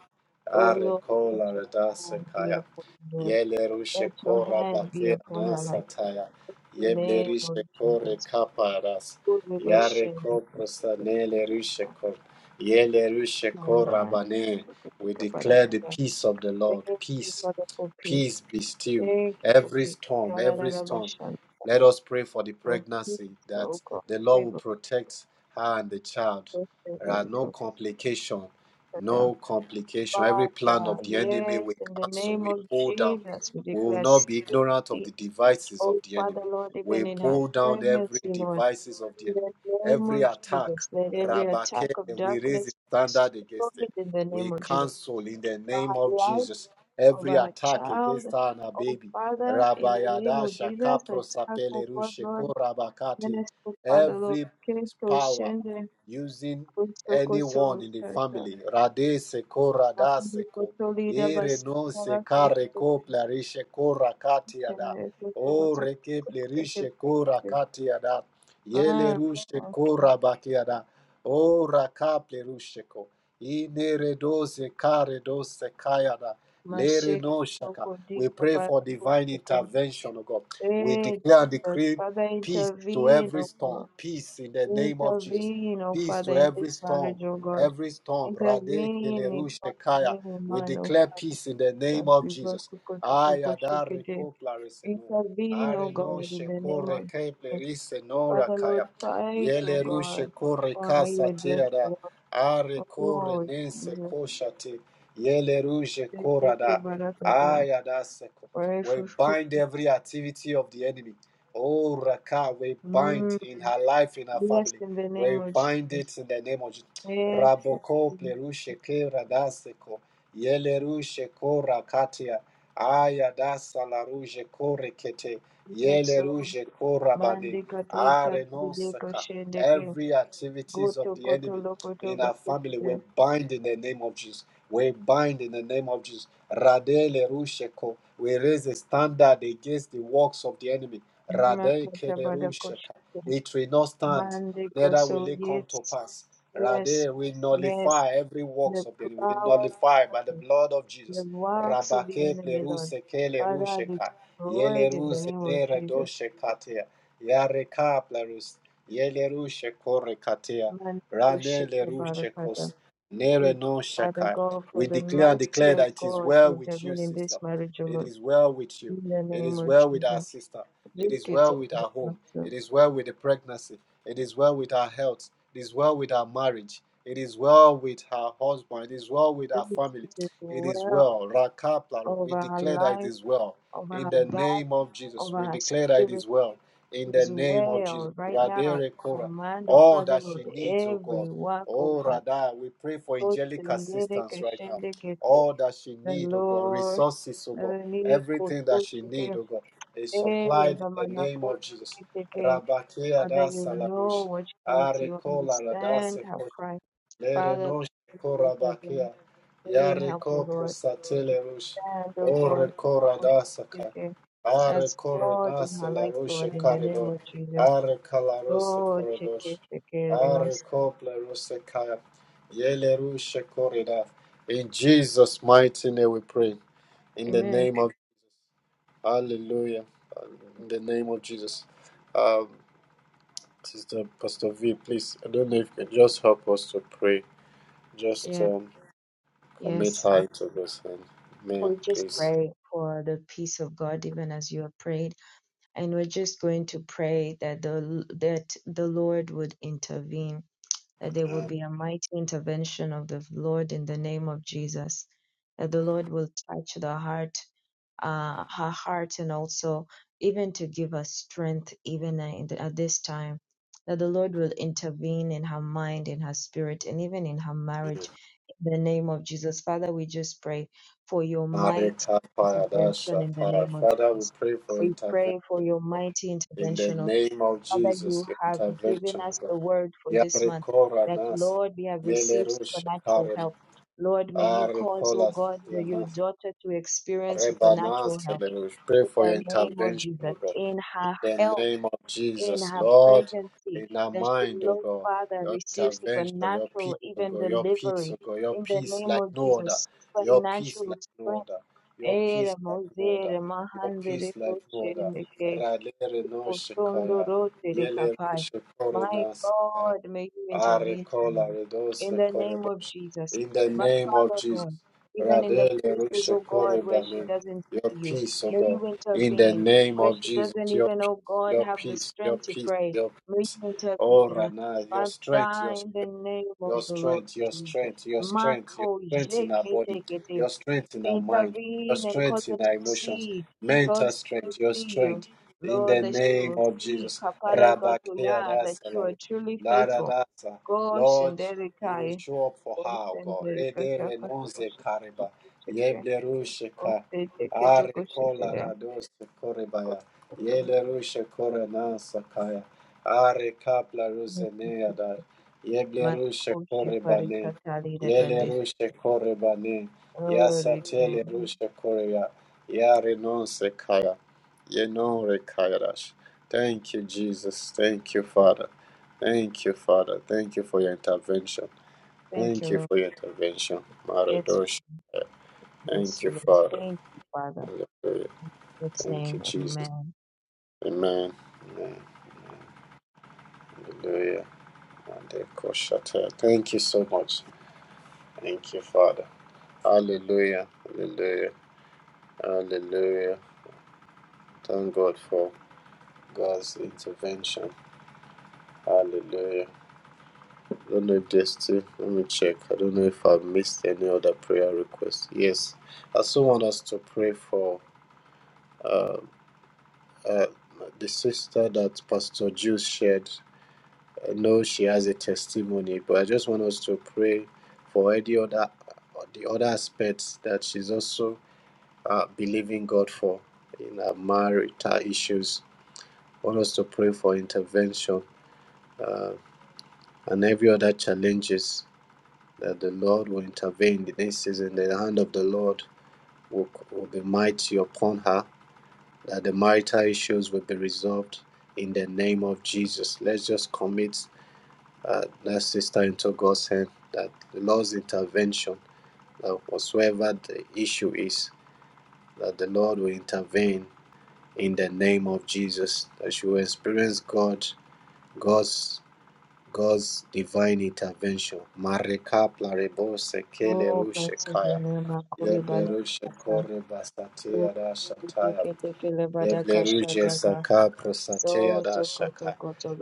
B: Are kola da se kaya. Yele rushe kora bakera nasa taya. Yeble rishe kore Yare ko prosanele rushe ko- yele rushe ko rabane. We declare the peace of the Lord. Peace, peace be still. Every storm, every storm. Let us pray for the pregnancy that the Lord will protect her and the child. There are no complication, no complication. Every plan of the enemy we cancel, we pull down. We will not be ignorant of the devices of the enemy. We pull down every devices of the enemy, every attack. Rabake, and we raise a standard against it. We cancel in the name of Jesus every attack against her and her baby. Rabayada shakapro sapele rusheko rabakate. Every power using anyone in the family. Rade seko radaseko. Ere no sekare ko plarishe ada. O rekeple rishe kora katiada. Yele rushe kora bakiada. O rakaple rushe ko. Inere doze kare doze kayada. Lere no shaka. We pray for divine intervention, O God. We declare and decree peace to every storm. Peace in the name of Jesus. Peace to every storm. Every storm. Rade kelerushe kaya. We declare peace in the name of Jesus. Ayadare ko are no shekore keple nora kaya. Yele rushe kore kasa teada. Are kore nense koshate. Yele rushe korada. Aya seko. We bind every activity of the enemy. Oh Raka, we bind in her life, in her family. We bind it in the name of Jesus. Raboko plerushe kera da seko. Yele rushe kora katia. Aya da salaruje kore kete. Yele ruje korabane. Are non saka. Every activities of the enemy in our family, we bind in the name of Jesus. We bind in the name of Jesus. Radele rusheko. We raise a standard against the works of the enemy. Radele kele rusheka. It will not stand, neither will it come to pass. Rather, we nullify every works of the enemy. We nullify by the blood of Jesus. Rabake pleruse kele rusheka. Yele ruse plerus. Yele rushe Rane le Nere no shaka. We declare and declare that it is well with you, sister. It is well with you. It is well with our sister. It is well with our home. It is well with the pregnancy. It is well with our health. It is well with our marriage. It is well with her husband. It is well with our family. It is well. Rakapla, we declare that it is well. In the name of Jesus, we declare that it is well. In the name of Jesus. Radere Kora. All that she needs, oh God. Oh Radha, we pray for angelic assistance right now. All that she needs, oh God, resources, oh God. Everything that she needs, oh God, is supplied in the name of Jesus. Rabakea da salamush. Arekola Lere korabakia. Yare kopro rush. Ore koradasaka. Are koronasa la rusha karido. Are kalarosa korodosh. Are kopla rusa kaya. Yele rusha korida. In Jesus' mighty name we pray. In the name of Hallelujah. In the name of Jesus. Um, Sister Pastor V, please, I don't know if you can just help us to pray. Just um, Commit her into God's hand. Amen. Please. Mareka Paradasha Tara. Father, we pray for intervention. God. In the name of Jesus, your intervention, God. Yarekora Nas. Yelerush Karem. Arekola Yanas. Rebanas. Yelerush. Pray for your intervention, O God. In the name of Jesus, Lord, in our mind, oh God, your intervention, your peace, oh God, your peace, oh God, your peace like no other, your peace like no other, your peace like no other, your peace like no other. Ralere no shekaya, yele reno shekore Arekola redose koredosh. In the name of Jesus. Radele rushe korebane. Your peace, O God. In the name of Jesus. Your peace, your peace, your peace, your oh Rana, your strength, your strength. Your strength, your strength, your strength, your strength in our body, your strength in our mind, your strength in our emotions, mental strength, your strength in the name of Jesus. Rabakea dasa la- Lord, you show up for her, O God. Rede renonze kareba. Yeble rushe Are kola radose korebaya. Yele rushe kore nasa kaya. Are kapla ruzenea da. Yeblerushe korebane. Yelerushe korebane. Yasatele rushe korea. Yare kaya, sekaya. Yenon rekayarash. Thank you, Jesus. Thank you, Father. Thank you, Father. Thank you for your intervention. Thank you for your intervention. Maradosh. Thank you, Father. Hallelujah. Thank you, Jesus. Amen. Amen. Hallelujah. Mandekoshatea. Thank you so much. Thank you, Father. Hallelujah. Hallelujah. Hallelujah. Thank God for God's intervention. Hallelujah. I don't know if there's still, let me check. I don't know if I've missed any other prayer request. Yes. I also want us to pray for uh, uh, the sister that Pastor Jules shared. I know she has a testimony, but I just want us to pray for any other, the other aspects that she's also uh, believing God for in her marital issues want us to pray for intervention uh, and every other challenges that the Lord will intervene in this season. The hand of the Lord will, will be mighty upon her, that the marital issues will be resolved in the name of Jesus. Let's just commit uh, that sister into God's hand, that the Lord's intervention, that whatsoever the issue is, that the Lord will intervene in the name of Jesus, that she will experience God, God's God's divine intervention. Mareka plarebo sekele rushe kaya. Leble rushe kore basate Yebleruje saka prosatea da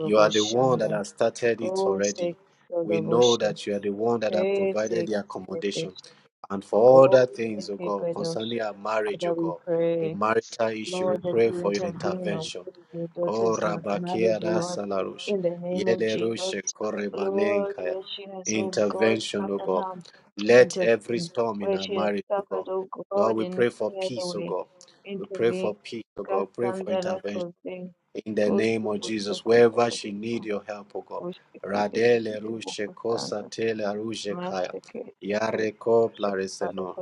B: You are the one that has started it already. We know that you are the one that have provided the accommodation. And for other things, O God, concerning our marriage, O God, the marital issue, we pray for your intervention. O Rabakia da Salarush, Yelerushe Korebanenkaya. Intervention, O God. Let every storm in our marriage, O God. Lord, we pray for peace, O God. We pray for peace, oh God. Pray for intervention in the name of Jesus, wherever she need your help, oh God. Radele rushe kosa tele rushe kaya. Yare kopla reseno.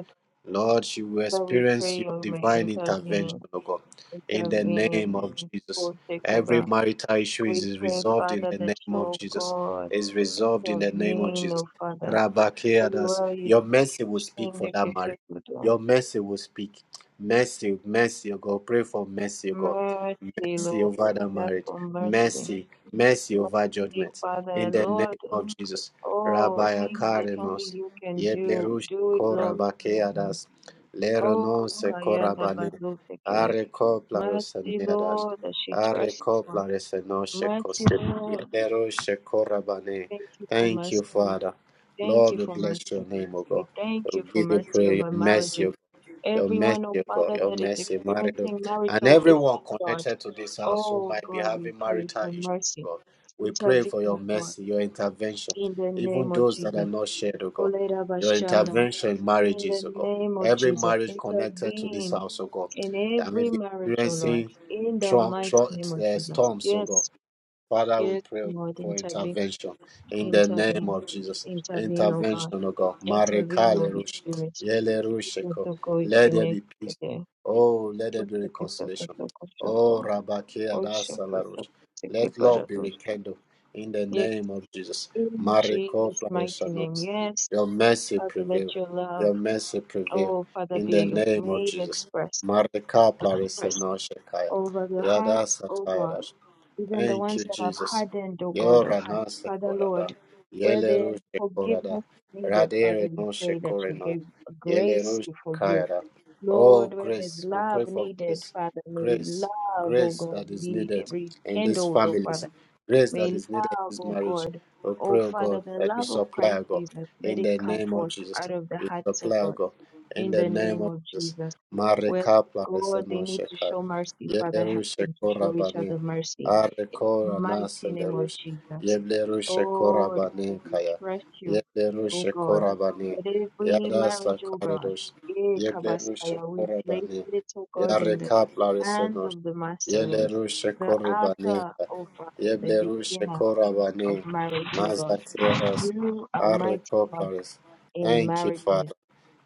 B: Lord, she will experience your divine intervention, oh God. In the name of Jesus. Every marital issue is is resolved in the name of Jesus. Is resolved in the name of Jesus. Rabakeadas. Your mercy will speak for that marriage. Your mercy will speak. Mercy, mercy, oh God. Pray for mercy, oh God mercy over that marriage, mercy, mercy over judgment. In the name of Jesus, Rabbi Akarinos, Yeblerush Korabakeadas, Leronose Korabane, Areko Plarosaneadas, Areko Plaresenoshekos, Yeblerushe Korabane. Thank you, Father. Lord, we bless your name, O God. We give you prayer, your mercy, O your mercy, O God, your mercy, marital, and everyone connected to this house who might be having marital issues, O God. We pray for your mercy, your intervention, even those that are not shared, O God. Your intervention in marriages, O God. Every marriage connected to this house, O God, that may be experiencing tru- tru- uh, storms, O God. Father, we pray for intervention in the name of Jesus. Intervention, O God. Marekale rush, yele rusheko. Let there be peace. Oh, let there be reconciliation. Oh, Rabake adasala rush. Let love be rekindled in the name of Jesus. Mareko plareshanos. Your mercy prevail. Your mercy prevail in the name of Jesus. Mareka plareshanos shekaya. Yada sataya Thank you, Jesus. Yora nasa korada. Yele rushe korada. Radere no shekoreno. Yele rushe kayada. Oh, grace. We pray for grace. Grace. Grace that is needed in these families. Grace that is needed in this marriage. We pray, oh God, that you supply, oh God, in the name of Jesus. You supply, oh God, in the name of Jesus. Marika plareseno shekar. Yele rushe korabane. Are kora naselerush. Yeblerushe kora bane kaya. Yeblerushe kora bane. Yada karedosh. Yeblerushe kora ne. Yareknosh. Yebane. Yebshekwane. Mazas. Ares. Thank you, Father.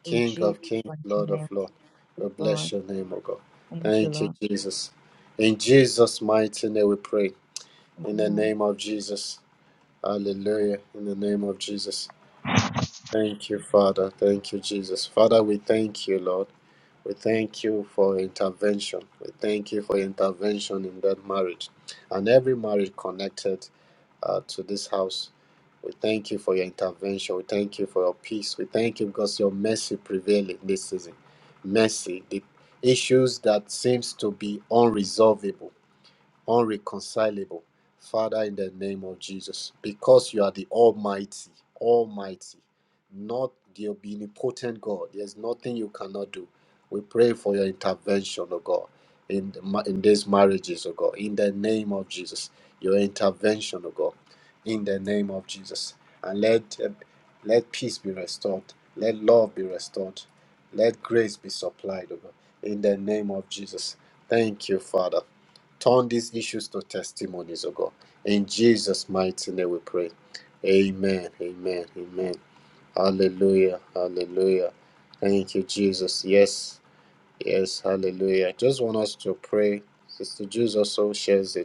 B: King of kings, Lord of lords. We bless your name, O God. Thank you, Jesus. In Jesus' mighty name we pray. In the name of Jesus. Hallelujah. In the name of Jesus. Thank you, Father. Thank you, Jesus. Father, we thank you, Lord. We thank you for your intervention. We thank you for your intervention in that marriage and every marriage connected uh, to this house. We thank you for your intervention. We thank you for your peace. We thank you because your mercy prevailed in this season. Mercy, the issues that seems to be unresolvable unreconcilable. Father, in the name of Jesus, because you are the Almighty, Almighty, not the omnipotent God. There's nothing you cannot do. We pray for your intervention, oh God, in the, ma- in these marriages, oh God, in the name of Jesus. Your intervention, oh God, in the name of Jesus, and let uh, let peace be restored, let love be restored, let grace be supplied, oh God, in the name of Jesus. Thank you, Father. Turn these issues to testimonies, oh God. In Jesus' mighty name we pray. Amen. Amen. Amen. Hallelujah. Hallelujah. Thank you, Jesus. Yes. Yes. Hallelujah. Just want us to pray. Sister Jules also shares a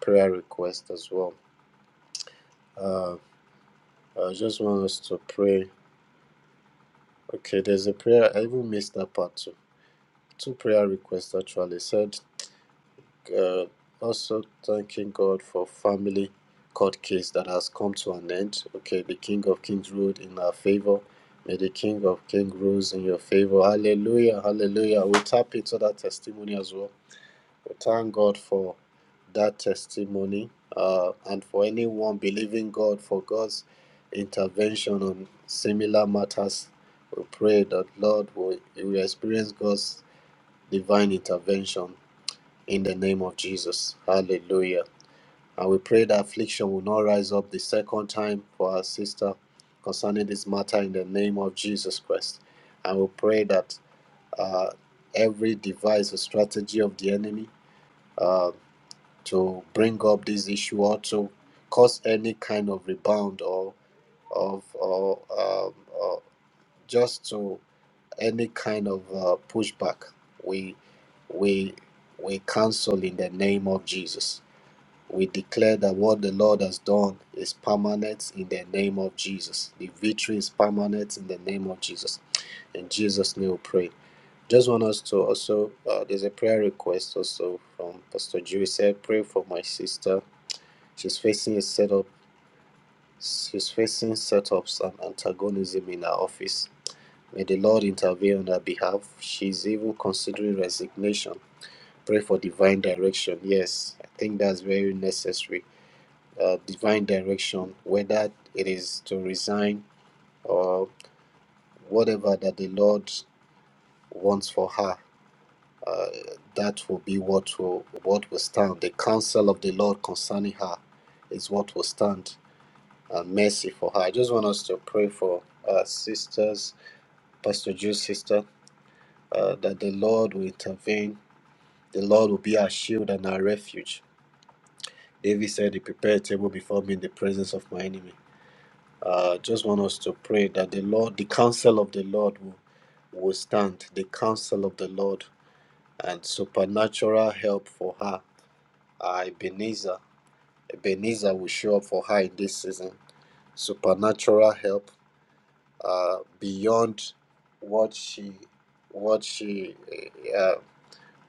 B: prayer request as well. I just want us to pray. Okay, there's a prayer. I even missed that part too. Two prayer requests actually said uh, also thanking God for family court case that has come to an end. Okay, the King of Kings ruled in our favor. May the King of Kings rules in your favor. Hallelujah, hallelujah. We'll tap into that testimony as well. We thank God for that testimony uh, and for anyone believing God for God's intervention on similar matters. We pray that Lord will, will experience God's divine intervention in the name of Jesus. Hallelujah. And we pray that affliction will not rise up the second time for our sister concerning this matter in the name of Jesus Christ. And we pray that uh, every device or strategy of the enemy uh, to bring up this issue or to cause any kind of rebound or of or, um, or just to any kind of uh, pushback, we we we cancel in the name of Jesus We declare that what the Lord has done is permanent in the name of Jesus. The victory is permanent in the name of Jesus. In Jesus' name we pray. Just want us to also, uh, there's a prayer request also from Pastor Jew. He said, Pray for my sister. She's facing a setup, she's facing setups and antagonism in her office. May the Lord intervene on her behalf. She's even considering resignation. Pray for divine direction. Yes, I think that's very necessary uh, divine direction, whether it is to resign or whatever that the Lord wants for her. Uh, that will be what will what will stand. The counsel of the Lord concerning her is what will stand. Uh, mercy for her. I just want us to pray for uh, sisters, Pastor Jude's sister, uh, that the Lord will intervene. The Lord will be our shield and our refuge. David said, "He prepared a table before me in the presence of my enemy." Uh, just want us to pray that the Lord, the counsel of the Lord will, will stand, the counsel of the Lord, and supernatural help for her. Uh, Ebenezer, Ebenezer will show up for her in this season. Supernatural help uh, beyond what she, what she, uh,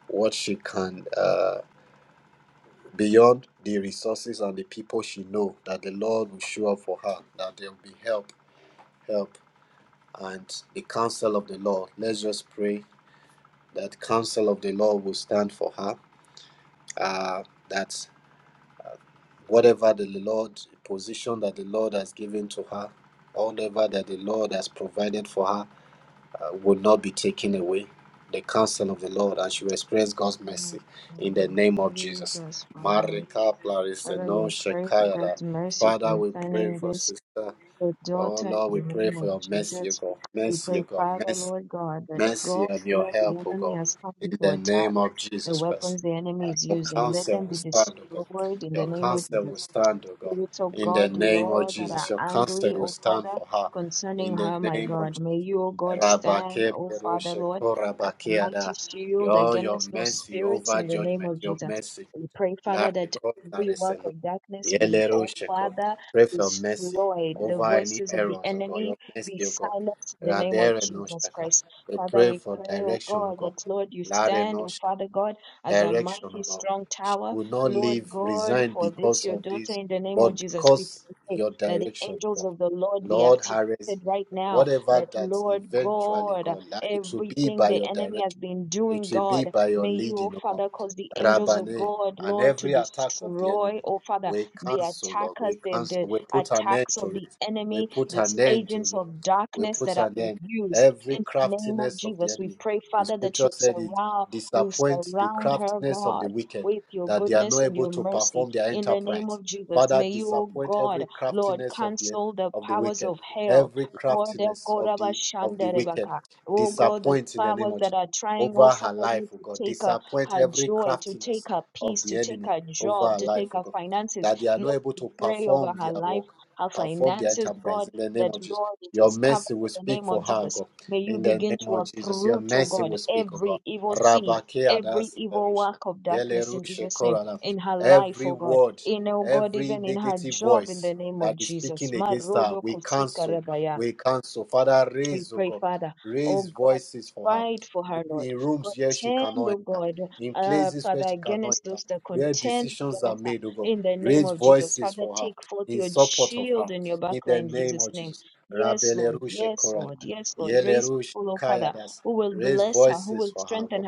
B: what she can, uh, beyond the resources and the people she know. That the Lord will show up for her. That there will be help, help and the counsel of the Lord. Let's just pray that counsel of the Lord will stand for her. Uh, that whatever the Lord position that the Lord has given to her, whatever that the Lord has provided for her, uh, will not be taken away. The counsel of the Lord, and she will experience God's mercy in the name of Jesus. Marika Clarissa, no Shekayada. Father, we pray for sister. Oh Lord, we pray for your mercy, O God. Mercy, O God. Mercy, mercy and your help, O God, in the name of Jesus Christ. And your counsel will stand, O God. Your counsel will stand, O God, in the name of Jesus. Your counsel will stand for her, in the name of Jesus. Rabake perushe korabakeada. Your, your mercy over judgment, your mercy Lariko, Lariseno, Yelero, Sheko. Pray for mercy over any errors, O God. Your mercy, O God. Radere no Shaka. We pray for direction, O God. Lare no Shaka. Direction, O God. She will not leave, resign because of this, but because your direction, O God. Lord, Harris, whatever that eventually, God, la- it will be by your direction. It will be by your leading, O God. Rabbane, and every attack of the enemy, we cancel, Lord. We cancel. We put an end to it. We put an end to it. We put an end. Every craftiness of the enemy. The scripture said it disappoints the craftiness of the wicked, that they are not able to perform their enterprise. Father, disappoint every craftiness of the of the wicked, every craftiness of the of the wicked. Disappoint in the name of Jesus over her life, oh God. Disappoint every craftiness of the enemy over her life, oh God. That they are not able to perform their work, perform their enterprise in the name of Jesus. Your mercy will speak for her, oh God. In the name of Jesus, your mercy will speak, oh God. Rabake adas lerush, yele rushe korana. Every word, every negative voice that is speaking against her, we cancel. We cancel. Father, raise, oh God, raise voices for her in rooms where she cannot enter, in places where she cannot enter, where decisions are made, oh God. Raise voices for her, in support of her, in the name of Jesus. Rabelerushe Korada, Yelerushe Kayadas. Raise voices for her, oh God.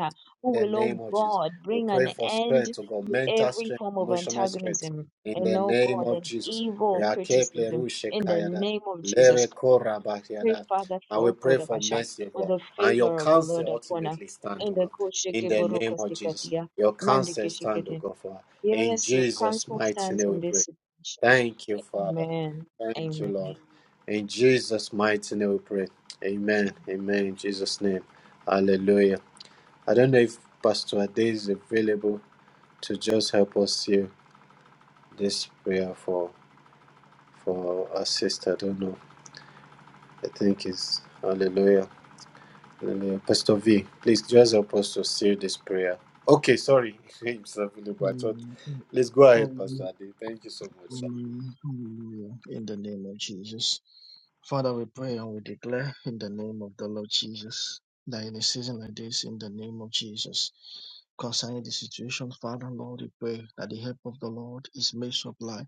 B: In the name of Jesus. We pray for strength, oh God, mental strength, emotional strength. In the name of Jesus. Rakeple Rushe Kayada. Lere Korabakiada. And we pray for mercy, oh God. And your counsel ultimately stand, O God. In the name of Jesus, your counsel stand, O God, for her. In Jesus' mighty name we pray. Thank you, Father. Thank you, Lord. In Jesus' mighty name we pray. Amen. Amen. In Jesus' name. Hallelujah. I don't know if Pastor Ade is available to just help us here this prayer for for our sister. I don't know. I think it's hallelujah. Hallelujah. Pastor V, please just help us to seal this prayer. Okay, sorry, himself, but I thought,
F: Amen.
B: let's go ahead,
F: Hallelujah.
B: Pastor Ade. Thank you so much. Sir.
F: Hallelujah. In the name of Jesus. Father, we pray and we declare in the name of the Lord Jesus that in a season like this, in the name of Jesus, concerning the situation, Father, Lord, we pray that the help of the Lord is made supply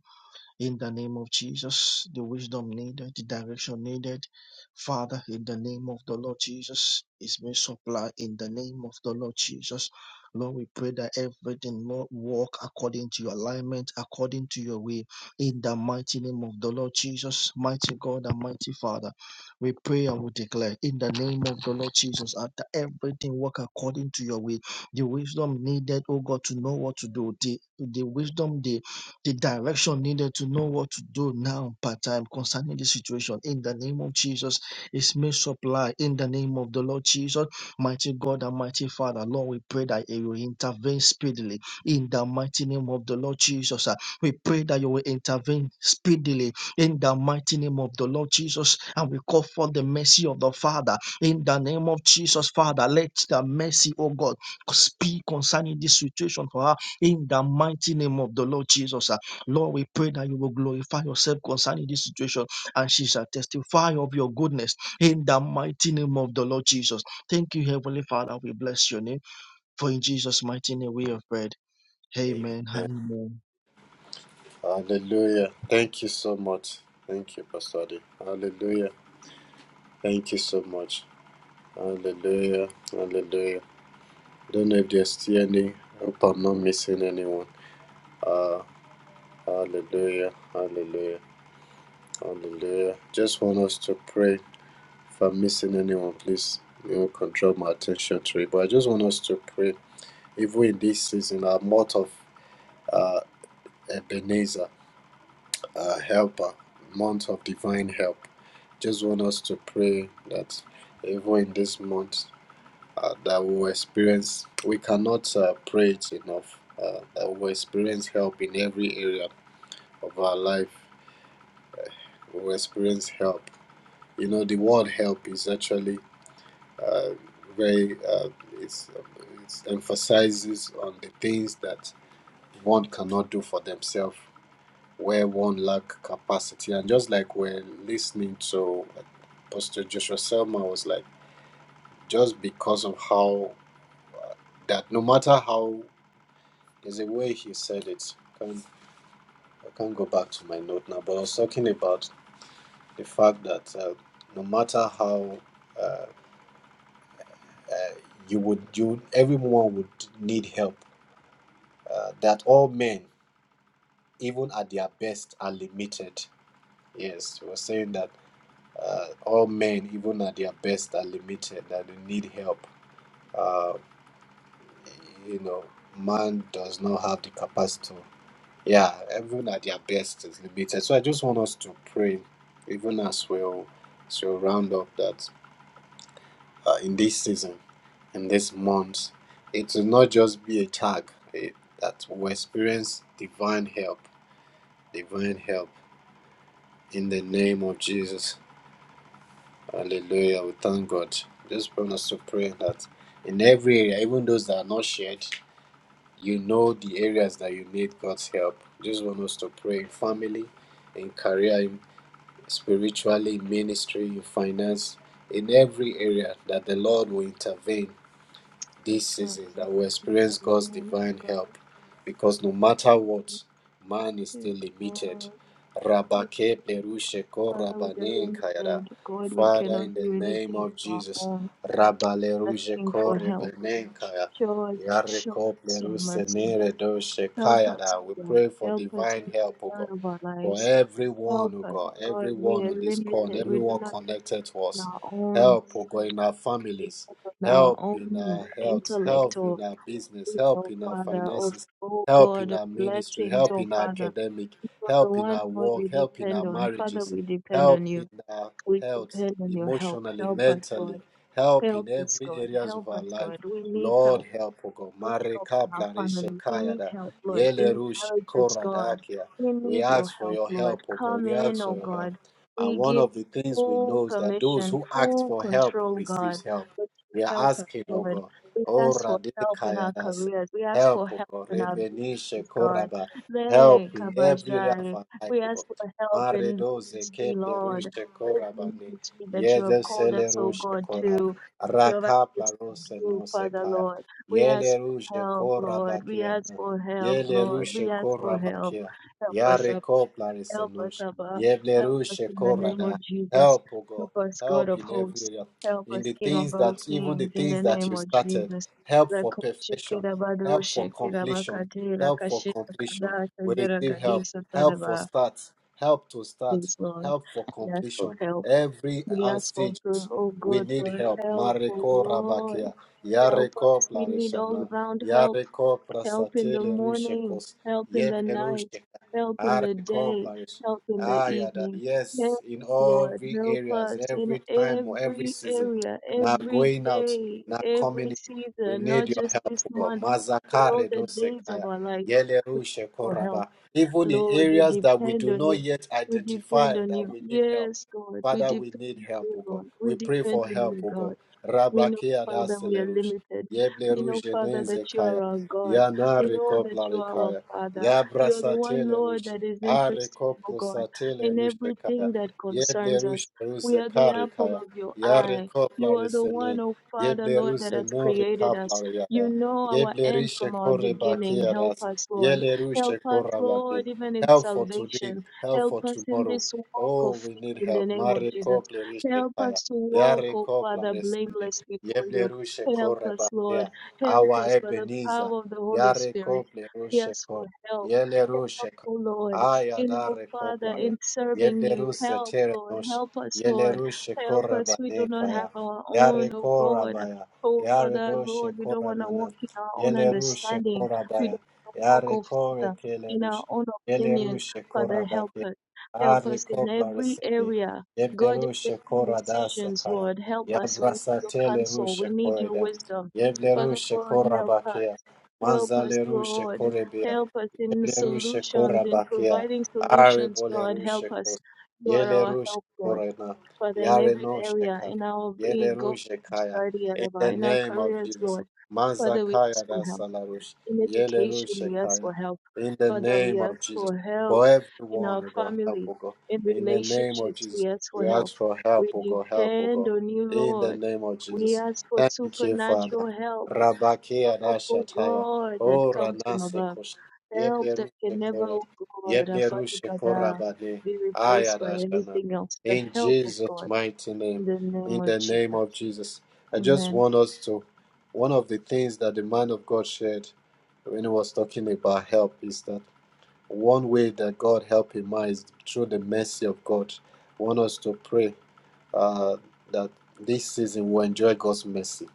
F: in the name of Jesus, the wisdom needed, the direction needed. Father, in the name of the Lord Jesus, is being supplied in the name of the Lord Jesus. Lord, we pray that everything will walk according to your alignment, according to your way, in the mighty name of the Lord Jesus, mighty God and mighty Father. We pray and we declare in the name of the Lord Jesus that everything work according to your way. The wisdom needed, oh God, to know what to do, the, the wisdom, the the direction needed to know what to do now part time concerning the situation in the name of jesus is made supply in the name of the lord jesus mighty god and mighty father lord we pray that you will intervene speedily in the mighty name of the lord jesus Ah, we pray that you will intervene speedily in the mighty name of the lord jesus and we call for the mercy of the father in the name of jesus father let the mercy of god speak concerning this situation for us in the mighty name of the Lord Jesus, ah, Lord, we pray that you will glorify yourself concerning this situation and she shall testify of your goodness in the mighty name of the Lord Jesus. Thank you, Heavenly Father. We bless your name for in Jesus' mighty name we have prayed. Amen. and
B: Hallelujah. Thank you so much. Thank you, Pastor Ade. Hallelujah. Thank you so much. Hallelujah. Hallelujah. Don't know if there's still any. Hope I'm not missing anyone. Uh, hallelujah. Hallelujah. Hallelujah. Just want us to pray. If I'm missing anyone, please, you know, control my attention to it. But I just want us to pray even in this season, a month of uh, Ebenezer, uh, helper, month of divine help. Just want us to pray that even in this month, uh, that we will experience, we cannot uh, pray it enough, uh, that we will experience help in every area of our life. We will experience help. You know, the word help is actually uh, very, uh, it's, it emphasizes on the things that one cannot do for themselves where one lack capacity. And just like we're listening to Pastor Joshua Selma was like, just because of how that, no matter how, there's a way he said it. I can't, I can't go back to my note now, but I was talking about the fact that uh, no matter how uh, uh, you would, you everyone would need help. Uh, that all men, even at their best, are limited. Yes, he was saying that uh, all men, even at their best, are limited and they need help. Uh, you know, man does not have the capacity. to- Yeah, everyone at their best is limited. So I just want us to pray, even as we'll, as we'll round up, that uh, in this season, in this month, it will not just be a tag, it, that we'll experience divine help, divine help in the name of Jesus. Hallelujah. We thank God. Just want us to pray that in every area, even those that are not shared, you know the areas that you need God's help. Just want us to pray in family, in career, in spiritually, in ministry, in finance, in every area that the Lord will intervene this season that will experience God's divine help because no matter what, man is still limited. Rabake perushe ko rabane kayada. Father, in the name of Jesus, Rabale ruje ko rebane kaya. Yare ko peruse nere doshe kayada. We pray for divine help, O God. For everyone, O God, everyone on this call, and everyone connected to us help, oh God, in our families, help in our health, help in our business, help in our finances, help in our ministry, help in our academic, help in our work, help in our marriages, help in our health, emotionally, mentally, help in every areas of our life. Lord help, O God. Mare kapla reshe kayada, yele rushe koradakia. We ask for your help, O God. We ask for your help. And one of the things we know is that those who ask for help receives help. We are asking, oh God, oh Radikaya Dase, help, oh God, Rebenisha Koraba, help in every area of our life, oh God. Mare doze keple rushe Korabani, yede sele rushe kora, rakapla rose no se kaya, yele rushe korabakia, yele rushe korabakia, yare kopla Resenusha. Yeblerushe Korada. Help, O God. Help in every area. In the things that, even the things that you started. Help for perfection. Help for completion. Help for completion. We receive help. Help for start. Help to start. Help for completion. Every uh, stage, we need help. Mareko Rabakia. Yareko Plarishana. Yareko Prasatele Rushekos. Yeblerusheka. Article flourish. Ah, yeah, that, yes, in all the areas, every time or every season. Now going out, now coming in. We need your help, O God. Mazakare do sekaya yeleru shekoraba. Even in areas that we do not yet identify that we need help. Father, we need help, O God. We pray for help, O God. Rabakia daselerush. Yebleruje nenzekaya. Yanare Yabrasatele rush. Are koprosatele rushe kaya. Yeble rushe ruze kare kaya. Yare koplare sene. Yeble ruze no rekapla yada. Yeble rishe kore bakiadas. Yele rushe korabane. Help for today. Help for tomorrow. Oh, we need help. Mare kople rishe kaya. Yare koplare sene. Yeble rushe kore bakia. Our Ebenezer. Yare kople rushe Yelerushek. Ayadare koplare. Yebleruse terenosh. Yelerushe korabane kaya. Yare korabaya. Yare doshe koramana. Yelerushe korabaya. Yare kore kelerush. Yelerushe korabake. Are koplare sebe. Yeblerushe koradase kaya. Yabrasa telerushe koreda. Yeblerushe korabakea. Manzalerushe korebea. Yeblerushe korabakia, arebolerushe kos, yelerushe korena, yarenoshe kap, yelerushe kaya. In the name of Jesus, Mazakaya Rasalarush, yelerushe kaya. In the name of Jesus, for everyone, O God, help, O God. In the name of Jesus, we ask for help, O God, help, O God. In the name of Jesus, thank you, Father. Rabakia Rashataya. Oh, Ranase Yeblerushe kora, yeblerushe kora bade, ayadashana. In Jesus' mighty name, in the name of Jesus, I just want us to. One of the things that the man of God shared when he was talking about help is that one way that God help him out is through the mercy of God. I want us to pray uh, that this season we enjoy God's mercy.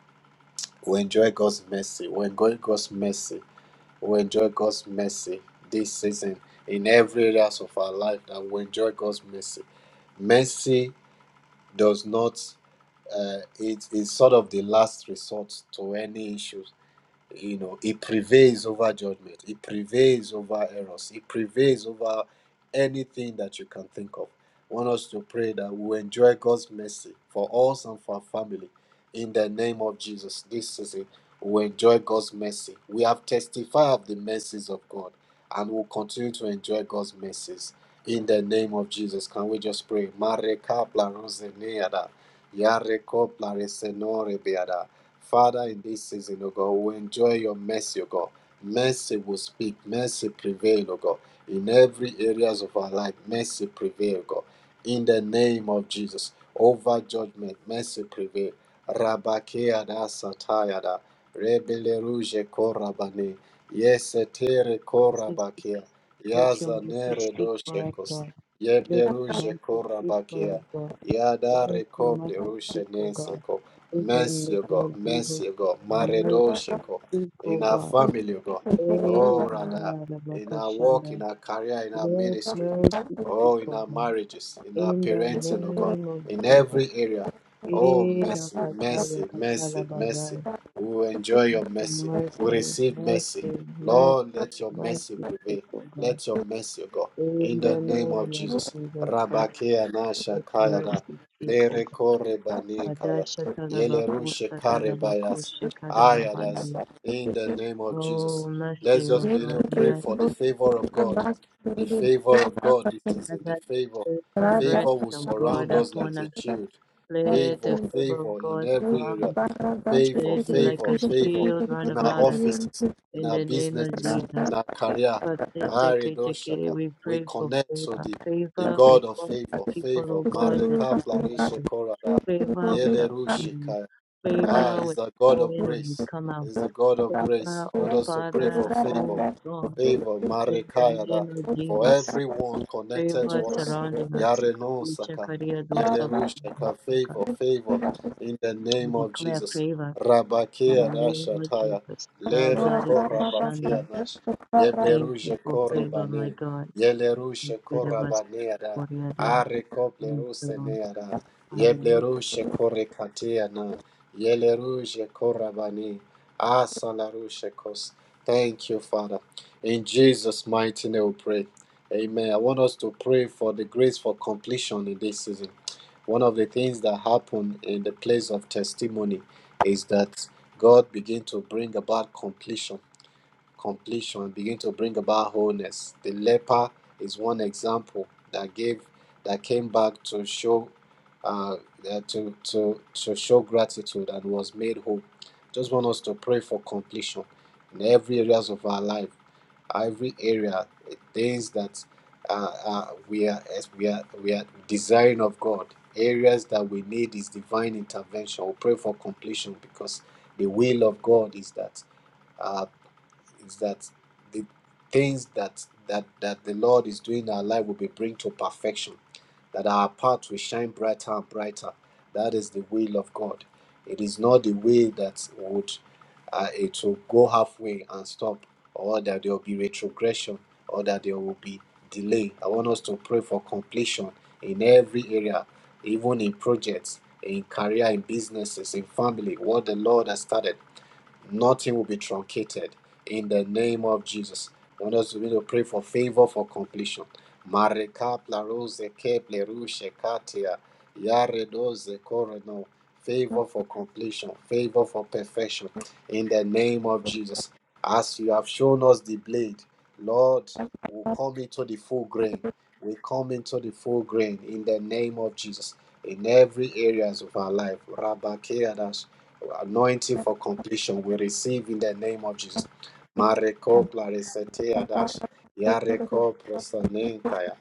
B: We enjoy God's mercy. We enjoy God's mercy. We enjoy God's mercy this season in every areas of our life that we enjoy God's mercy. Mercy does not uh, it is sort of the last resort to any issues you know it prevails over judgment it prevails over errors it prevails over anything that you can think of I want us to pray that we enjoy god's mercy for us and for our family in the name of jesus this season we enjoy god's mercy we have testified of the mercies of god and will continue to enjoy god's mercies in the name of jesus can we just pray Mareka plarozeneada, yareko plaresenore beada. Father, in this season, oh God, we enjoy your mercy, oh God. Mercy will speak, mercy prevail, oh God. In every areas of our life, mercy prevail, oh God. In the name of Jesus, over judgment, mercy prevail. Rabakeada satayada, rebele ruje korabane, yesetere korabakea, yazanere doshekos, yeble ruje korabakea, yada rekople ruje Mercy, O God. Mercy, O God. Maredosheko. In our family, O God. Oh, rather. In our work, in our career, in our ministry. Oh, in our marriages, in our parenting, oh God. In every area. Oh, mercy, mercy, mercy, mercy. We will enjoy your mercy. We receive mercy. Lord, let your mercy prevail. Let your mercy, O God. In the name of Jesus. Rabakea na shakayada. Lere kore
C: God, for your
B: Yelerushe Karebayas,
C: grace,
B: Ayadas,
C: that you
B: in the
C: give us.
B: name of Jesus. Let's just
C: Thank
B: begin to
C: you,
B: pray
C: Lord, for
B: for the
C: both
B: favor of
C: of our
B: God.
C: lives, for the
B: The
C: good
B: favor
C: of
B: of
C: our
B: God, this
C: lives,
B: is it, the favor.
C: for our lives,
B: Favor
C: for
B: will
C: our lives,
B: surround
C: for our
B: us like a
C: lives,
B: shield.
C: for our
B: Favor,
C: lives.
B: favor in
C: Thank
B: every area. Favor, favor, favor in our offices, in our businesses, in our career. Aridoshaka. We connect to the, the God of favor, favor. Marika Plarisha Yele rushika Ah, he's the God of grace. He's the God of grace. He wants us to pray for favor, favor, Marekayada, for everyone connected to us. Yareno Saka, Yelerushaka, favor, favor, in the name of Jesus. Rabakea Rashataya, Lere Korabakea Nash, Yebleruje Korebane, Yelerushe Korabaneada, Are Kobleruseneada, Yeblerushe Korekatiana. Yeleruje korabani. Asalaruje kos. Thank you, Father. In Jesus' mighty name we pray. Amen. I want us to pray for the grace for completion in this season. One of the things that happen in the place of testimony is that God begin to bring about completion completion, begin to bring about wholeness. The leper is one example that gave that came back to show uh, uh, to, to to show gratitude and was made whole. Just want us to pray for completion in every areas of our life, every area, eh, things that uh, uh, we are as we are we are desiring of God. Areas that we need is divine intervention. We pray for completion because the will of God is that. uh is that the things that that that the Lord is doing in our life will be bring to perfection, that our path will shine brighter and brighter. That is the will of God. It is not the way that would uh, it will go halfway and stop, or that there will be retrogression, or that there will be delay. I want us to pray for completion in every area, even in projects, in career, in businesses, in family, what the Lord has started. Nothing will be truncated in the name of Jesus. I want us to begin to pray for favor for completion. Mareka plaroze ke katia yare doze Favor for completion, favor for perfection in the name of Jesus. As you have shown us the blade, Lord, we come into the full grain. We come into the full grain in the name of Jesus in every areas of our life. Rabba Keadas, anointing for completion. We receive in the name of Jesus. Mareko plaresete adash. Yareko prosanenkaya.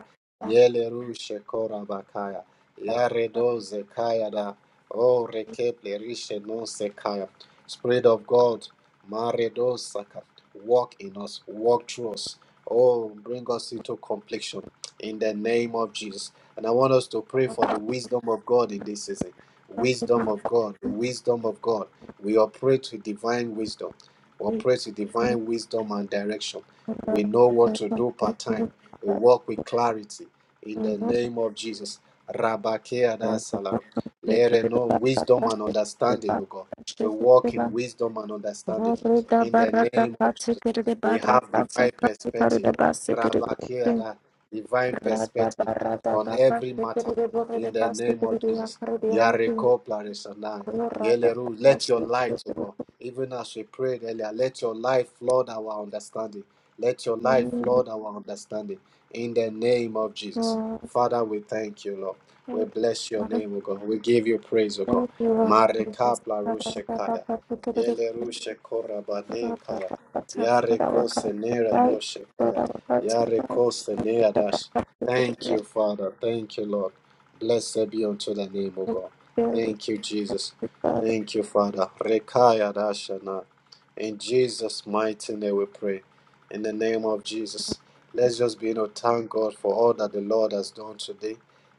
B: Yele rushe korabakaya. Yaredo zekaya da. O reke plerishe no sekaya. Spirit of God, Maredo saka. Walk in us, walk through us. Oh, bring us into completion in the name of Jesus. And I want us to pray for the wisdom of God in this season wisdom of God, wisdom of God. We operate with divine wisdom. We operate with divine wisdom and direction. We know what to do part time. We walk with clarity in the
C: you.
B: name of Jesus. Rabakea da
C: Thank you.
B: salam. Lere no wisdom and understanding, O God. We walk in wisdom and understanding in the name of Jesus. We have divine perspective. Rabakea da divine perspective on every matter in the name of Jesus. Yareko Plaresanai. Yeleru. Let your light, O God, even as we prayed earlier, let your light flood our understanding. Let your light flood our understanding. In the name of Jesus. Father, we thank you, Lord. We bless your name, O God. We give you praise, O God.
C: Thank you. Lord
B: Mareka Plarushekaya.
C: Jesus.
B: Yeleru Shekorabane
C: Lord, Lord, Lord,
B: Kaya.
C: Lord, Lord,
B: Yareko
C: our hearts with
B: Senera no
C: light, Lord,
B: Shekaya.
C: our hearts with light,
B: Yareko
C: Lord,
B: Senea
C: let our
B: Dash.
C: hearts with
B: Thank
C: your
B: you, Father. Thank you, Lord. Blessed be unto the name, of
C: light.
B: God.
C: Fill this
B: Thank you, Jesus.
C: with all
B: Thank you, Father. Rekaya Dashana. In Jesus' mighty name we pray. In the name of Jesus. Let's just be, you know, thank God for all that the Lord has done today.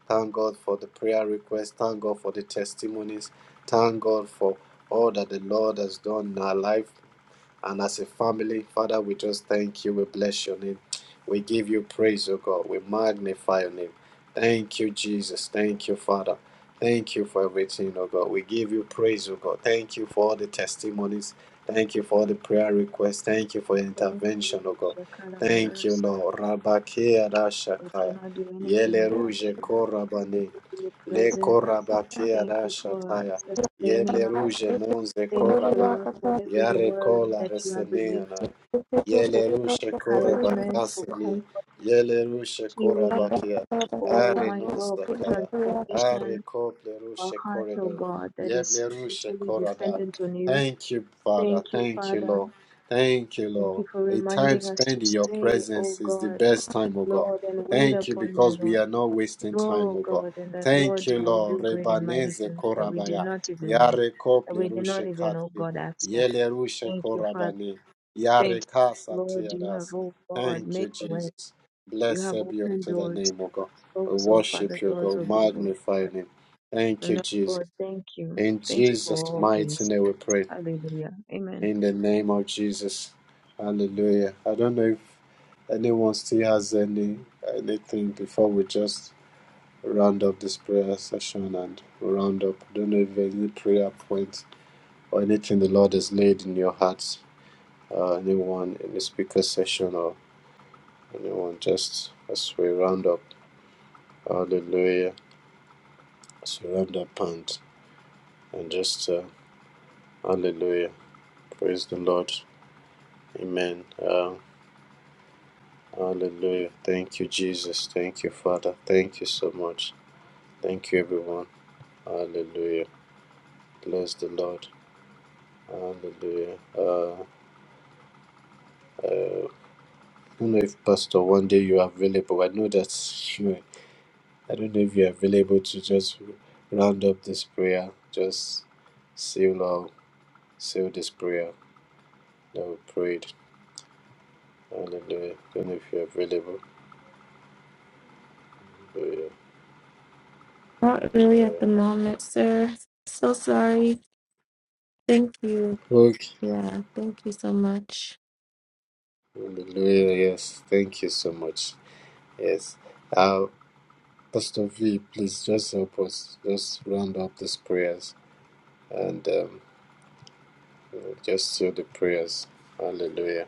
B: Thank God for the prayer request. Thank God for the testimonies. Thank God for all that the Lord has done in our life. And as a family, Father, we just thank you. We bless your name. We give you praise, O God. We magnify your name. Thank you, Jesus. Thank you, Father. Thank you for everything, O God. We give you praise, O God. Thank you for all the testimonies. Thank you for all the prayer requests. Thank you for your intervention, O God. Thank you, Lord. Rabakia Rashakaya. Yele Ruje Korabane. Le Korabakia Rashataya. Yele
C: hearts
B: Ruje
C: with the
B: Nonze
C: glory
B: Korabaya.
C: of
B: Yare kola resenena. Yele rushe kore bakasini. Yele rushe kora bakia.
C: God.
B: Are nosta kaya. Are kople rushe koreda. Yeble rushe korada. Thank you, Father. Thank you, Lord. Thank you, Lord. A time spent in your presence is the best time, O God. Thank you because we are not wasting time, O God. Thank you, Lord. Rebaneze korabaya. Yare kople rushe kati. Yelerusha Korabani. Yareka Satiadas. Thank you, Jesus. Blessed be unto the name of God. We worship you, God. Magnify your name. Thank you, Jesus. In Jesus' mighty name we pray. In the name of Jesus. Hallelujah. I don't know if anyone still has any anything before we just round up this prayer session and round up. I don't know if there's any prayer point or anything the Lord has laid in your hearts uh, anyone in the speaker session or anyone just as we round up. Hallelujah. As we round up and, and just uh, hallelujah. Praise the Lord. Amen. Uh, hallelujah. Thank you, Jesus. Thank you, Father. Thank you so much. Thank you, everyone. Hallelujah. Bless the Lord. Hallelujah. Uh, uh, I don't know if Pastor, one day you are available. I know that I don't know if you're available to just round up this prayer, just seal or seal this prayer that we prayed. Hallelujah. I Don't know if you're available. Hallelujah.
C: Not really at
B: Hallelujah.
C: the moment, sir. So sorry. Thank you.
B: Okay.
C: Yeah, thank you so much.
B: Hallelujah. Yes. Thank you so much. Yes. Uh, Pastor V, please just help us. Just round up these prayers and um, just seal the prayers. Hallelujah.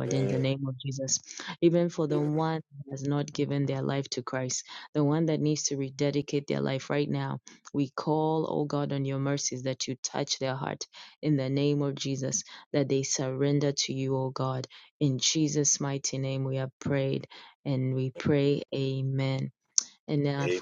B: Amen. Amen.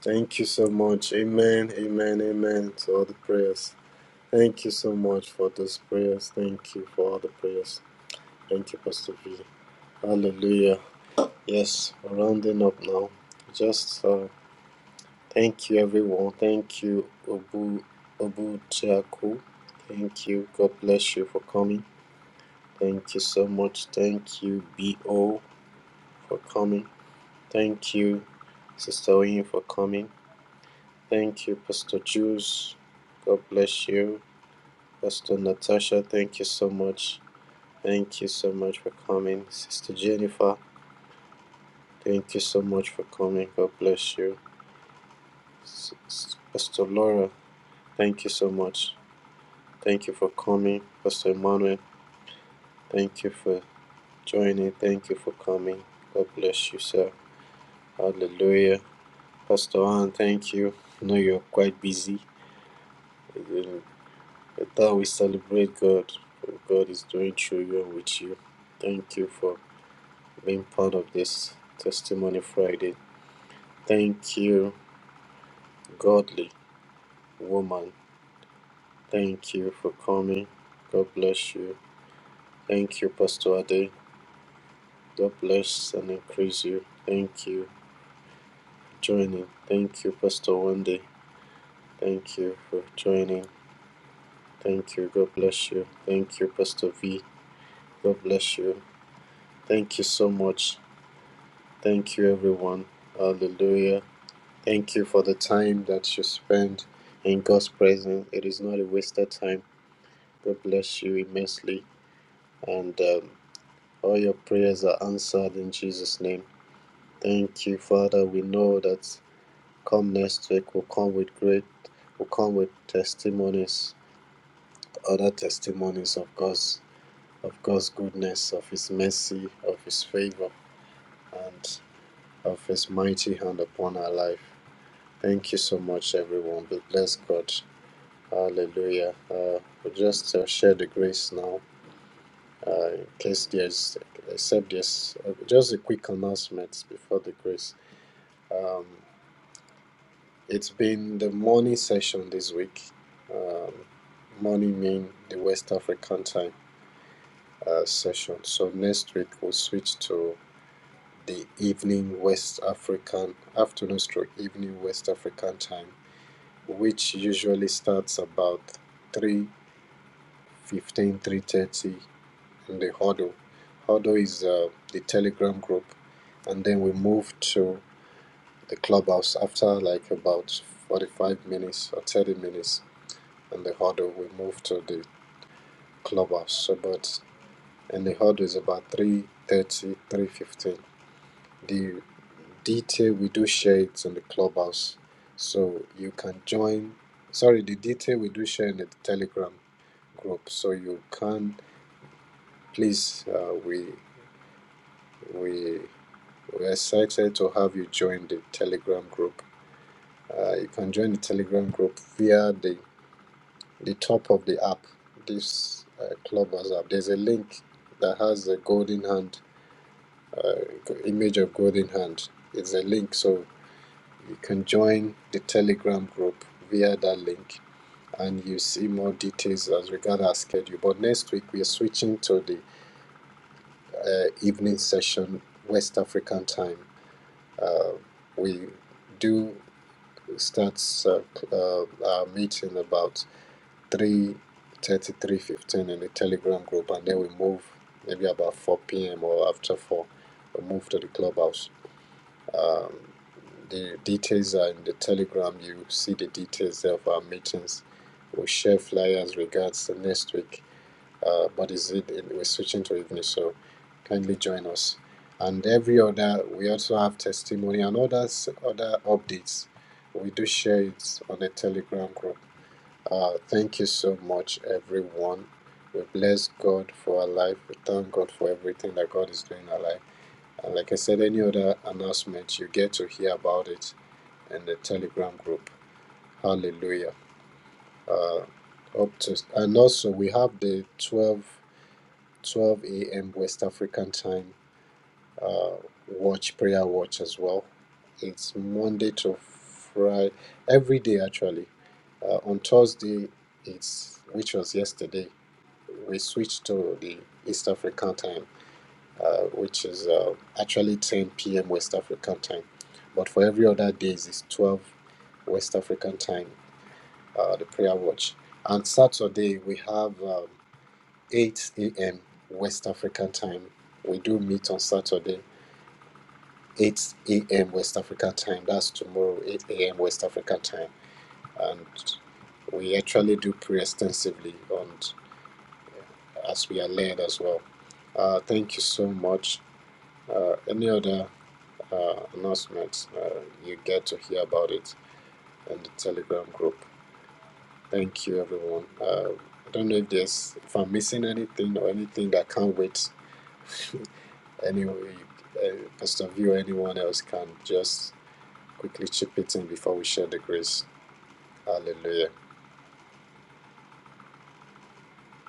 B: Thank you so much. Amen. Amen. Amen. To all the prayers. Thank you so much for those prayers. Thank you for all the prayers. Thank you, Pastor V. Hallelujah. Yes, we're rounding up now. Just uh, thank you, everyone. Thank you, Obu Obu Jaku. Thank you. God bless you for coming. Thank you so much. Thank you, Bo, for coming. Thank you, Sister Oyin, for coming. Thank you, Pastor Jules. God bless you, Pastor Natasha. Thank you so much. Thank you so much for coming, Sister Jennifer. Thank you so much for coming. God bless you. Pastor Laura, thank you so much. Thank you for coming. Pastor Emmanuel, thank you for joining. Thank you for coming. God bless you, sir. Hallelujah. Pastor Ann, thank you. I know you're quite busy. but that we celebrate God. What God is doing through you and with you. Thank you for being part of this Testimony Friday. Thank you, Godly. Woman, thank you for coming. God bless you. Thank you, Pastor Ade. God bless and increase you. Thank you for joining. Thank you, Pastor Wande. Thank you for joining. Thank you. God bless you. Thank you, Pastor V. God bless you. Thank you so much. Thank you, everyone. Hallelujah. Thank you for the time that you spend in God's presence. It is not a wasted time. God bless you immensely. And um, All your prayers are answered in Jesus' name. Thank you, Father. We know that come next week, we'll come with great, we'll come with testimonies, other testimonies of God's, of God's goodness, of His mercy, of His favor, and of His mighty hand upon our life. Thank you so much, everyone. We bless God. Hallelujah. Uh, we just uh, share the grace now. Uh, in case there's, except there's uh, just a quick announcement before the grace. Um, it's been the morning session this week. Um, morning mean the West African time uh, session. So next week we'll switch to the evening West African afternoon stroke evening West African time, which usually starts about three fifteen, three thirty in the huddle. Huddle is uh, the Telegram group, and then we move to the clubhouse after like about 45 minutes or 30 minutes in the huddle. We moved to the clubhouse. So, but in the huddle is about three thirty, three fifteen. The detail, we do share it in the clubhouse. So you can join, sorry, the detail we do share in the Telegram group. So you can, please, uh, we, we, we're excited to have you join the Telegram group. Uh, you can join the Telegram group via the the top of the app, this uh, Clubhouse app, there's a link that has a golden hand, image of golden hand. It's a link, so you can join the Telegram group via that link, and you see more details as regard our schedule. But next week we are switching to the uh, evening session, West African time. Uh, we do start uh, uh, our meeting about three thirty, three fifteen in the Telegram group, and then we move maybe about four p.m. or after four. We move to the clubhouse. Um, the details are in the Telegram. You see the details of our meetings. We share flyers regards to next week. Uh, but is it we're switching to evening, so kindly join us. And every other, we also have testimony and others other updates. We do share it on the Telegram group uh, thank you so much, everyone. We bless God for our life. We thank God for everything that God is doing in our life. And like I said, any other announcement, you get to hear about it in the Telegram group. Hallelujah. Uh, up to and also we have the 12 12 a.m. West African time uh, watch prayer watch as well. It's Monday to Friday, every day actually. Uh, on Thursday, it's which was yesterday. we switched to the East African time, uh, which is uh, actually 10 p.m. West African time. But for every other days, it's 12 West African time, uh, the prayer watch. And Saturday, we have um, 8 a.m. West African time. We do meet on Saturday, 8 a.m. West African time. That's tomorrow, 8 a.m. West African time. And we actually do pray extensively on as we are led as well. Uh, thank you so much. uh, any other uh, announcements, uh, you get to hear about it in the Telegram group. Thank you, everyone. Uh, I don't know if there's if I'm missing anything or anything that can't wait. anyway, uh, Pastor View, anyone else can just quickly chip it in before we share the grace. Hallelujah!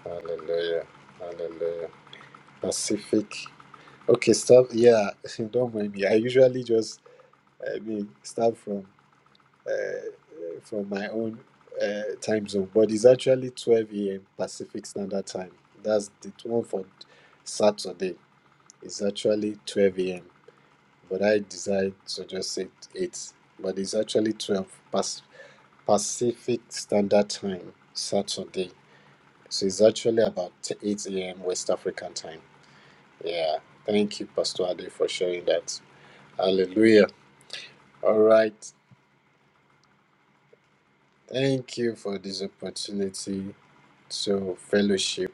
B: Hallelujah! Hallelujah! Pacific. Okay, stop. Yeah, don't mind me. I usually just, I mean, start from uh, from my own uh, time zone, but it's actually 12 a.m. Pacific Standard Time. That's the one for Saturday. It's actually 12 a.m., but I decided to just say 8, but it's actually 12 Pas- Pacific Standard Time, Saturday. So it's actually about 8 a.m. West African time. Yeah. Thank you, Pastor Ade, for sharing that. Hallelujah. All right. Thank you for this opportunity. So fellowship.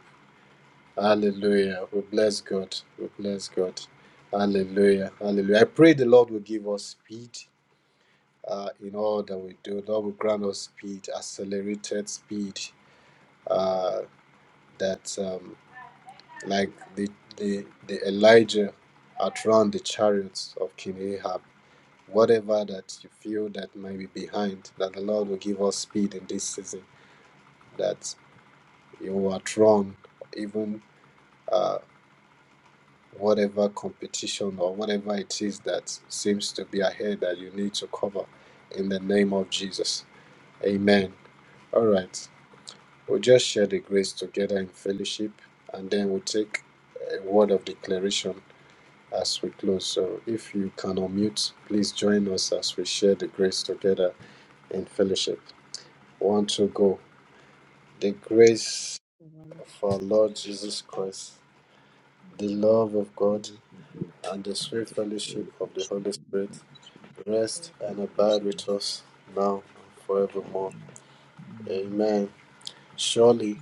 B: Hallelujah. We bless God. We bless God. Hallelujah. Hallelujah. I pray the Lord will give us speed uh, in all that we do. Lord will grant us speed, accelerated speed. Uh, that um, like the, the the Elijah outrun the chariots of King Ahab. Whatever that you feel that might be behind, that the Lord will give us speed in this season. That you will outrun even. uh. whatever competition or whatever it is that seems to be ahead that you need to cover in the name of Jesus. Amen. All right. We'll just share the grace together in fellowship and then we'll take a word of declaration as we close. So if you can unmute, please join us as we share the grace together in fellowship. One, two, go. The grace of our Lord Jesus Christ, the love of God, and the sweet fellowship of the Holy Spirit rest and abide with us now and forevermore. Amen. Surely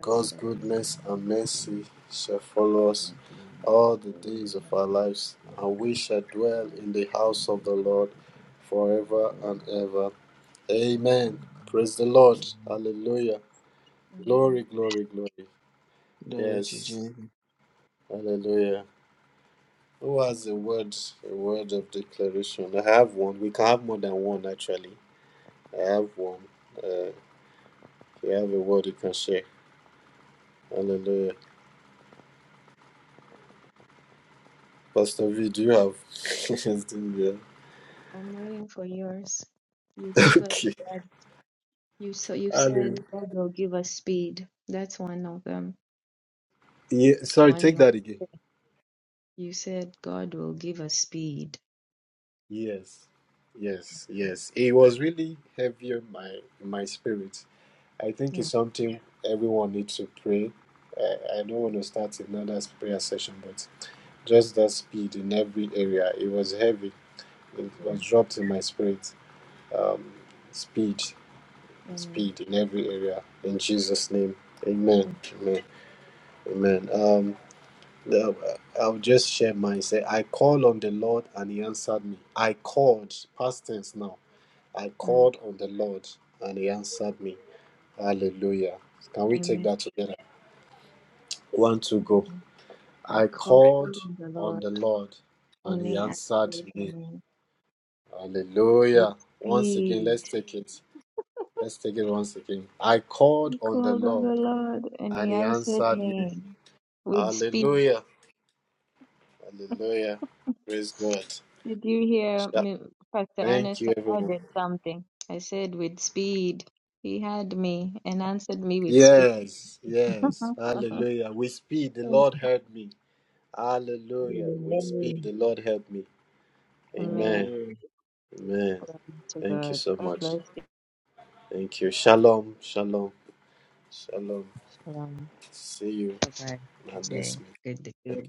B: God's goodness and mercy shall follow us
F: Amen.
B: all the days of our lives, and we shall dwell in the house of the Lord forever and ever. Amen. Praise the Lord. Hallelujah. Glory, glory, glory.
F: Glory to
B: Yes.
F: Jesus.
B: Hallelujah. Who has a word, a word of declaration? I have one. We can have more than one actually. I have one. Uh, You have a word you can share. Hallelujah. Pastor V, do you have anything there? Okay. Hallelujah. Yeah, sorry, take that again. Yes. Yes. Yes. It was really heavy on my my spirit. I think it's something everyone needs to pray. I, I don't want to start another prayer session, but just that speed in every area. It was heavy. It was dropped in my spirit. Um, speed, speed in every area. In Jesus' name. Amen. Amen. Amen. Um, the- I'll just share mine. Say, I called on the Lord and he answered me. I called, past tense now. I called on the Lord and he answered me. Hallelujah. Can we take that together? One, two, go. I called on the Lord and he answered me. Hallelujah. Once again, let's take it. Let's take it once again. I called on the Lord and he answered me. Hallelujah. Hallelujah. Praise God. Thank you, everyone. Yes, yes. Hallelujah. With speed, the Lord heard me. Hallelujah. With speed, the Lord helped me. Amen.
F: Amen.
B: Amen. Thank you so much. Thank you. Shalom. Shalom. Shalom. See you in our next meeting.